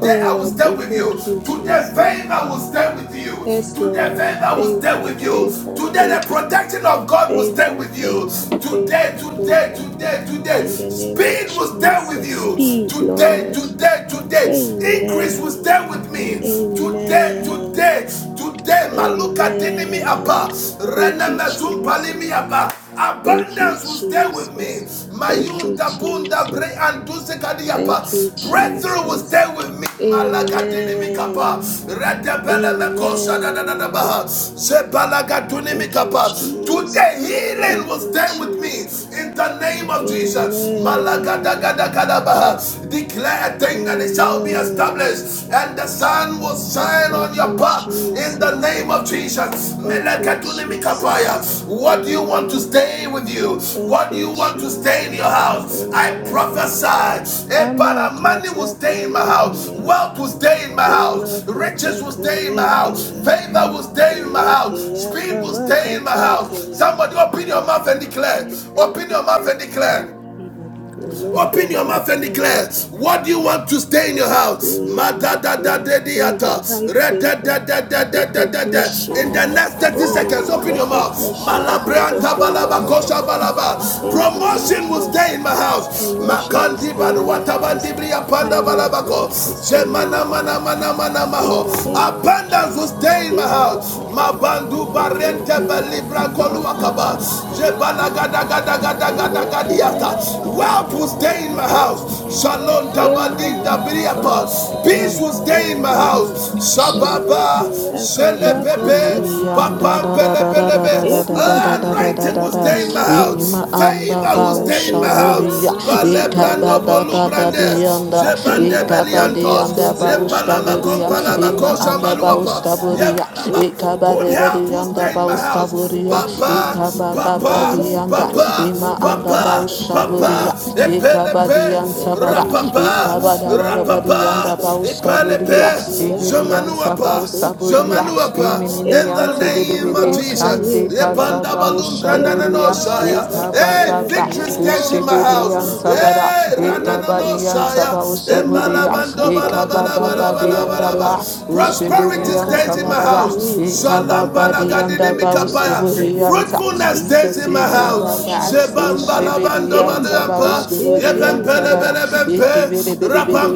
Speaker 2: Oh,
Speaker 7: mm,
Speaker 1: I will
Speaker 2: ever
Speaker 1: stay
Speaker 2: do,
Speaker 1: with you.
Speaker 2: thank you,
Speaker 1: Today,
Speaker 2: Jesus.
Speaker 1: favor will stay with you.
Speaker 2: Yes,
Speaker 1: Today,
Speaker 2: Lord.
Speaker 1: favor will stay
Speaker 2: Favor,
Speaker 1: with you.
Speaker 2: favor,
Speaker 1: Today, the
Speaker 2: favor,
Speaker 1: protection of God will stay
Speaker 2: favor,
Speaker 1: with you.
Speaker 2: favor,
Speaker 1: Today,
Speaker 2: favor,
Speaker 1: today,
Speaker 2: favor.
Speaker 1: today, today,
Speaker 2: In the name of
Speaker 1: speed will stay with
Speaker 2: Jesus.
Speaker 1: you.
Speaker 2: Speed,
Speaker 1: Today,
Speaker 2: Lord.
Speaker 1: today, today, increase will stay
Speaker 2: Amen.
Speaker 1: with me. Today,
Speaker 2: Amen.
Speaker 1: today, today, Maluka dinimi apa,
Speaker 2: Amen. Thank you,
Speaker 1: Rename zumpalimi
Speaker 2: Jesus.
Speaker 1: apa.
Speaker 2: Thank you,
Speaker 1: Abundance will stay with me.
Speaker 2: Jesus.
Speaker 7: mm. We
Speaker 2: Thank
Speaker 7: know
Speaker 2: you,
Speaker 1: Mayunda bunda bre
Speaker 2: Jesus.
Speaker 1: anduse kadiapa.
Speaker 2: Thank you,
Speaker 1: Breakthrough will stay
Speaker 2: Jesus.
Speaker 1: with me. Malaga
Speaker 2: Amen.
Speaker 1: dinimikapa. Redebele mekosa da da da da
Speaker 2: Amen.
Speaker 1: baha. Sebalaga
Speaker 2: Thank you,
Speaker 1: dunimikapa. Today
Speaker 2: Jesus.
Speaker 1: healing will
Speaker 2: Thank you,
Speaker 1: stay with me
Speaker 2: Jesus.
Speaker 1: in the name of Jesus. Malaga da ga da
Speaker 2: Amen.
Speaker 1: da baha. Declare a thing and it shall be
Speaker 2: Amen.
Speaker 1: established and the sun will will shine on
Speaker 2: Thank
Speaker 1: your
Speaker 2: you,
Speaker 1: path in the
Speaker 2: Jesus.
Speaker 1: name of Jesus.
Speaker 2: Thank you, Jesus.
Speaker 1: Melekatunimikapaya. What do you want to
Speaker 2: Amen.
Speaker 1: stay with you?
Speaker 2: Thank
Speaker 1: What do you
Speaker 2: you,
Speaker 1: want to stay in your
Speaker 2: Jesus.
Speaker 1: house? I
Speaker 2: Amen.
Speaker 1: prophesy. Epana, Money will stay in my house.
Speaker 2: Amakatakayekeya.
Speaker 1: Wealth will stay in my house. Riches will stay in my house.
Speaker 2: Imakatakayekeya.
Speaker 1: Favor will stay in my house.
Speaker 2: Elekeya
Speaker 1: Speed will stay in my house.
Speaker 2: kabakatakayekeya.
Speaker 1: Somebody open your mouth and declare. Open your mouth and declare.
Speaker 7: you I
Speaker 2: The
Speaker 7: declare
Speaker 2: Lord
Speaker 7: favor
Speaker 1: Open
Speaker 7: on
Speaker 1: your
Speaker 7: favor
Speaker 1: mouth and declare.
Speaker 2: glory.
Speaker 1: What do you want to stay in
Speaker 2: I
Speaker 1: your house?
Speaker 2: decree and
Speaker 7: on favor
Speaker 2: declare favor,
Speaker 1: Madadadadadiata.
Speaker 2: high favor,
Speaker 1: Redadadadadadadada. In
Speaker 2: recognition.
Speaker 1: the next 30 seconds,
Speaker 2: Oh,
Speaker 1: open your mouth.
Speaker 2: recognition, the hand of
Speaker 1: Malabrianta
Speaker 2: the
Speaker 1: balaba
Speaker 2: Lord
Speaker 1: kosha
Speaker 2: uh,
Speaker 1: balaba.
Speaker 2: is in my
Speaker 1: Promotion will
Speaker 2: house.
Speaker 1: stay in my house.
Speaker 2: Promotion will
Speaker 1: Makandi
Speaker 2: stay in my
Speaker 1: banuata
Speaker 2: house.
Speaker 1: bandibriya panda
Speaker 2: High
Speaker 1: balabako.
Speaker 2: level will stay in
Speaker 1: Shemana
Speaker 2: my
Speaker 1: mana
Speaker 2: house.
Speaker 1: mana mana
Speaker 2: In
Speaker 1: maho.
Speaker 2: the name of
Speaker 1: Abundance will
Speaker 2: Jesus.
Speaker 1: stay in my
Speaker 2: Kema
Speaker 1: house.
Speaker 2: kaba.
Speaker 1: Mabandu barente
Speaker 2: Elekia
Speaker 1: belibra
Speaker 2: kaba
Speaker 1: koluakaba.
Speaker 2: kataka
Speaker 1: Jebala
Speaker 2: yekia.
Speaker 1: Dagadagadagadagadiata.
Speaker 2: Elekia kaba
Speaker 1: Wealth will stay
Speaker 2: kataka
Speaker 1: in my house.
Speaker 2: yekia.
Speaker 1: Shalom
Speaker 2: Ema
Speaker 1: Dabadinda
Speaker 2: makaba
Speaker 1: Biriapa. Peace
Speaker 7: in
Speaker 1: will
Speaker 2: kataka
Speaker 1: stay in my
Speaker 2: yekia.
Speaker 1: house. Shababa
Speaker 2: Elekia kaba
Speaker 7: the name
Speaker 1: Shelebebe
Speaker 2: kataka
Speaker 7: of
Speaker 5: Yanda
Speaker 1: Papa
Speaker 5: da da
Speaker 2: yekia.
Speaker 5: da da da
Speaker 1: Belebelebe.
Speaker 5: da da da
Speaker 2: Emma
Speaker 5: da da da da
Speaker 7: Jesus.
Speaker 5: da
Speaker 1: Anointing
Speaker 5: da
Speaker 1: will
Speaker 5: da.
Speaker 1: stay in my
Speaker 2: Makatakaye
Speaker 1: house.
Speaker 5: Ima anda
Speaker 1: Favor will
Speaker 2: Favor
Speaker 1: stay in
Speaker 5: bausha
Speaker 1: my
Speaker 2: stays in my
Speaker 1: house.
Speaker 5: buriya.
Speaker 2: house
Speaker 1: Bale
Speaker 2: in the
Speaker 5: Ika ba
Speaker 1: Brando
Speaker 2: name
Speaker 5: da
Speaker 2: of
Speaker 1: Bolu
Speaker 5: da da
Speaker 1: Brande
Speaker 5: di
Speaker 2: Jesus.
Speaker 1: Jebande
Speaker 2: Favor,
Speaker 5: Ika ba di
Speaker 2: favor
Speaker 1: Beliantos
Speaker 2: stays in my
Speaker 5: bauska
Speaker 1: Lepalama
Speaker 2: house
Speaker 5: buriya.
Speaker 2: in the
Speaker 1: Kompalama
Speaker 5: Ima
Speaker 2: name of
Speaker 5: anda
Speaker 1: Koshambaluapa
Speaker 5: bauska
Speaker 2: Jesus. Ah,
Speaker 5: buriya.
Speaker 1: Yebalaba
Speaker 5: Ika ba
Speaker 1: Good
Speaker 5: rebe
Speaker 2: Ekabala
Speaker 1: health
Speaker 5: di
Speaker 1: will stay in my
Speaker 5: bauska
Speaker 1: house.
Speaker 5: buriya.
Speaker 2: kabakatakaya
Speaker 1: Papa,
Speaker 5: Ika
Speaker 2: kia.
Speaker 5: ba ba ba
Speaker 1: papa,
Speaker 5: di
Speaker 2: Elekia
Speaker 5: Ima
Speaker 1: papa,
Speaker 5: anda
Speaker 1: papa,
Speaker 5: bausha
Speaker 2: kabakatakaya
Speaker 5: buriya.
Speaker 1: papa,
Speaker 2: kia.
Speaker 5: Ika ba di
Speaker 1: epelepe,
Speaker 5: ba
Speaker 2: Elekia
Speaker 1: rapapa,
Speaker 2: kabakabuko
Speaker 1: rapapa,
Speaker 5: Ikabadabarabadianda
Speaker 2: yoko.
Speaker 5: bauskaburia,
Speaker 1: epelepe,
Speaker 2: Elekia
Speaker 5: Ibirianta
Speaker 1: jamanuapa,
Speaker 5: bausaburia,
Speaker 2: kabakatekia.
Speaker 1: jamanuapa, in
Speaker 2: Eva
Speaker 1: the
Speaker 5: Imininiante
Speaker 1: name of
Speaker 5: bidibidi,
Speaker 2: makabaka
Speaker 1: Jesus.
Speaker 5: Ande
Speaker 2: yekia,
Speaker 1: Epanda balum
Speaker 2: eka
Speaker 5: katabaushaburia,
Speaker 2: bakata
Speaker 1: grandananosaya. Hey,
Speaker 5: Ikabababa,
Speaker 1: victory
Speaker 2: kayekia,
Speaker 1: stays in my house.
Speaker 5: Ishibidianta
Speaker 2: emakata
Speaker 5: bara,
Speaker 1: Hey,
Speaker 2: kayekia,
Speaker 5: Ikabadianta
Speaker 1: ranananosaya.
Speaker 2: ema
Speaker 5: baushaburia,
Speaker 1: Embalabando
Speaker 2: makabaka
Speaker 1: balabala balabala
Speaker 5: Ikabababadianda
Speaker 2: bokoyoko,
Speaker 5: ba,
Speaker 1: balabala.
Speaker 2: ekia
Speaker 1: Prosperity stays days
Speaker 5: Ushibidianta
Speaker 2: kata
Speaker 1: in my
Speaker 5: baraba,
Speaker 1: house.
Speaker 2: kayekia.
Speaker 1: Shalom balagadini
Speaker 5: Ikababadianda
Speaker 2: Prosperity will
Speaker 1: mikapaya.
Speaker 2: stay in my
Speaker 5: bauskaburianta,
Speaker 1: Fruitfulness
Speaker 2: house
Speaker 1: days
Speaker 2: in
Speaker 5: Jesus
Speaker 1: in
Speaker 2: the
Speaker 1: my
Speaker 2: name of
Speaker 1: house.
Speaker 5: Ikababa,
Speaker 2: Jesus.
Speaker 1: Shebam
Speaker 2: ah.
Speaker 1: balabando
Speaker 5: Ushibidianta
Speaker 2: Ema
Speaker 1: balampa.
Speaker 5: bauskaburianta
Speaker 1: Yepempele
Speaker 2: katekia.
Speaker 5: bara,
Speaker 1: belebempe.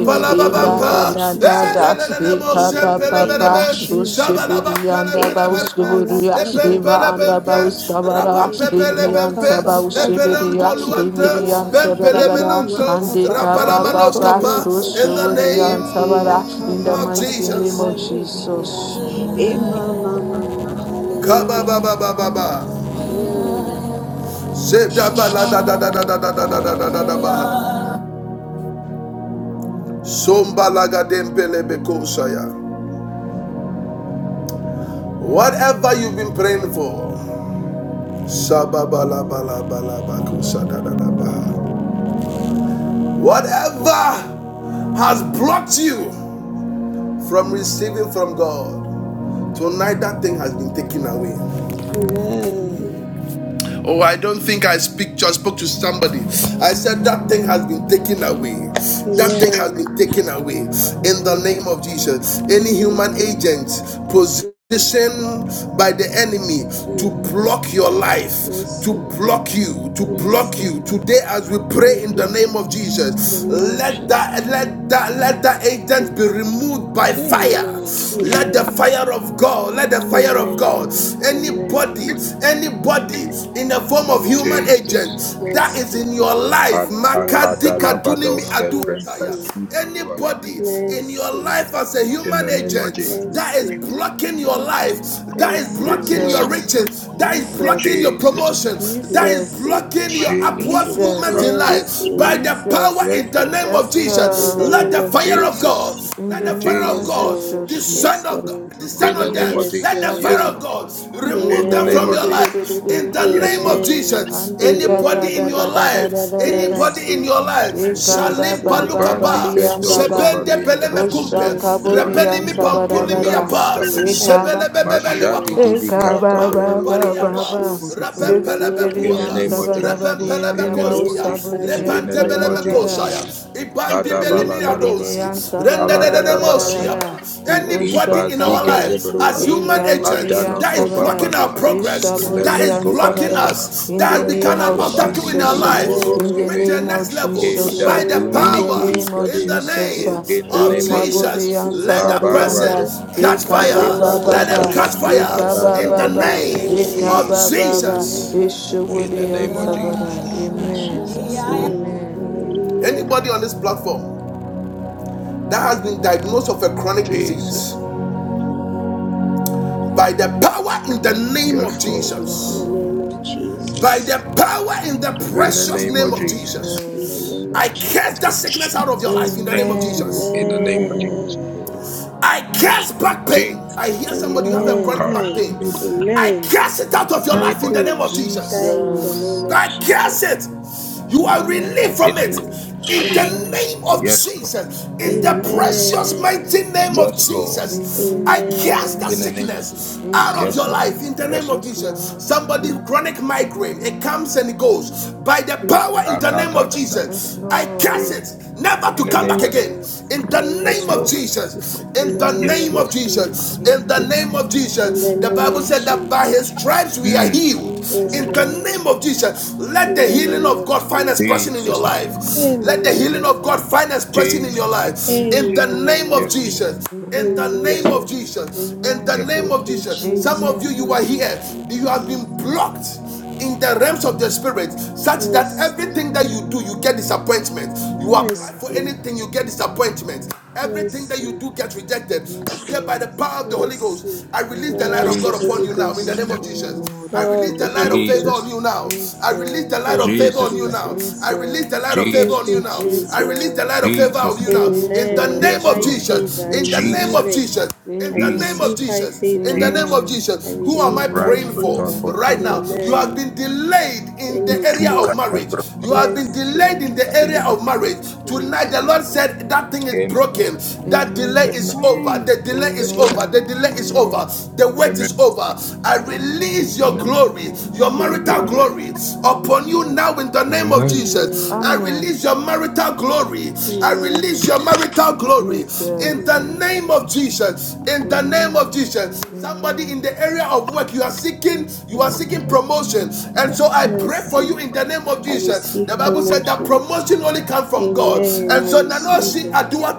Speaker 2: In the name of
Speaker 1: babampa.
Speaker 2: Jesus,
Speaker 5: ibadadadada,
Speaker 2: uh,
Speaker 1: Elelelele bo
Speaker 2: in the
Speaker 1: sempele
Speaker 2: name of
Speaker 5: ikabababa,
Speaker 1: belebe.
Speaker 2: Jesus, uh,
Speaker 1: Shabalaba pele
Speaker 5: ushibidiyandaba,
Speaker 2: Ekabala
Speaker 1: belebelebe.
Speaker 5: uskuburuya,
Speaker 2: kaboko
Speaker 1: Epempele
Speaker 5: imaandaba,
Speaker 1: bempe.
Speaker 2: yoka,
Speaker 5: uskabara,
Speaker 2: eleke
Speaker 1: Rapampepele bempe.
Speaker 5: iriyantaba,
Speaker 2: yakabaka
Speaker 5: ushibidiya,
Speaker 1: Epelento luante.
Speaker 2: takayeke ya,
Speaker 1: Bempele
Speaker 5: imidiyanteberabara,
Speaker 2: emama
Speaker 1: menonto.
Speaker 2: kabaka
Speaker 1: Rapala
Speaker 2: boko
Speaker 5: andikabababa,
Speaker 1: manoskapa.
Speaker 2: yoko,
Speaker 1: In the
Speaker 2: eleke
Speaker 5: ushuburiyantabara. In
Speaker 1: name
Speaker 5: the
Speaker 1: of
Speaker 2: yakabaka
Speaker 5: mighty name
Speaker 1: Jesus.
Speaker 5: of
Speaker 2: takayeke ya,
Speaker 5: Jesus. Amen.
Speaker 2: emama mama, hallelujah. Amen.
Speaker 1: Whatever you've been praying for. Whatever has blocked you from receiving from God. Tonight that thing has been taken away.
Speaker 2: Amen.
Speaker 1: Oh, I don't think I speak. Just spoke to somebody. I said that thing has been taken away. That thing has been
Speaker 2: Amen.
Speaker 1: taken away in the
Speaker 2: Amen.
Speaker 1: name of Jesus. Any human
Speaker 2: Amen.
Speaker 1: agent position by the enemy to
Speaker 2: Mm.
Speaker 1: block your life, to
Speaker 2: Mercy,
Speaker 1: block you, to block
Speaker 2: mercy,
Speaker 1: you. Today as we
Speaker 2: no
Speaker 1: pray in the name of
Speaker 2: blockage. In the
Speaker 1: Jesus.
Speaker 2: name of
Speaker 1: Let
Speaker 2: Jesus.
Speaker 1: that let that let that agent be
Speaker 2: Jesus.
Speaker 1: removed by fire.
Speaker 2: Amen.
Speaker 1: Let the
Speaker 2: Amen.
Speaker 1: fire of God, let the fire of God,
Speaker 2: Amen.
Speaker 1: anybody,
Speaker 2: Amen.
Speaker 1: anybody in the form of human
Speaker 2: Amen.
Speaker 1: agent
Speaker 15: Jesus.
Speaker 1: that is
Speaker 2: Mercy.
Speaker 1: in your life,
Speaker 15: Ak-
Speaker 2: Mercy.
Speaker 1: Makadika Dunimi
Speaker 15: akadalabadoske
Speaker 1: Adu.
Speaker 2: Mercy.
Speaker 15: vrentasudubrava.
Speaker 1: Anybody in your
Speaker 2: Mercy.
Speaker 1: life as a
Speaker 15: In
Speaker 1: human
Speaker 15: the name of
Speaker 1: agent
Speaker 15: Jesus.
Speaker 1: that is
Speaker 2: Mercy.
Speaker 1: blocking your life, that is
Speaker 2: Mercy.
Speaker 1: blocking your
Speaker 15: Jesus.
Speaker 5: Jesus,
Speaker 1: riches, that is blocking
Speaker 5: Jesus,
Speaker 1: your
Speaker 15: Jesus.
Speaker 1: promotion, that is
Speaker 5: Jesus,
Speaker 2: Mercy.
Speaker 1: blocking your upwards
Speaker 15: Jesus.
Speaker 1: movement
Speaker 5: Jesus,
Speaker 1: in life,
Speaker 15: Kadidimo.
Speaker 1: by
Speaker 2: Mercy.
Speaker 1: the power
Speaker 5: Jesus.
Speaker 15: Yes,
Speaker 1: in the
Speaker 15: Lord.
Speaker 1: name of
Speaker 5: Yes,
Speaker 1: Jesus,
Speaker 2: In the
Speaker 5: Lord.
Speaker 1: let
Speaker 2: name
Speaker 1: the
Speaker 2: of
Speaker 1: fire of
Speaker 15: Jesus.
Speaker 1: God,
Speaker 2: Jesus.
Speaker 5: In
Speaker 1: let
Speaker 5: the
Speaker 1: the fire
Speaker 5: name
Speaker 1: of
Speaker 5: of
Speaker 15: Jesus.
Speaker 2: Yes,
Speaker 1: God,
Speaker 2: Lord.
Speaker 1: the
Speaker 5: Jesus.
Speaker 1: Son
Speaker 2: Yes,
Speaker 1: of God.
Speaker 2: Lord.
Speaker 1: God
Speaker 15: In
Speaker 1: descend
Speaker 15: the
Speaker 1: on
Speaker 5: Eh,
Speaker 15: name
Speaker 1: them.
Speaker 15: of
Speaker 2: Yes,
Speaker 1: Let the
Speaker 15: Jesus.
Speaker 1: fire
Speaker 2: Lord.
Speaker 15: Yes,
Speaker 1: of
Speaker 5: Kabul.
Speaker 15: Lord.
Speaker 1: God
Speaker 5: Eh,
Speaker 15: In
Speaker 1: remove
Speaker 15: the
Speaker 1: them
Speaker 5: kebe
Speaker 15: name
Speaker 1: from
Speaker 5: de
Speaker 15: of
Speaker 1: your
Speaker 2: Amen.
Speaker 5: de de de de
Speaker 15: Jesus.
Speaker 1: life.
Speaker 5: de
Speaker 1: In
Speaker 5: de
Speaker 1: the
Speaker 5: de.
Speaker 15: Yes,
Speaker 1: name of
Speaker 15: Lord.
Speaker 2: Amen.
Speaker 1: Jesus,
Speaker 5: Ande kaba
Speaker 1: anybody in
Speaker 5: da
Speaker 1: your
Speaker 2: Amen.
Speaker 5: da da da da
Speaker 1: life,
Speaker 5: da da da.
Speaker 1: anybody in
Speaker 2: Mercy.
Speaker 1: your life,
Speaker 5: Eh, kaba
Speaker 1: Shalim
Speaker 2: Mercy.
Speaker 5: ba
Speaker 15: The
Speaker 5: ba ba
Speaker 15: Bandi
Speaker 1: Palukaba,
Speaker 5: di am ba
Speaker 15: bendosko
Speaker 5: ba.
Speaker 2: Mercy.
Speaker 1: Sebende Beleme
Speaker 5: Osha
Speaker 15: valiadandosko
Speaker 1: Kumpe,
Speaker 15: burwa
Speaker 5: kabo
Speaker 2: Mercy.
Speaker 5: di
Speaker 15: bandi
Speaker 1: Repeni
Speaker 5: am
Speaker 1: mi
Speaker 5: sa ba da
Speaker 1: Pampuli
Speaker 5: ba
Speaker 1: mi
Speaker 15: bibianda
Speaker 5: da.
Speaker 1: Apa,
Speaker 15: roskave.
Speaker 2: Mercy.
Speaker 5: Eh,
Speaker 2: Ah,
Speaker 5: kaba.
Speaker 1: Sebele Bebebeli
Speaker 15: Mashadi
Speaker 2: Lord.
Speaker 5: Eh,
Speaker 1: Wapa.
Speaker 15: dibika
Speaker 5: kaba
Speaker 2: In the
Speaker 5: ba
Speaker 2: name
Speaker 5: ba
Speaker 2: of
Speaker 15: dabrenoskeve.
Speaker 5: ba ba.
Speaker 2: Jesus. In the
Speaker 5: Lesi
Speaker 2: name of
Speaker 5: beri
Speaker 15: In the
Speaker 5: am
Speaker 15: name
Speaker 5: sa
Speaker 15: of
Speaker 5: ba da
Speaker 2: Jesus.
Speaker 5: ba di
Speaker 15: Jesus.
Speaker 5: am
Speaker 15: In
Speaker 5: da
Speaker 15: the
Speaker 5: ba.
Speaker 15: name of
Speaker 5: Osha
Speaker 15: Jesus.
Speaker 5: bo
Speaker 2: Emakate
Speaker 15: In
Speaker 5: am
Speaker 15: the
Speaker 5: sa
Speaker 15: name
Speaker 5: ba
Speaker 15: of
Speaker 5: da ba
Speaker 15: Jesus.
Speaker 5: da.
Speaker 2: kiyakaba,
Speaker 5: Yekebele
Speaker 2: kiyakate
Speaker 15: Adabalagadaba.
Speaker 5: ansa
Speaker 15: Alagadabadagada.
Speaker 5: barararararara.
Speaker 2: kiyakaba.
Speaker 1: Anybody in our
Speaker 15: Ibazika
Speaker 5: Ushakabu.
Speaker 1: life as
Speaker 15: zebrua.
Speaker 1: human
Speaker 5: Yekabudi
Speaker 1: agents
Speaker 2: Amen.
Speaker 15: Adanov
Speaker 1: that is
Speaker 5: ansa bara.
Speaker 1: blocking our
Speaker 15: kovambalua.
Speaker 1: progress, that
Speaker 5: Ishabudi
Speaker 1: is
Speaker 15: Lebes
Speaker 2: Mercy.
Speaker 5: ansa
Speaker 1: blocking
Speaker 15: kovandaba.
Speaker 5: bara.
Speaker 1: us,
Speaker 5: In the
Speaker 1: that has
Speaker 5: name
Speaker 1: become
Speaker 15: Rekos
Speaker 1: an
Speaker 5: of
Speaker 2: Mercy.
Speaker 1: obstacle
Speaker 15: kovandi
Speaker 1: in our
Speaker 5: Jesus.
Speaker 15: bidibi
Speaker 5: uh,
Speaker 1: life
Speaker 5: In
Speaker 15: moroskeve.
Speaker 5: the
Speaker 1: reach
Speaker 2: Amen.
Speaker 15: keve.
Speaker 1: the
Speaker 5: name of
Speaker 1: next level
Speaker 2: In the
Speaker 5: Jesus.
Speaker 15: Eda
Speaker 1: by
Speaker 5: uh,
Speaker 1: the
Speaker 2: name of
Speaker 5: In
Speaker 15: dunimi
Speaker 5: the
Speaker 1: power
Speaker 15: kudi
Speaker 5: name of
Speaker 1: in
Speaker 2: Jesus.
Speaker 15: gadea.
Speaker 1: the
Speaker 5: Jesus.
Speaker 1: name
Speaker 5: uh,
Speaker 15: In the
Speaker 2: In
Speaker 1: of
Speaker 2: the
Speaker 15: name of
Speaker 2: name of
Speaker 5: Yekabudi
Speaker 1: Jesus.
Speaker 15: Jesus.
Speaker 5: ansa
Speaker 1: Let that
Speaker 2: Jesus.
Speaker 1: person
Speaker 5: barayanda.
Speaker 15: Kabarade.
Speaker 1: catch
Speaker 2: In the
Speaker 1: fire.
Speaker 15: Leba
Speaker 2: name of
Speaker 1: Let them
Speaker 5: Yekabababa.
Speaker 1: catch
Speaker 15: goskava.
Speaker 2: Jesus.
Speaker 1: fire
Speaker 15: Malada
Speaker 1: in the
Speaker 5: Yekabababa.
Speaker 15: benemo.
Speaker 1: name of
Speaker 2: Amen.
Speaker 15: Jesus.
Speaker 5: Yekabababa.
Speaker 1: Jesus.
Speaker 2: Amen. Let fire
Speaker 15: In the
Speaker 5: Ishabudi
Speaker 2: burn
Speaker 15: name of
Speaker 5: ansa
Speaker 2: them.
Speaker 5: bara.
Speaker 15: Jesus.
Speaker 2: In
Speaker 5: Amen.
Speaker 2: Jesus' name.
Speaker 5: Amen.
Speaker 2: Hallelujah.
Speaker 1: Anybody on this platform that has been diagnosed of a chronic disease
Speaker 15: Jesus.
Speaker 1: by the power in the name of
Speaker 15: Yes,
Speaker 5: Yes,
Speaker 15: Lord.
Speaker 2: In the
Speaker 1: Jesus,
Speaker 2: name
Speaker 5: Lord.
Speaker 2: of
Speaker 1: by the
Speaker 2: Jesus.
Speaker 1: power in the
Speaker 15: In the
Speaker 1: precious
Speaker 15: name
Speaker 1: name
Speaker 15: of
Speaker 1: of
Speaker 15: Jesus.
Speaker 1: Jesus.
Speaker 2: In the
Speaker 5: Jesus.
Speaker 2: name
Speaker 1: I
Speaker 2: of
Speaker 1: cast that
Speaker 2: Jesus.
Speaker 1: sickness out of your life
Speaker 15: Jesus'
Speaker 1: in the name
Speaker 15: name.
Speaker 1: of
Speaker 5: Amen.
Speaker 1: Jesus.
Speaker 15: In the name of Jesus.
Speaker 5: Amen.
Speaker 2: Amen.
Speaker 1: I cast back pain.
Speaker 15: Jesus.
Speaker 1: I hear somebody you have a
Speaker 2: Amen.
Speaker 1: chronic
Speaker 5: Amen.
Speaker 15: God,
Speaker 1: back
Speaker 2: Hi.
Speaker 1: pain.
Speaker 15: in the
Speaker 1: I
Speaker 2: Amen.
Speaker 1: cast it out of your
Speaker 2: Back
Speaker 15: name
Speaker 1: life in
Speaker 15: of
Speaker 1: the name
Speaker 2: pain.
Speaker 1: of
Speaker 15: Jesus.
Speaker 2: Die
Speaker 1: Jesus.
Speaker 2: in the name
Speaker 5: Jesus.
Speaker 2: of
Speaker 1: I curse
Speaker 2: Jesus.
Speaker 1: it. You
Speaker 2: No
Speaker 1: are
Speaker 2: more
Speaker 5: Amen.
Speaker 1: relieved
Speaker 2: back
Speaker 15: In
Speaker 1: from
Speaker 15: the
Speaker 1: it.
Speaker 15: name
Speaker 2: pain.
Speaker 15: of
Speaker 2: No
Speaker 1: In the
Speaker 2: more back
Speaker 5: Amen.
Speaker 15: Jesus.
Speaker 1: name of
Speaker 2: pain.
Speaker 15: Yes, Lord.
Speaker 1: Jesus, in the
Speaker 5: Amen.
Speaker 1: precious mighty
Speaker 2: Amen.
Speaker 1: name of
Speaker 15: Yes, Lord.
Speaker 1: Jesus, I
Speaker 5: Amen.
Speaker 1: cast
Speaker 2: Amen.
Speaker 1: that
Speaker 15: In the name of
Speaker 1: sickness
Speaker 15: Jesus.
Speaker 1: out
Speaker 7: Amen.
Speaker 1: of
Speaker 15: Yes,
Speaker 1: your
Speaker 15: Lord.
Speaker 5: Jesus.
Speaker 1: life in the name
Speaker 15: Yes,
Speaker 1: of
Speaker 5: Yes,
Speaker 15: Lord.
Speaker 1: Jesus.
Speaker 5: Lord.
Speaker 7: Lord,
Speaker 1: Somebody
Speaker 5: Well,
Speaker 1: chronic migraine, it comes and it goes. By the power in the
Speaker 5: Jesus.
Speaker 1: name of
Speaker 15: Rakatadadada.
Speaker 5: Yes,
Speaker 1: Jesus, I cast
Speaker 5: Lord.
Speaker 1: it, never
Speaker 15: In
Speaker 1: to
Speaker 15: the
Speaker 1: come
Speaker 15: name
Speaker 1: back
Speaker 5: Amen.
Speaker 15: of
Speaker 1: again.
Speaker 2: Amen.
Speaker 1: In the
Speaker 7: yes,
Speaker 1: name
Speaker 15: Yes,
Speaker 1: of
Speaker 2: Amen.
Speaker 15: Lord.
Speaker 1: Jesus,
Speaker 2: In
Speaker 1: in
Speaker 2: the
Speaker 1: the
Speaker 5: Amen.
Speaker 2: name
Speaker 15: Yes,
Speaker 1: name
Speaker 2: of
Speaker 1: of
Speaker 15: Lord.
Speaker 1: Jesus,
Speaker 2: Jesus.
Speaker 1: in the
Speaker 5: Amen.
Speaker 15: Yes,
Speaker 1: name
Speaker 15: Lord.
Speaker 1: of
Speaker 2: In
Speaker 1: Jesus.
Speaker 2: the
Speaker 1: The
Speaker 2: name
Speaker 1: Bible
Speaker 2: of
Speaker 5: Amen.
Speaker 1: said that
Speaker 2: Jesus.
Speaker 1: by his stripes we are
Speaker 15: Mm.
Speaker 1: healed.
Speaker 2: Yes,
Speaker 1: In the
Speaker 2: Lord.
Speaker 5: Jesus.
Speaker 1: name of Jesus of Jesus, let
Speaker 2: In
Speaker 1: the
Speaker 2: the
Speaker 1: healing
Speaker 5: Amen.
Speaker 2: name
Speaker 1: of
Speaker 2: of
Speaker 1: God find
Speaker 2: Jesus.
Speaker 1: expression in your
Speaker 15: Jesus' name.
Speaker 1: life. Let the
Speaker 5: Amen.
Speaker 1: healing of God
Speaker 2: Amen.
Speaker 1: find expression in
Speaker 15: Jesus.
Speaker 1: your life. In the
Speaker 5: Amen.
Speaker 1: name of
Speaker 15: Yes,
Speaker 2: Amen.
Speaker 15: Lord.
Speaker 1: Jesus. In the
Speaker 5: Amen.
Speaker 1: name
Speaker 15: Yes,
Speaker 2: Amen.
Speaker 1: of
Speaker 15: Lord.
Speaker 1: Jesus. In the
Speaker 5: Amen.
Speaker 15: Yes,
Speaker 1: name
Speaker 15: Lord.
Speaker 2: Thank
Speaker 1: of
Speaker 2: you,
Speaker 1: Jesus. Some
Speaker 2: Jesus.
Speaker 1: of you,
Speaker 5: Amen.
Speaker 1: you
Speaker 2: Thank
Speaker 1: are
Speaker 2: you,
Speaker 1: here. You have
Speaker 2: Jesus.
Speaker 1: been
Speaker 5: Jesus.
Speaker 1: blocked in the realms of the
Speaker 5: Mm.
Speaker 1: spirit such that
Speaker 2: Mercy.
Speaker 1: everything that you do you get disappointment you
Speaker 5: We
Speaker 1: apply
Speaker 5: can
Speaker 1: for
Speaker 2: Mercy.
Speaker 5: Calvary.
Speaker 1: anything you get disappointment
Speaker 5: Mm.
Speaker 1: everything that you
Speaker 2: Mercy.
Speaker 1: do gets rejected today by the
Speaker 5: Jesus.
Speaker 1: power of the holy
Speaker 2: Mercy.
Speaker 1: ghost i release the light
Speaker 2: Power
Speaker 5: Mm.
Speaker 1: of
Speaker 2: of
Speaker 1: god
Speaker 2: the
Speaker 15: Jesus'
Speaker 1: upon
Speaker 2: Holy
Speaker 1: you now in the name
Speaker 15: name.
Speaker 2: Ghost.
Speaker 1: of jesus
Speaker 7: Lord,
Speaker 5: Jesus.
Speaker 1: I
Speaker 7: yes,
Speaker 2: Power
Speaker 1: release
Speaker 2: of the
Speaker 1: the
Speaker 7: Lord,
Speaker 1: light
Speaker 2: Holy
Speaker 1: of favor
Speaker 7: amen.
Speaker 15: Jesus
Speaker 1: on
Speaker 15: name.
Speaker 1: you
Speaker 2: Ghost.
Speaker 1: now. I release the light
Speaker 5: Jesus.
Speaker 2: Thank
Speaker 1: of
Speaker 2: you,
Speaker 1: favor
Speaker 15: Jesus
Speaker 1: on you
Speaker 15: name.
Speaker 1: now.
Speaker 2: Jesus.
Speaker 1: I release the
Speaker 5: Jesus.
Speaker 1: light of favor
Speaker 2: Thank
Speaker 1: on
Speaker 15: Jesus
Speaker 1: you
Speaker 2: you,
Speaker 15: name.
Speaker 1: now. I release
Speaker 2: Jesus.
Speaker 1: the light
Speaker 5: Jesus.
Speaker 1: of favor on
Speaker 15: Jesus
Speaker 1: you
Speaker 15: name.
Speaker 1: now. In the
Speaker 2: Amen.
Speaker 1: name
Speaker 15: Yes,
Speaker 5: Jesus.
Speaker 1: of
Speaker 2: High
Speaker 15: Lord.
Speaker 1: Jesus.
Speaker 2: favor. I
Speaker 1: In the name
Speaker 2: receive
Speaker 1: of
Speaker 5: Amen.
Speaker 2: it.
Speaker 15: Jesus.
Speaker 1: Jesus.
Speaker 2: I
Speaker 1: In the
Speaker 7: Thank
Speaker 1: name
Speaker 7: you,
Speaker 5: Amen.
Speaker 1: of
Speaker 15: Jesus.
Speaker 2: receive
Speaker 7: Lord,
Speaker 2: high
Speaker 1: Jesus, in
Speaker 2: favor.
Speaker 1: the name of
Speaker 15: Jesus.
Speaker 5: Amen.
Speaker 2: I
Speaker 1: Jesus, who am I
Speaker 2: receive high
Speaker 1: praying
Speaker 5: Amen.
Speaker 1: for
Speaker 15: Rakota
Speaker 2: favor.
Speaker 15: bodo
Speaker 1: right now?
Speaker 15: bodo
Speaker 1: You have
Speaker 2: Amen.
Speaker 15: bodo.
Speaker 1: been
Speaker 5: Mm.
Speaker 1: delayed in
Speaker 2: Jenny
Speaker 1: the
Speaker 2: is
Speaker 1: area
Speaker 15: Litu
Speaker 1: of
Speaker 2: here.
Speaker 15: kaya
Speaker 1: marriage. You have
Speaker 15: brabanda.
Speaker 1: been
Speaker 2: Mercy.
Speaker 1: delayed in the
Speaker 5: Jesus.
Speaker 1: area of
Speaker 15: Adedebebe.
Speaker 1: marriage. Tonight,
Speaker 5: Jesus.
Speaker 1: the Lord
Speaker 2: Amen.
Speaker 1: said that thing is
Speaker 15: Amen.
Speaker 1: broken. That delay
Speaker 5: Amen.
Speaker 1: is
Speaker 15: Amen.
Speaker 1: over.
Speaker 7: amen.
Speaker 8: Amen.
Speaker 1: The
Speaker 5: Amen.
Speaker 1: delay is
Speaker 15: Amen.
Speaker 1: over. The
Speaker 5: Amen.
Speaker 8: Amen.
Speaker 1: delay is over.
Speaker 5: Amen.
Speaker 1: The wait
Speaker 15: Amen.
Speaker 1: is over. I release
Speaker 5: Amen.
Speaker 1: your
Speaker 15: Amen.
Speaker 1: glory, your marital
Speaker 15: Amen.
Speaker 2: Amen.
Speaker 5: Jesus,
Speaker 1: glory upon you
Speaker 7: Thank you,
Speaker 5: Jesus.
Speaker 1: now in the name of
Speaker 15: Amen.
Speaker 1: Jesus. I release
Speaker 5: Amen.
Speaker 1: your marital glory. I release your
Speaker 5: Amen.
Speaker 2: Amen.
Speaker 1: marital glory in
Speaker 5: Jesus.
Speaker 7: Lord,
Speaker 1: the name
Speaker 2: Amen.
Speaker 1: of Jesus. In the name of
Speaker 5: Amen.
Speaker 1: Jesus somebody in
Speaker 5: Amen.
Speaker 1: the area of work you are seeking you are
Speaker 5: Jesus.
Speaker 1: seeking promotion and so i pray for you
Speaker 2: Mercy.
Speaker 1: in the name of
Speaker 2: I
Speaker 1: of Jesus.
Speaker 2: receive
Speaker 1: The Bible
Speaker 5: Amen.
Speaker 1: said that
Speaker 2: promotions.
Speaker 1: promotion only comes from God.
Speaker 2: Amen.
Speaker 1: And
Speaker 2: I
Speaker 1: so
Speaker 2: receive
Speaker 5: Jesus.
Speaker 1: Nanoshi
Speaker 2: it.
Speaker 1: Adua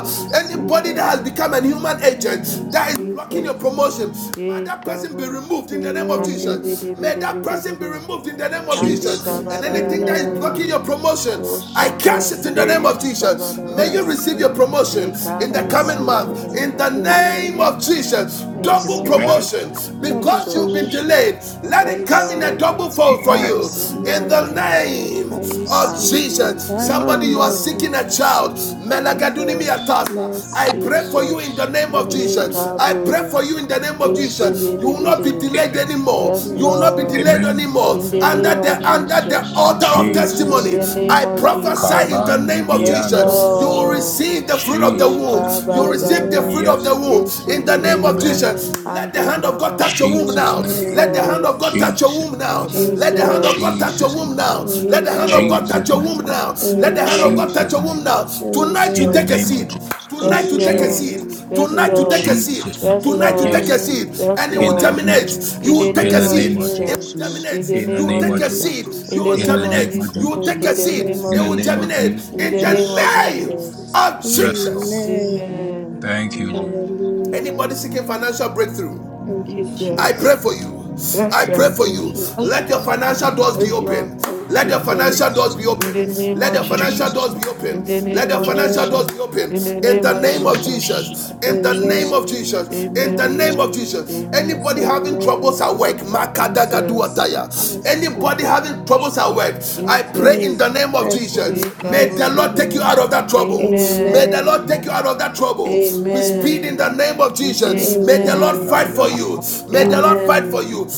Speaker 2: I receive
Speaker 1: anybody
Speaker 2: it.
Speaker 1: that has
Speaker 5: Jesus.
Speaker 1: become a human
Speaker 2: I
Speaker 1: agent that is
Speaker 2: receive
Speaker 1: blocking
Speaker 2: it.
Speaker 1: your
Speaker 5: Jesus.
Speaker 1: promotion, may
Speaker 5: Ye
Speaker 1: that person be
Speaker 5: kabun.
Speaker 1: removed in the name of
Speaker 5: Ande
Speaker 2: Amen.
Speaker 1: Jesus.
Speaker 5: bidi
Speaker 1: May
Speaker 5: bidi
Speaker 1: that
Speaker 5: bidi
Speaker 1: person be
Speaker 5: bidi.
Speaker 1: removed in the name of
Speaker 5: Ande
Speaker 15: Jesus.
Speaker 1: Jesus.
Speaker 5: kabara
Speaker 1: And
Speaker 2: Jesus.
Speaker 5: ra
Speaker 1: anything
Speaker 5: ra
Speaker 1: that
Speaker 5: ra
Speaker 1: is
Speaker 5: ra.
Speaker 1: blocking your
Speaker 2: Amen.
Speaker 1: promotion,
Speaker 5: O
Speaker 1: I
Speaker 5: shaka
Speaker 1: cast it in the
Speaker 2: Mercy.
Speaker 5: bidi
Speaker 1: name of
Speaker 15: Jesus.
Speaker 5: yam sabara
Speaker 1: Jesus.
Speaker 5: ra.
Speaker 1: May
Speaker 7: amen,
Speaker 1: you
Speaker 5: ra.
Speaker 1: receive
Speaker 2: Mercy.
Speaker 1: your promotion
Speaker 5: Ye
Speaker 1: in
Speaker 2: I
Speaker 1: the
Speaker 5: kaba
Speaker 1: coming
Speaker 5: ba
Speaker 7: amen.
Speaker 2: receive
Speaker 5: ba
Speaker 2: it.
Speaker 1: month
Speaker 5: ba
Speaker 1: in the
Speaker 5: ba.
Speaker 1: name
Speaker 2: Amen.
Speaker 1: of Jesus
Speaker 2: I
Speaker 7: Thank you,
Speaker 1: double
Speaker 7: Lord,
Speaker 2: receive
Speaker 5: Amen.
Speaker 15: Amen.
Speaker 2: it.
Speaker 1: promotion
Speaker 2: Double
Speaker 1: because you've been
Speaker 5: Jesus.
Speaker 2: promotion.
Speaker 1: delayed. Let
Speaker 2: I
Speaker 5: Yes,
Speaker 1: it come in a
Speaker 2: receive
Speaker 5: Lord.
Speaker 1: double
Speaker 2: it.
Speaker 1: fold for
Speaker 2: I
Speaker 15: Amen.
Speaker 1: you
Speaker 2: receive
Speaker 1: in
Speaker 7: amen.
Speaker 1: the
Speaker 2: it.
Speaker 5: Amen.
Speaker 1: name
Speaker 2: I
Speaker 1: of
Speaker 5: Ah,
Speaker 2: receive
Speaker 1: Jesus.
Speaker 2: it.
Speaker 5: Jesus.
Speaker 2: I'm a
Speaker 1: Somebody, you are
Speaker 5: Amen.
Speaker 1: seeking a child.
Speaker 2: motherfucker.
Speaker 1: Melagadunimi
Speaker 5: Jesus,
Speaker 1: atasa. I
Speaker 2: Mercy,
Speaker 1: pray for
Speaker 2: Lord.
Speaker 1: you in the
Speaker 5: Jesus,
Speaker 1: name of
Speaker 2: Mercy,
Speaker 1: Jesus. I
Speaker 2: Lord.
Speaker 1: pray
Speaker 7: Jesus,
Speaker 1: for
Speaker 5: Yekabu,
Speaker 1: you in the name of
Speaker 2: Mercy,
Speaker 1: Jesus. You will
Speaker 2: Lord.
Speaker 1: not be
Speaker 5: Yeshibidibidi.
Speaker 1: delayed
Speaker 15: Amen.
Speaker 1: anymore.
Speaker 5: Yes,
Speaker 1: You will not
Speaker 2: Mercy,
Speaker 1: be
Speaker 5: Lord,
Speaker 1: delayed
Speaker 2: Lord.
Speaker 15: Amen.
Speaker 1: anymore.
Speaker 5: in the
Speaker 1: Under
Speaker 5: name of
Speaker 1: the
Speaker 2: Amen.
Speaker 1: under the
Speaker 5: Jesus,
Speaker 1: altar of
Speaker 5: in
Speaker 15: Jesus.
Speaker 1: testimony,
Speaker 5: the
Speaker 2: Amen.
Speaker 5: name
Speaker 1: I
Speaker 5: of
Speaker 1: prophesy in
Speaker 2: Amen.
Speaker 5: Jesus,
Speaker 1: the
Speaker 15: Kabandi
Speaker 1: name of of
Speaker 5: yes,
Speaker 15: beyond
Speaker 1: Jesus.
Speaker 2: Oh
Speaker 1: You
Speaker 15: us.
Speaker 1: will
Speaker 5: Lord,
Speaker 1: receive the
Speaker 2: Jesus.
Speaker 1: fruit of the
Speaker 15: Jesus.
Speaker 1: womb. You
Speaker 7: amen, amen,
Speaker 1: receive the
Speaker 5: Yekababa,
Speaker 1: fruit of the
Speaker 15: Yes,
Speaker 2: Amen.
Speaker 15: Lord.
Speaker 1: womb
Speaker 7: amen, amen, amen, amen, amen, amen, amen,
Speaker 1: in the name
Speaker 7: amen,
Speaker 1: of
Speaker 15: Amen.
Speaker 5: Yeshibidia,
Speaker 1: Jesus.
Speaker 2: Amen.
Speaker 1: Let the hand of God
Speaker 5: Andekaba,
Speaker 1: touch your womb
Speaker 15: Jesus
Speaker 1: now.
Speaker 15: name.
Speaker 7: amen,
Speaker 1: Let the
Speaker 7: amen, amen,
Speaker 1: hand
Speaker 2: Amen.
Speaker 7: amen.
Speaker 1: of
Speaker 5: Jesus,
Speaker 1: God touch your
Speaker 15: Jesus.
Speaker 1: womb now. Let the hand of God
Speaker 5: Jesus,
Speaker 1: touch
Speaker 2: Amen.
Speaker 1: your
Speaker 15: Jesus
Speaker 1: womb
Speaker 15: name.
Speaker 1: now. Let the hand of God
Speaker 5: Jesus,
Speaker 2: Amen.
Speaker 1: touch
Speaker 15: Jesus
Speaker 1: your
Speaker 15: name.
Speaker 1: womb now.
Speaker 2: Amen.
Speaker 1: Let the hand of
Speaker 5: Jesus,
Speaker 1: God touch
Speaker 15: Jesus
Speaker 1: your womb
Speaker 2: Amen.
Speaker 15: name.
Speaker 1: now. Tonight you
Speaker 15: In the
Speaker 1: take
Speaker 2: Amen.
Speaker 5: Jesus,
Speaker 1: a
Speaker 15: name of
Speaker 1: seed.
Speaker 5: Yes,
Speaker 1: Tonight
Speaker 15: Jesus.
Speaker 1: you take a
Speaker 5: Lord.
Speaker 15: Jesus.
Speaker 2: Amen.
Speaker 1: seed.
Speaker 5: Yes,
Speaker 1: Tonight you take
Speaker 2: Amen.
Speaker 1: a
Speaker 5: Lord.
Speaker 1: seed.
Speaker 15: Jesus
Speaker 5: Yes,
Speaker 15: name.
Speaker 1: Tonight you take
Speaker 15: Yes.
Speaker 5: Lord.
Speaker 1: a
Speaker 2: Amen.
Speaker 1: seed,
Speaker 5: Yes,
Speaker 1: and it
Speaker 15: In
Speaker 1: will
Speaker 15: the
Speaker 5: Lord.
Speaker 15: name of
Speaker 1: terminate.
Speaker 2: Amen.
Speaker 1: You
Speaker 5: In
Speaker 15: Jesus.
Speaker 1: will
Speaker 5: the
Speaker 1: take
Speaker 15: In
Speaker 1: a
Speaker 5: name
Speaker 15: the
Speaker 5: of
Speaker 15: name of
Speaker 1: seed
Speaker 5: Jesus.
Speaker 15: Jesus.
Speaker 5: In
Speaker 1: germinate.
Speaker 5: the
Speaker 15: In the
Speaker 5: name
Speaker 1: You
Speaker 5: of
Speaker 15: name
Speaker 1: take
Speaker 15: of
Speaker 1: a
Speaker 2: Thank you,
Speaker 15: Jesus.
Speaker 5: Jesus.
Speaker 1: seed,
Speaker 5: In
Speaker 1: you
Speaker 5: the
Speaker 1: will
Speaker 2: Jesus.
Speaker 15: In
Speaker 5: name
Speaker 15: the
Speaker 5: of
Speaker 15: name of
Speaker 1: germinate. You
Speaker 5: Jesus.
Speaker 1: will take
Speaker 2: Thank
Speaker 5: In
Speaker 15: Jesus.
Speaker 1: a
Speaker 2: you,
Speaker 5: the
Speaker 1: seed,
Speaker 5: name of
Speaker 15: In
Speaker 1: it
Speaker 15: the
Speaker 1: will
Speaker 2: Jesus.
Speaker 15: name
Speaker 5: Jesus.
Speaker 15: of
Speaker 1: germinate
Speaker 5: In
Speaker 1: in
Speaker 5: the
Speaker 2: Thank
Speaker 5: name
Speaker 1: the
Speaker 15: Jesus.
Speaker 5: of
Speaker 2: you,
Speaker 1: name
Speaker 2: Jesus.
Speaker 5: Jesus.
Speaker 1: of
Speaker 15: Yes, Lord.
Speaker 1: Jesus.
Speaker 2: Amen.
Speaker 5: Amen.
Speaker 15: Thank you, Jesus.
Speaker 5: Amen.
Speaker 1: Anybody
Speaker 2: Hallelujah.
Speaker 1: seeking financial breakthrough?
Speaker 2: Thank you,
Speaker 5: Jesus.
Speaker 1: I
Speaker 15: Yes,
Speaker 1: pray for
Speaker 15: Lord.
Speaker 2: Jesus.
Speaker 1: you. I
Speaker 5: Yes,
Speaker 15: Jesus.
Speaker 1: pray
Speaker 5: Lord.
Speaker 1: for
Speaker 2: Thank
Speaker 1: you.
Speaker 2: you,
Speaker 5: Yes,
Speaker 1: Let your
Speaker 5: Lord.
Speaker 7: Thank
Speaker 2: Jesus.
Speaker 1: financial
Speaker 7: you,
Speaker 1: doors
Speaker 15: Jesus
Speaker 1: be
Speaker 15: name.
Speaker 5: Yes, Lord.
Speaker 1: open.
Speaker 2: Thank
Speaker 1: Let
Speaker 2: you,
Speaker 1: your
Speaker 5: Jesus.
Speaker 1: financial doors
Speaker 15: Jesus name.
Speaker 1: be
Speaker 5: In
Speaker 1: open.
Speaker 5: the
Speaker 2: Jesus.
Speaker 5: name
Speaker 7: thank
Speaker 1: Let
Speaker 5: of
Speaker 7: you,
Speaker 1: the
Speaker 7: Lord,
Speaker 1: financial
Speaker 15: Jesus
Speaker 5: Jesus.
Speaker 1: doors
Speaker 15: name.
Speaker 1: be
Speaker 5: In
Speaker 1: open.
Speaker 5: the
Speaker 1: Let
Speaker 5: name
Speaker 7: thank
Speaker 1: the
Speaker 7: you,
Speaker 5: of
Speaker 7: Lord,
Speaker 15: Jesus
Speaker 1: financial doors
Speaker 15: name.
Speaker 5: Jesus.
Speaker 2: Amen.
Speaker 1: be open.
Speaker 5: In the
Speaker 1: In
Speaker 5: name
Speaker 1: the
Speaker 5: of
Speaker 15: Yes,
Speaker 1: name of
Speaker 15: Lord.
Speaker 2: Amen.
Speaker 5: Jesus.
Speaker 1: Jesus.
Speaker 7: Father, and
Speaker 1: In
Speaker 7: I
Speaker 1: the
Speaker 7: must
Speaker 5: Amen.
Speaker 1: name
Speaker 15: Jesus.
Speaker 1: of
Speaker 2: Amen.
Speaker 7: come
Speaker 1: Jesus.
Speaker 7: on
Speaker 1: In the
Speaker 7: to you.
Speaker 5: Amen.
Speaker 15: Jesus.
Speaker 1: name of
Speaker 2: Amen.
Speaker 1: Jesus.
Speaker 5: Amen.
Speaker 7: Yes,
Speaker 1: Anybody having troubles at
Speaker 2: Amen.
Speaker 1: work,
Speaker 15: Amen.
Speaker 5: Jesus,
Speaker 7: Father,
Speaker 1: Makadagaduataya.
Speaker 2: Let's
Speaker 7: and I
Speaker 2: see.
Speaker 1: Anybody having troubles at work,
Speaker 7: must
Speaker 1: I
Speaker 7: come on
Speaker 1: pray
Speaker 2: Hmm.
Speaker 1: in
Speaker 5: Jesus,
Speaker 1: the name
Speaker 2: Mercy. Mm.
Speaker 1: of Jesus.
Speaker 2: Mercy.
Speaker 1: May the
Speaker 5: Jacob,
Speaker 2: Mercy,
Speaker 1: Lord take you
Speaker 2: Lord.
Speaker 1: out of that
Speaker 7: to
Speaker 1: trouble. May the
Speaker 5: Amen,
Speaker 1: Lord
Speaker 7: you.
Speaker 1: take you
Speaker 2: Amen.
Speaker 1: out of that trouble. We speed
Speaker 5: Amen,
Speaker 1: in the
Speaker 2: Amen.
Speaker 1: name of
Speaker 7: Yes,
Speaker 1: Jesus. May the
Speaker 7: Lord.
Speaker 1: Lord
Speaker 5: Amen,
Speaker 1: fight
Speaker 7: Yes,
Speaker 1: for
Speaker 2: Amen.
Speaker 1: you. May the Lord fight
Speaker 5: Amen,
Speaker 1: for
Speaker 2: Amen.
Speaker 1: you.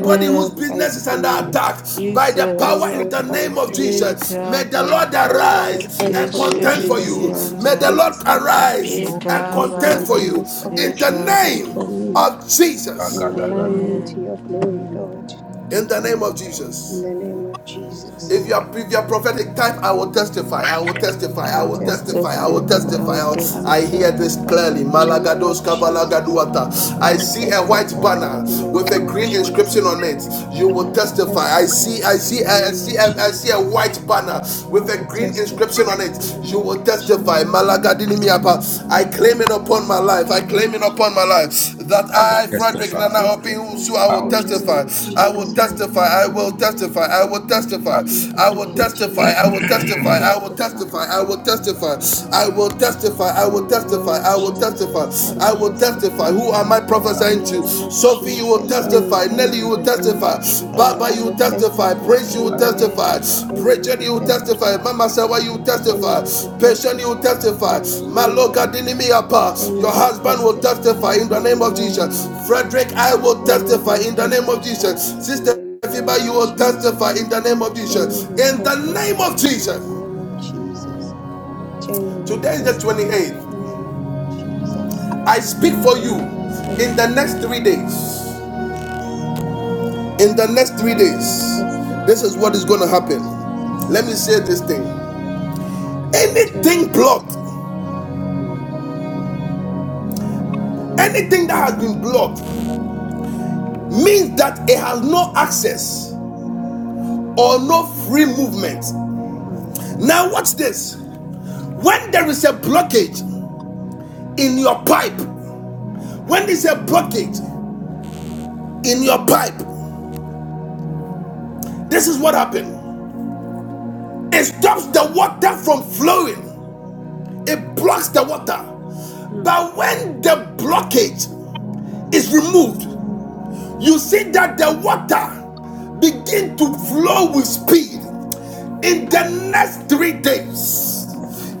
Speaker 2: Oh
Speaker 1: whose
Speaker 2: Lord,
Speaker 1: business
Speaker 2: fight
Speaker 1: is
Speaker 2: for
Speaker 1: under
Speaker 2: me.
Speaker 1: attack by the
Speaker 2: Oh
Speaker 1: power
Speaker 5: Jesus,
Speaker 1: in
Speaker 2: Lord,
Speaker 1: the name
Speaker 2: fight
Speaker 1: of
Speaker 2: for me.
Speaker 1: Jesus, may the Lord
Speaker 5: Jacob,
Speaker 2: Oh Lord,
Speaker 1: arise
Speaker 2: fight
Speaker 1: and
Speaker 2: for me
Speaker 1: contend
Speaker 2: in
Speaker 1: for
Speaker 2: this
Speaker 1: you.
Speaker 2: land,
Speaker 1: May the
Speaker 2: in
Speaker 5: Ishibidianda,
Speaker 1: Lord
Speaker 2: this office.
Speaker 1: arise
Speaker 7: Lord.
Speaker 1: and
Speaker 2: Oh
Speaker 7: Yes,
Speaker 1: contend
Speaker 2: Lord,
Speaker 1: for
Speaker 7: Lord.
Speaker 2: in
Speaker 5: Jacobaba,
Speaker 1: you
Speaker 2: this
Speaker 1: in the
Speaker 2: office, fight
Speaker 5: Jacob,
Speaker 2: for
Speaker 1: name
Speaker 2: me
Speaker 1: of Jesus.
Speaker 2: and
Speaker 7: Thank you,
Speaker 2: align me
Speaker 7: Lord.
Speaker 2: to
Speaker 5: Amen,
Speaker 2: your glory,
Speaker 5: Amen.
Speaker 2: Lord.
Speaker 1: In
Speaker 7: Thank
Speaker 1: the
Speaker 7: you,
Speaker 1: name of
Speaker 7: Lord.
Speaker 1: Jesus.
Speaker 2: In the name of
Speaker 7: Thank you,
Speaker 1: If
Speaker 2: Jesus,
Speaker 1: you
Speaker 7: Lord.
Speaker 1: are if you prophetic type, I will testify. I will testify.
Speaker 2: I
Speaker 1: I
Speaker 2: will
Speaker 5: I
Speaker 1: will
Speaker 5: will
Speaker 1: testify. I will
Speaker 2: testify.
Speaker 5: testify, I
Speaker 1: testify.
Speaker 5: will
Speaker 1: I,
Speaker 2: I
Speaker 1: will-
Speaker 2: will
Speaker 1: I
Speaker 5: testify.
Speaker 1: hear this
Speaker 2: testify
Speaker 1: clearly.
Speaker 2: in the name
Speaker 1: Malagados
Speaker 2: of Jesus.
Speaker 1: kavalagaduata.
Speaker 2: I
Speaker 1: I
Speaker 2: will
Speaker 1: see a white
Speaker 2: testify
Speaker 1: banner
Speaker 2: in the
Speaker 1: with a
Speaker 2: name of
Speaker 1: green inscription
Speaker 2: Jesus.
Speaker 1: on it. You
Speaker 2: I
Speaker 1: will
Speaker 2: will
Speaker 1: testify. I
Speaker 2: testify
Speaker 1: see. I
Speaker 2: in
Speaker 1: see.
Speaker 2: the
Speaker 1: I
Speaker 2: name
Speaker 1: see.
Speaker 2: of
Speaker 1: I, see, I see a
Speaker 2: Jesus.
Speaker 1: white banner
Speaker 2: I
Speaker 1: with a
Speaker 2: will
Speaker 1: green
Speaker 2: testify
Speaker 1: inscription on it.
Speaker 2: in the
Speaker 1: You
Speaker 2: name
Speaker 1: will
Speaker 2: of
Speaker 1: testify.
Speaker 2: Jesus. I will
Speaker 1: Malagadinimiapa. I claim it
Speaker 2: testify
Speaker 1: upon my
Speaker 2: in
Speaker 1: life. I
Speaker 2: the name
Speaker 1: claim it
Speaker 2: of
Speaker 1: upon my
Speaker 2: Jesus.
Speaker 1: life.
Speaker 7: We're
Speaker 1: That
Speaker 15: I will
Speaker 1: I,
Speaker 7: claiming it
Speaker 2: I
Speaker 7: for
Speaker 1: Frederick
Speaker 2: will
Speaker 7: my
Speaker 15: testify.
Speaker 1: Nana
Speaker 2: testify
Speaker 1: Obiusu, I
Speaker 15: I
Speaker 1: will
Speaker 15: will
Speaker 2: in the
Speaker 7: life.
Speaker 2: name
Speaker 15: testify.
Speaker 1: testify.
Speaker 7: If
Speaker 2: of
Speaker 7: you
Speaker 1: I will
Speaker 7: don't call,
Speaker 2: Jesus.
Speaker 1: testify. I will
Speaker 7: testify.
Speaker 1: testify. I will
Speaker 7: If
Speaker 1: testify.
Speaker 7: you
Speaker 1: I
Speaker 7: don't
Speaker 1: will
Speaker 2: Thank
Speaker 7: call,
Speaker 2: you,
Speaker 1: testify. I
Speaker 7: testify.
Speaker 1: will
Speaker 2: Jesus. I will
Speaker 1: testify. I
Speaker 15: I
Speaker 1: will
Speaker 2: testify
Speaker 1: testify. I will
Speaker 7: Testify
Speaker 1: testify.
Speaker 7: in the
Speaker 1: I
Speaker 7: name of
Speaker 1: will
Speaker 7: Jesus.
Speaker 1: testify. I will
Speaker 2: in the name
Speaker 1: testify.
Speaker 2: of
Speaker 1: I will
Speaker 2: Jesus. I
Speaker 1: testify.
Speaker 2: will
Speaker 1: I
Speaker 7: Rapandaya
Speaker 1: will testify.
Speaker 2: testify
Speaker 1: Who
Speaker 7: Amen.
Speaker 1: am I
Speaker 2: in
Speaker 1: prophesying
Speaker 2: the
Speaker 1: to?
Speaker 2: name of
Speaker 1: Sophie, you will
Speaker 2: Jesus. Me,
Speaker 1: testify. Nelly, you
Speaker 7: In
Speaker 2: Jenny,
Speaker 1: will
Speaker 7: the name of
Speaker 1: testify.
Speaker 2: uh,
Speaker 7: Jesus.
Speaker 1: Baba,
Speaker 2: I
Speaker 1: you will
Speaker 2: will
Speaker 1: testify.
Speaker 2: testify.
Speaker 1: Prince, you will
Speaker 15: will-
Speaker 7: Amen.
Speaker 1: testify.
Speaker 2: Amen. Jenny, you
Speaker 1: Bridget,
Speaker 2: will
Speaker 1: you will testify.
Speaker 2: testify.
Speaker 1: Mama Sawa, you will
Speaker 7: Amen.
Speaker 2: Jenny,
Speaker 1: testify.
Speaker 2: you will
Speaker 1: Patient, you will
Speaker 2: testify.
Speaker 1: testify.
Speaker 2: Hallelujah.
Speaker 1: Maloka Dinimiapa,
Speaker 2: Jenny
Speaker 1: your
Speaker 2: will
Speaker 1: husband will
Speaker 2: testify.
Speaker 1: testify in the name of Jesus.
Speaker 2: Amen.
Speaker 1: Frederick, I will
Speaker 2: Jenny
Speaker 1: testify
Speaker 2: will
Speaker 1: in the name of Jesus.
Speaker 2: testify
Speaker 1: Sister
Speaker 2: in the name
Speaker 1: Fiba, you
Speaker 2: of
Speaker 7: Amen.
Speaker 1: will
Speaker 2: Jesus.
Speaker 1: testify in the name of
Speaker 2: Jenny
Speaker 1: Jesus.
Speaker 2: will
Speaker 1: In the name
Speaker 2: testify
Speaker 1: of
Speaker 2: in
Speaker 1: Jesus.
Speaker 2: the name of Jesus. Jenny will
Speaker 1: Today is the
Speaker 2: testify
Speaker 1: 28th.
Speaker 2: in the name of Jesus.
Speaker 1: I speak for you
Speaker 2: Jenny will
Speaker 1: in the next
Speaker 2: testify
Speaker 1: three
Speaker 2: in the name
Speaker 1: days.
Speaker 2: of Jesus.
Speaker 1: In the next three
Speaker 2: Jenny will
Speaker 1: days, this
Speaker 2: testify
Speaker 1: is what is
Speaker 2: in
Speaker 1: going
Speaker 2: the
Speaker 1: to
Speaker 2: name of
Speaker 1: happen.
Speaker 2: Jesus.
Speaker 1: Let me say this thing.
Speaker 2: Jenny
Speaker 1: Anything
Speaker 2: will
Speaker 1: blocked,
Speaker 2: testify.
Speaker 7: Amen.
Speaker 1: anything that has been blocked, means that it has no access or no free movement.
Speaker 7: Amen.
Speaker 1: Now, watch this. When there is a blockage in your pipe, when there's a blockage in your pipe, this is what happened. It stops the water from flowing, it blocks the water.
Speaker 7: Mm.
Speaker 1: But when the blockage is removed, you see that the water begin to flow with speed in the next three days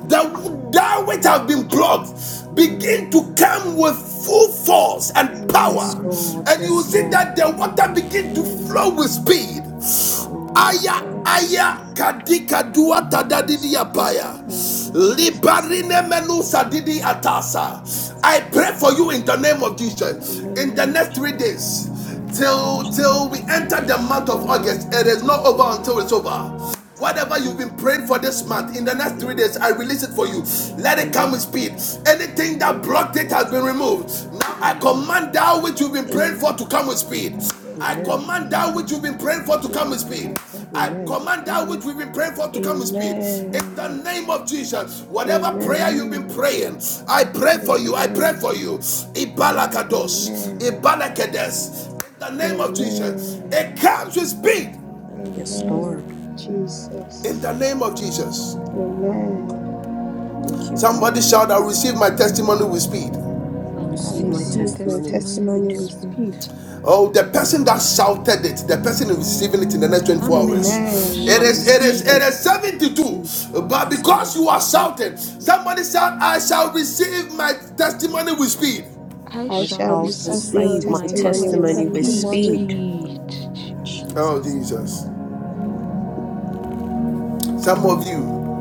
Speaker 1: the that which have been blocked begin to
Speaker 2: Amen.
Speaker 1: come with full force and
Speaker 7: Yes,
Speaker 1: power
Speaker 2: Amen.
Speaker 7: Lord.
Speaker 1: and you
Speaker 7: Yes,
Speaker 1: see
Speaker 7: Lord.
Speaker 1: that the water begin to flow with
Speaker 2: Amen.
Speaker 1: speed
Speaker 7: Maru and
Speaker 1: Aya
Speaker 7: I.
Speaker 1: aya
Speaker 2: Amen.
Speaker 1: kadika dua
Speaker 2: I
Speaker 1: tadadidi
Speaker 2: shall
Speaker 1: apaya.
Speaker 2: testify in Jesus' name.
Speaker 1: Libarine menusa didi
Speaker 2: I
Speaker 1: atasa.
Speaker 2: shall
Speaker 1: I
Speaker 2: testify
Speaker 1: pray for you in the name of Jesus.
Speaker 2: in the
Speaker 1: In the
Speaker 2: name of
Speaker 1: next three
Speaker 2: Jesus.
Speaker 1: days,
Speaker 2: In the name
Speaker 1: till till
Speaker 2: of
Speaker 1: we
Speaker 2: Jesus.
Speaker 1: enter the month of August, it is
Speaker 2: Imakati
Speaker 1: not over
Speaker 2: iya
Speaker 1: until it's
Speaker 2: kaba
Speaker 1: over.
Speaker 2: kata
Speaker 1: Whatever you've
Speaker 7: Mm.
Speaker 2: kaya
Speaker 1: been praying for this
Speaker 2: kaya.
Speaker 1: month, in the next three days, I release it
Speaker 2: Imakata
Speaker 1: for you.
Speaker 2: kaya
Speaker 1: Let it
Speaker 2: kaya
Speaker 1: come with
Speaker 7: Amen.
Speaker 1: speed.
Speaker 2: kaba.
Speaker 1: Anything that blocked it has
Speaker 2: Imakata
Speaker 1: been removed.
Speaker 2: kaya
Speaker 1: Now I
Speaker 2: kaya
Speaker 7: Amen.
Speaker 1: command
Speaker 2: kaba.
Speaker 1: that which you've been praying for to come with
Speaker 2: Imakata
Speaker 1: speed.
Speaker 2: kaya
Speaker 1: I
Speaker 7: Amen.
Speaker 2: kaya
Speaker 1: command that
Speaker 2: kaba.
Speaker 1: which you've been praying for to come with speed.
Speaker 2: Imakata
Speaker 1: I
Speaker 7: Amen.
Speaker 2: kaya
Speaker 1: command that
Speaker 2: kaya.
Speaker 1: which we've been praying for to come with speed. In
Speaker 2: Amen.
Speaker 1: the
Speaker 7: Amen.
Speaker 1: name of Jesus, whatever prayer
Speaker 2: Amen.
Speaker 1: you've been
Speaker 5: Amen.
Speaker 1: praying, I pray
Speaker 5: Amen.
Speaker 1: for you. I pray
Speaker 2: Amen.
Speaker 1: for you. Ibalakados,
Speaker 2: Amen.
Speaker 1: Ibalakedes. In the name of
Speaker 5: Amen.
Speaker 1: Jesus,
Speaker 2: Amen.
Speaker 1: it comes with speed.
Speaker 7: Yes,
Speaker 5: Amen.
Speaker 7: Lord.
Speaker 2: Amen.
Speaker 1: In
Speaker 2: Jesus.
Speaker 1: the name of Jesus.
Speaker 2: Amen.
Speaker 7: Thank you,
Speaker 1: Somebody
Speaker 7: Father.
Speaker 1: shout, I receive my testimony with speed.
Speaker 7: I
Speaker 5: I
Speaker 2: I
Speaker 7: receive
Speaker 5: receive
Speaker 7: my
Speaker 5: my
Speaker 2: receive my
Speaker 7: testimony with
Speaker 5: testimony
Speaker 7: speed.
Speaker 2: testimony
Speaker 5: with
Speaker 2: with
Speaker 5: speed.
Speaker 2: speed.
Speaker 1: Oh, the person that shouted it, the person receiving it in the next 24
Speaker 5: Amen. I
Speaker 1: hours.
Speaker 2: Amen.
Speaker 7: I
Speaker 2: I
Speaker 1: It
Speaker 5: receive
Speaker 1: is, it
Speaker 5: it
Speaker 1: is,
Speaker 2: receive
Speaker 7: receive.
Speaker 1: it
Speaker 2: it.
Speaker 1: is
Speaker 7: I receive. I
Speaker 1: 72. But
Speaker 5: with
Speaker 7: receive.
Speaker 1: because
Speaker 5: my
Speaker 1: you
Speaker 7: In
Speaker 1: are
Speaker 7: the
Speaker 5: Lord.
Speaker 7: name of
Speaker 1: shouting,
Speaker 7: Jesus,
Speaker 1: somebody shout, I shall receive my testimony with speed.
Speaker 5: I
Speaker 2: I
Speaker 7: I
Speaker 5: shall
Speaker 2: shall
Speaker 7: shall
Speaker 12: I
Speaker 2: receive my
Speaker 12: shall
Speaker 7: receive
Speaker 5: receive
Speaker 7: my
Speaker 5: my
Speaker 12: receive
Speaker 2: testimony
Speaker 12: my
Speaker 2: with
Speaker 7: testimony
Speaker 5: testimony
Speaker 7: with
Speaker 5: with
Speaker 2: speed.
Speaker 12: testimony.
Speaker 7: speed.
Speaker 5: speed.
Speaker 2: In
Speaker 5: Jesus.
Speaker 1: Oh,
Speaker 2: Jesus' name.
Speaker 1: Jesus. Some of you,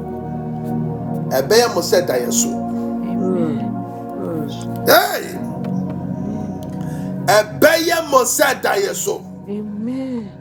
Speaker 1: Ebeya Mosé Dayeso.
Speaker 7: Mm.
Speaker 5: Amen.
Speaker 7: Mm.
Speaker 1: Hey!
Speaker 5: Amen.
Speaker 1: Ebeya Mosé Dayeso.
Speaker 5: Amen.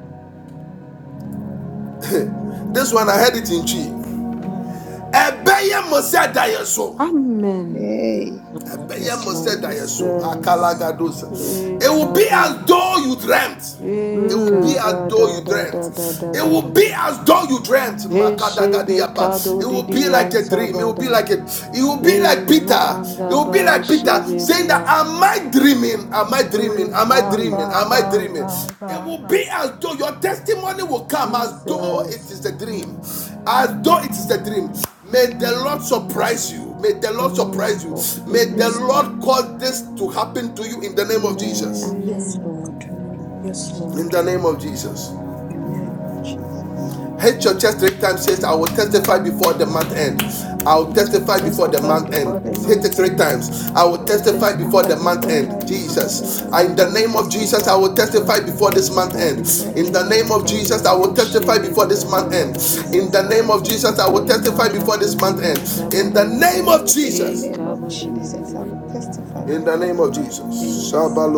Speaker 1: This one, I heard it in Chi.
Speaker 5: Mm.
Speaker 1: Ebeya Mosé Dayeso.
Speaker 5: Amen.
Speaker 7: Yes,
Speaker 2: Hey.
Speaker 7: Lord. Yes, Lord. Yes, Lord.
Speaker 5: Jesus. Eh,
Speaker 1: It will be as
Speaker 5: kabu.
Speaker 1: though you dreamt.
Speaker 5: Eh,
Speaker 1: It will be
Speaker 7: Mm.
Speaker 1: as
Speaker 5: kaba
Speaker 1: though
Speaker 5: da
Speaker 1: you
Speaker 5: da
Speaker 1: dreamt.
Speaker 5: da da da
Speaker 1: It
Speaker 5: da
Speaker 1: will
Speaker 5: da.
Speaker 1: be as though you dreamt.
Speaker 5: Eh, shebe
Speaker 1: Makadagadiapa.
Speaker 5: kado
Speaker 1: It will be
Speaker 5: didi
Speaker 1: like a dream. It will be
Speaker 5: ansabada.
Speaker 1: like a. It will be like
Speaker 5: Yema
Speaker 1: Peter. It
Speaker 5: anda
Speaker 1: will be
Speaker 5: ba
Speaker 1: like Peter saying that,
Speaker 5: ushibilia.
Speaker 1: "Am I dreaming? Am I dreaming? Am I
Speaker 5: Ika
Speaker 7: Mm.
Speaker 1: dreaming?
Speaker 5: ba
Speaker 1: Am I
Speaker 5: ba
Speaker 7: Mm.
Speaker 1: dreaming?"
Speaker 5: ba ba
Speaker 7: mm.
Speaker 1: It will
Speaker 5: ba.
Speaker 1: be as though your testimony will come as though it
Speaker 5: Jesus.
Speaker 1: is a dream,
Speaker 5: Mm,
Speaker 1: as though it is a dream. May the Lord
Speaker 5: mm.
Speaker 1: surprise you. May the Lord
Speaker 7: Yes,
Speaker 1: surprise
Speaker 5: Amen.
Speaker 1: you.
Speaker 7: Lord.
Speaker 1: May the
Speaker 7: Yes,
Speaker 5: Amen.
Speaker 7: Lord.
Speaker 1: Lord
Speaker 2: Amen.
Speaker 1: cause this to happen to you in the name of
Speaker 5: Amen.
Speaker 1: Jesus.
Speaker 7: Yes,
Speaker 5: Amen.
Speaker 2: Amen.
Speaker 7: Lord.
Speaker 5: Amen.
Speaker 7: Yes,
Speaker 1: In
Speaker 7: Lord.
Speaker 1: the name of Jesus.
Speaker 2: In
Speaker 5: I
Speaker 2: the
Speaker 7: Amen.
Speaker 2: name of Jesus.
Speaker 1: Hit your chest three times. Says, I will testify before the month end. I
Speaker 7: I
Speaker 1: will
Speaker 7: will
Speaker 5: will
Speaker 1: testify before
Speaker 7: testify
Speaker 1: the
Speaker 5: testify
Speaker 2: Testify
Speaker 1: month
Speaker 7: before the
Speaker 2: before
Speaker 1: end.
Speaker 5: before
Speaker 2: the
Speaker 5: the
Speaker 1: Hit
Speaker 2: month
Speaker 1: it
Speaker 7: nations.
Speaker 1: three
Speaker 5: mountain.
Speaker 2: ends.
Speaker 1: times. I will
Speaker 5: I will
Speaker 1: testify
Speaker 2: I
Speaker 1: before
Speaker 2: will
Speaker 5: testify
Speaker 1: the month
Speaker 5: before the
Speaker 2: testify
Speaker 1: end.
Speaker 7: I'll
Speaker 5: mountain.
Speaker 2: before the
Speaker 1: Jesus.
Speaker 2: month
Speaker 7: testify
Speaker 1: In
Speaker 5: I
Speaker 1: the
Speaker 5: will
Speaker 7: before
Speaker 1: name
Speaker 2: ends.
Speaker 1: of
Speaker 7: the
Speaker 1: Jesus, I
Speaker 5: testify
Speaker 1: will
Speaker 5: before
Speaker 1: testify
Speaker 2: I
Speaker 5: the
Speaker 2: will
Speaker 1: before this
Speaker 7: nations.
Speaker 1: month
Speaker 7: In
Speaker 2: testify
Speaker 5: mountain.
Speaker 7: the
Speaker 1: end.
Speaker 7: name
Speaker 2: before
Speaker 7: of
Speaker 2: the
Speaker 1: In the
Speaker 7: Jesus,
Speaker 2: month
Speaker 1: name
Speaker 5: Hey,
Speaker 7: I'll
Speaker 1: of Jesus, I
Speaker 2: ends.
Speaker 7: testify
Speaker 5: Kabu,
Speaker 1: will testify
Speaker 7: before this
Speaker 1: before
Speaker 2: In
Speaker 5: Shebedi,
Speaker 2: the
Speaker 1: this
Speaker 5: and
Speaker 7: nation.
Speaker 1: month
Speaker 5: da.
Speaker 2: name
Speaker 5: da
Speaker 1: end.
Speaker 2: of
Speaker 5: da da
Speaker 1: In
Speaker 5: da
Speaker 2: Jesus,
Speaker 1: the
Speaker 5: da
Speaker 2: I will
Speaker 1: name of Jesus, I
Speaker 2: testify
Speaker 1: will
Speaker 5: Ye ba
Speaker 1: testify
Speaker 2: before
Speaker 5: ka
Speaker 2: the
Speaker 7: Jesus,
Speaker 1: before
Speaker 5: do
Speaker 1: this
Speaker 5: di
Speaker 2: month
Speaker 1: month
Speaker 7: I'll
Speaker 1: end.
Speaker 5: an
Speaker 2: ends.
Speaker 7: testify
Speaker 5: ta ba
Speaker 1: In
Speaker 5: da
Speaker 1: the
Speaker 7: before
Speaker 5: ya.
Speaker 1: name of
Speaker 2: Oh, in the
Speaker 5: Ye
Speaker 1: Jesus.
Speaker 2: name
Speaker 5: ka bo
Speaker 2: of
Speaker 5: di di di
Speaker 2: Jesus,
Speaker 5: di
Speaker 2: I
Speaker 5: di
Speaker 2: will
Speaker 5: di.
Speaker 2: testify
Speaker 1: In the
Speaker 2: before
Speaker 1: name
Speaker 2: the
Speaker 1: of
Speaker 2: month
Speaker 1: Jesus.
Speaker 2: ends.
Speaker 5: Amen.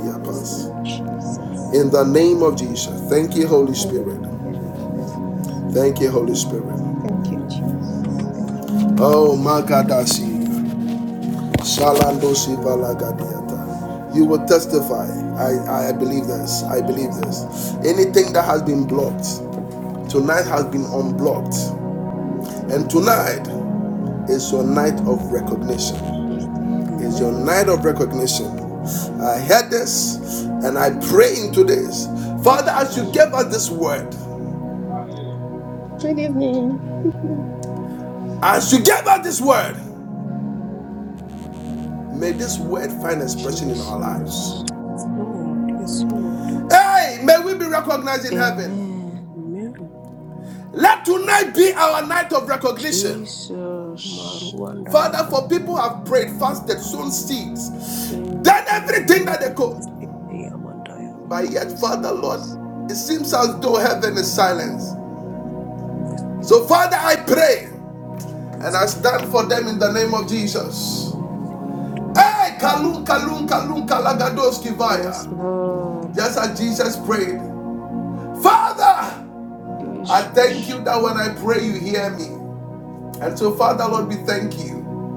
Speaker 2: In the
Speaker 5: Yes,
Speaker 2: name of
Speaker 5: Lord.
Speaker 2: Jesus.
Speaker 1: In the
Speaker 2: Hallelujah.
Speaker 1: name of Jesus. Thank you, Holy
Speaker 5: Amen.
Speaker 1: Spirit.
Speaker 2: Hallelujah.
Speaker 5: Jesus.
Speaker 2: Hallelujah.
Speaker 1: Thank you, Holy Spirit.
Speaker 2: Thank you, Jesus. Thank
Speaker 5: Jesus.
Speaker 2: you,
Speaker 1: Oh,
Speaker 2: Jesus.
Speaker 1: Magadasi. Shalandosi Balagadiata. You will testify. I, I believe
Speaker 2: I
Speaker 1: this. I
Speaker 2: shall
Speaker 1: believe this.
Speaker 2: testify.
Speaker 1: Anything that has been blocked, tonight has been
Speaker 5: Jesus.
Speaker 1: unblocked. And
Speaker 2: Amen.
Speaker 5: Jesus.
Speaker 1: tonight is your night of
Speaker 2: I
Speaker 1: recognition.
Speaker 2: shall
Speaker 7: this.
Speaker 2: testify.
Speaker 1: is
Speaker 5: Amen.
Speaker 1: your
Speaker 7: Amen.
Speaker 1: night of recognition.
Speaker 5: Mm,
Speaker 1: I heard this and I pray into this. Father, as you
Speaker 5: Jesus.
Speaker 1: gave us this word,
Speaker 5: Mm,
Speaker 2: Good evening.
Speaker 1: as you gave us this word, may this word find expression in our lives.
Speaker 5: Jesus.
Speaker 7: Yes, Lord. Yes, Lord.
Speaker 1: Hey, may we be recognized in heaven.
Speaker 5: Amen.
Speaker 7: Amen.
Speaker 1: Let tonight be our night of recognition.
Speaker 5: Jesus.
Speaker 7: Maruanda ya
Speaker 1: Father, for people
Speaker 7: basi
Speaker 1: who have prayed,
Speaker 7: ya
Speaker 1: fasted,
Speaker 7: ba.
Speaker 1: sown
Speaker 5: Mm,
Speaker 1: seeds,
Speaker 5: Hey,
Speaker 1: done
Speaker 5: come
Speaker 1: everything
Speaker 5: on.
Speaker 1: that they
Speaker 7: Beri
Speaker 1: could.
Speaker 7: isete ya manda ya
Speaker 1: But
Speaker 7: barua.
Speaker 1: yet, Father,
Speaker 5: Jesus.
Speaker 1: Lord, it seems as though heaven is silent.
Speaker 7: Mercy,
Speaker 1: So,
Speaker 7: Lord.
Speaker 1: Father, I pray. And I
Speaker 7: Mercy, Lord.
Speaker 1: stand for them in the name of Jesus.
Speaker 5: Mm.
Speaker 7: Mercy, Lord.
Speaker 1: Hey, Kalun, Kalun, Kalun,
Speaker 7: Mercy,
Speaker 1: Kalagadoski
Speaker 5: Yes,
Speaker 1: Vaya.
Speaker 5: Lord.
Speaker 1: Just
Speaker 7: Lord. Mercy,
Speaker 1: as
Speaker 7: Lord.
Speaker 1: Jesus prayed, Father, I thank
Speaker 5: Jesus.
Speaker 1: you that when I pray, you hear me. And so, Father, Lord, we thank you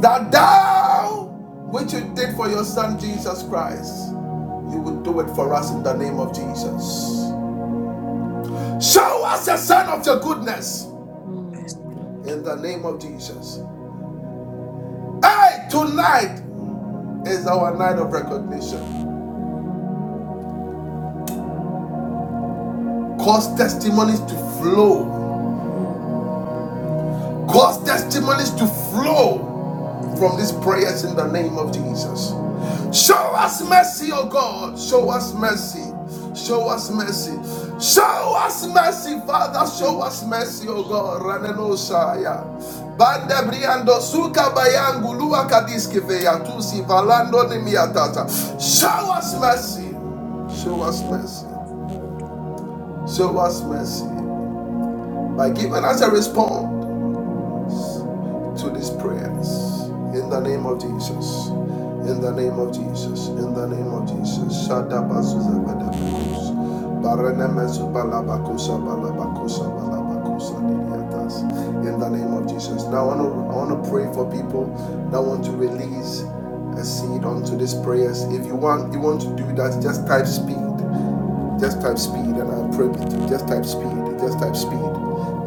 Speaker 1: that thou, which you did for your son Jesus Christ, you would do it for us in the name of Jesus. Show us the sign of your goodness
Speaker 7: Mercy,
Speaker 5: Mm.
Speaker 1: in
Speaker 7: Lord.
Speaker 1: the name of Jesus. Hey, tonight is our night of recognition.
Speaker 5: Mm.
Speaker 1: Cause testimonies to flow.
Speaker 7: Mm, mm,
Speaker 1: Cause testimonies to flow
Speaker 7: Yes,
Speaker 1: from these
Speaker 7: Lord.
Speaker 5: Jesus.
Speaker 1: prayers in the name of Jesus.
Speaker 5: Mm.
Speaker 1: Show us mercy, O God. Show us mercy.
Speaker 5: Jesus.
Speaker 1: Show
Speaker 5: And
Speaker 1: us
Speaker 5: I
Speaker 1: mercy. Show
Speaker 7: Mm,
Speaker 1: us mercy, Father. Show us
Speaker 5: praise God.
Speaker 1: mercy, O God. Raneno Shaya. Banda briando suka bayangu
Speaker 5: Mm.
Speaker 1: lua kadiske tusi valando ni miatata. Show
Speaker 5: Mm.
Speaker 1: us mercy. Show
Speaker 7: Yes,
Speaker 1: us
Speaker 7: Lord.
Speaker 1: mercy.
Speaker 7: Yes, Lord.
Speaker 5: mm.
Speaker 1: Show us mercy by giving us a response. to these prayers. In the name of Jesus. In the name of Jesus. In the name of Jesus. Shada bazuza badabakus. Barene mezu balabakusa balabakusa balabakusa didiatas. In the name of Jesus. Now I want to, I want to pray for people that want to release a seed onto these prayers. If you want you want to do that, just type speed. Just type speed and I'll pray with you. Just type speed. Just type speed.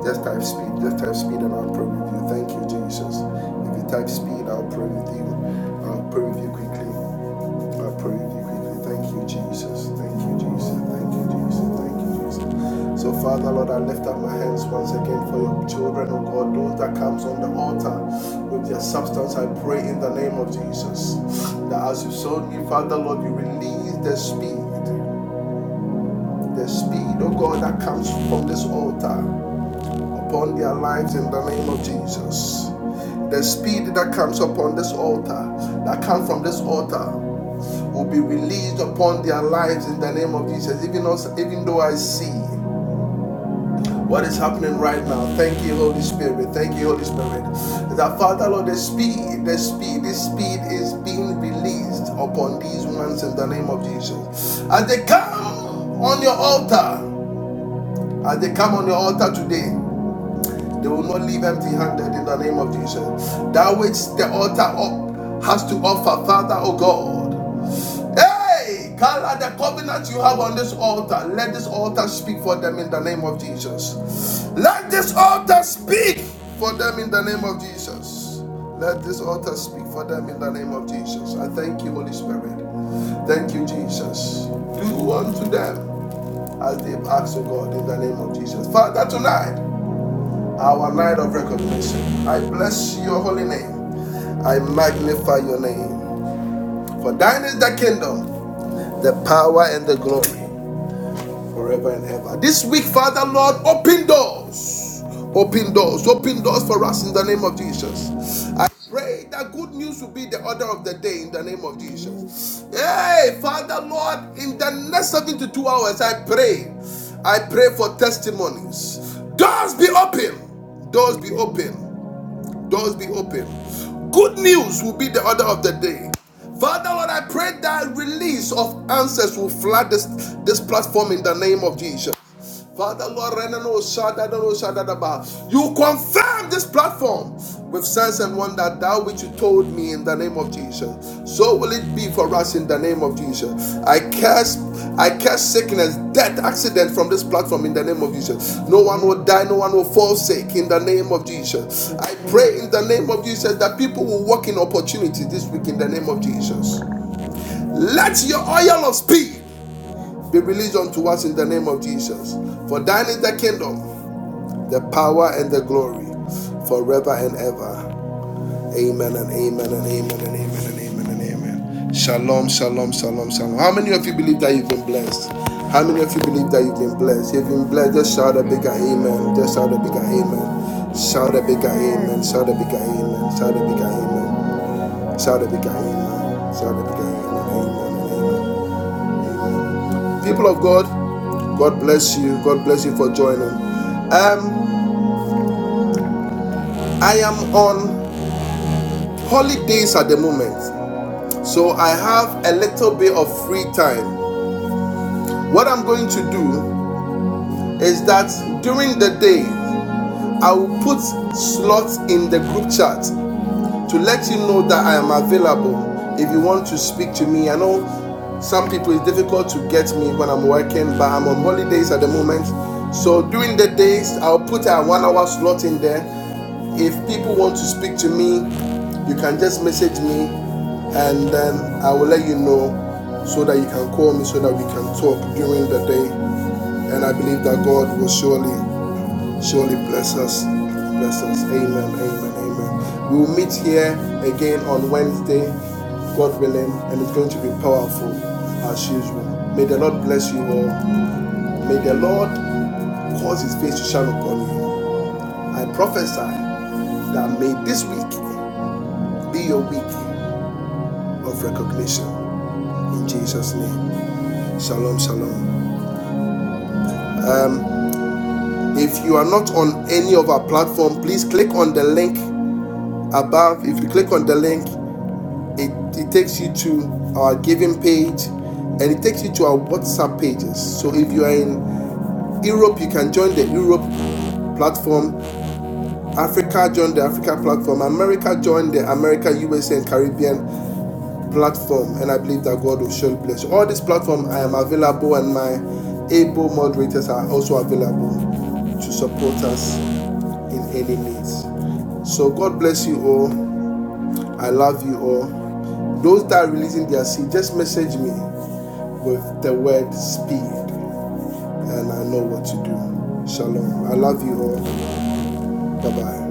Speaker 1: Just type speed. Just type speed and I'll pray with you. Thank you, Jesus. If you type speed, I'll pray with you. I'll pray with you quickly. I'll pray with you quickly. Thank you, Jesus. Thank you, Jesus. Thank you, Jesus. Thank you, Jesus. So, Father, Lord, I lift up my hands once again for your children, oh God, those that comes on the altar with their substance. I pray in the name of Jesus that as you sold me, Father, Lord, you release the speed the speed, oh God, that comes from this altar upon their lives in the name of Jesus. The speed that comes upon this altar, that comes from this altar, will be released upon their lives in the name of Jesus. Even, us, even though I see what is happening right now, thank you, Holy Spirit. Thank you, Holy Spirit. That Father, Lord, the speed, the speed, this speed is being released upon these ones in the name of Jesus. As they come on your altar, as they come on the altar today,
Speaker 7: Yes,
Speaker 1: they will not
Speaker 7: Lord.
Speaker 1: leave empty handed in the name of Jesus. That which the altar up has to offer, Father, oh God. Hey, Carla, the covenant you have on this altar, let this altar speak for them in the name of Jesus. Let this altar speak for them in the name of Jesus. Let this altar speak for them in the name of Jesus. I thank you, Holy Spirit. Thank you, Jesus. Do unto them as they've asked to God in the name of Jesus. Father, tonight, our night of recognition, I bless your holy name. I magnify your name. For thine is the kingdom, the power, and the glory forever and ever. This week, Father, Lord, open doors. Open
Speaker 7: Mm,
Speaker 1: doors, open doors for us in the name of Jesus.
Speaker 7: mm.
Speaker 1: Pray that good news will be the order of the day in the name of
Speaker 7: Amen.
Speaker 1: Jesus. Hey, Father Lord, in the next 72 hours, I pray. I pray for testimonies. Doors be open. Doors be
Speaker 7: Amen.
Speaker 1: open. Doors be open. Good news will be the order of the day. Father Lord, I pray that release of answers will flood this, this platform in the name of Jesus. Father Lord, Renano Shadadano Shadadaba. you confirm this platform with sense and wonder that which you told me in the name of Jesus. So will it be for us in the name of Jesus. I curse, I curse sickness, death, accident from this platform in the name of Jesus. No one
Speaker 7: Amen.
Speaker 1: will die, no one will fall sick in the name of Jesus.
Speaker 7: Yes,
Speaker 1: I
Speaker 7: Lord.
Speaker 1: pray in the name of Jesus that people will walk in opportunity this week in the name of Jesus.
Speaker 7: Glory. be to
Speaker 1: Let
Speaker 7: you.
Speaker 1: your oil of speed be released unto us in the name of Jesus. For thine is the kingdom, the power, and the glory forever and ever. Amen and amen and amen and amen and amen and amen. Shalom, shalom, shalom, shalom. How many of you believe that you've been blessed? How many of you believe that you've been blessed? You've been blessed. Just shout a bigger amen.
Speaker 15: Amen.
Speaker 1: Just shout a bigger
Speaker 7: Amen.
Speaker 1: amen. Shout
Speaker 7: Amen.
Speaker 1: a bigger amen.
Speaker 12: Amen.
Speaker 1: Shout a bigger amen. Shout a bigger amen. Shout a bigger amen. Shout a bigger amen. Amen
Speaker 5: Amen.
Speaker 1: amen.
Speaker 5: Amen. Amen. Amen.
Speaker 1: People of God, God bless you. God bless you for joining. Um, I am on holidays at the moment, so I have a little bit of free time. What I'm going to do is that during the day, I will put slots in the group chat to let him know that I am available if you want to speak to me. I know some people it's difficult to get me when I'm working, but I'm on holidays at the moment. So during the days, I'll put a one hour slot in there. If people want to speak to me, you can just message me and then I will let you know so that you can call me so that we can talk during the day. And I believe that God will surely Surely bless us. Bless us. Amen. Amen. Amen. We will meet here again on Wednesday, God willing, and it's going to be powerful as usual. May the Lord bless you all. May the Lord cause his face to shine upon you. I prophesy that may this week be your week of recognition. In Jesus' name. Shalom, shalom. If you are not on any of our platform, please click on the link above. If you click on the link, it, it takes you to our giving page and it takes you to our WhatsApp pages. So if you are in Europe, you can join the Europe platform, Africa, join the Africa platform, America, join the America, USA, and Caribbean platform. And I believe that God will surely bless you. All these platforms, I am available, and my able moderators are also available to support us in any needs. So God bless you all. I love you all. Those that are releasing their seed, just message me with the word speed. And I know what to do. Shalom. I love you all. Bye bye.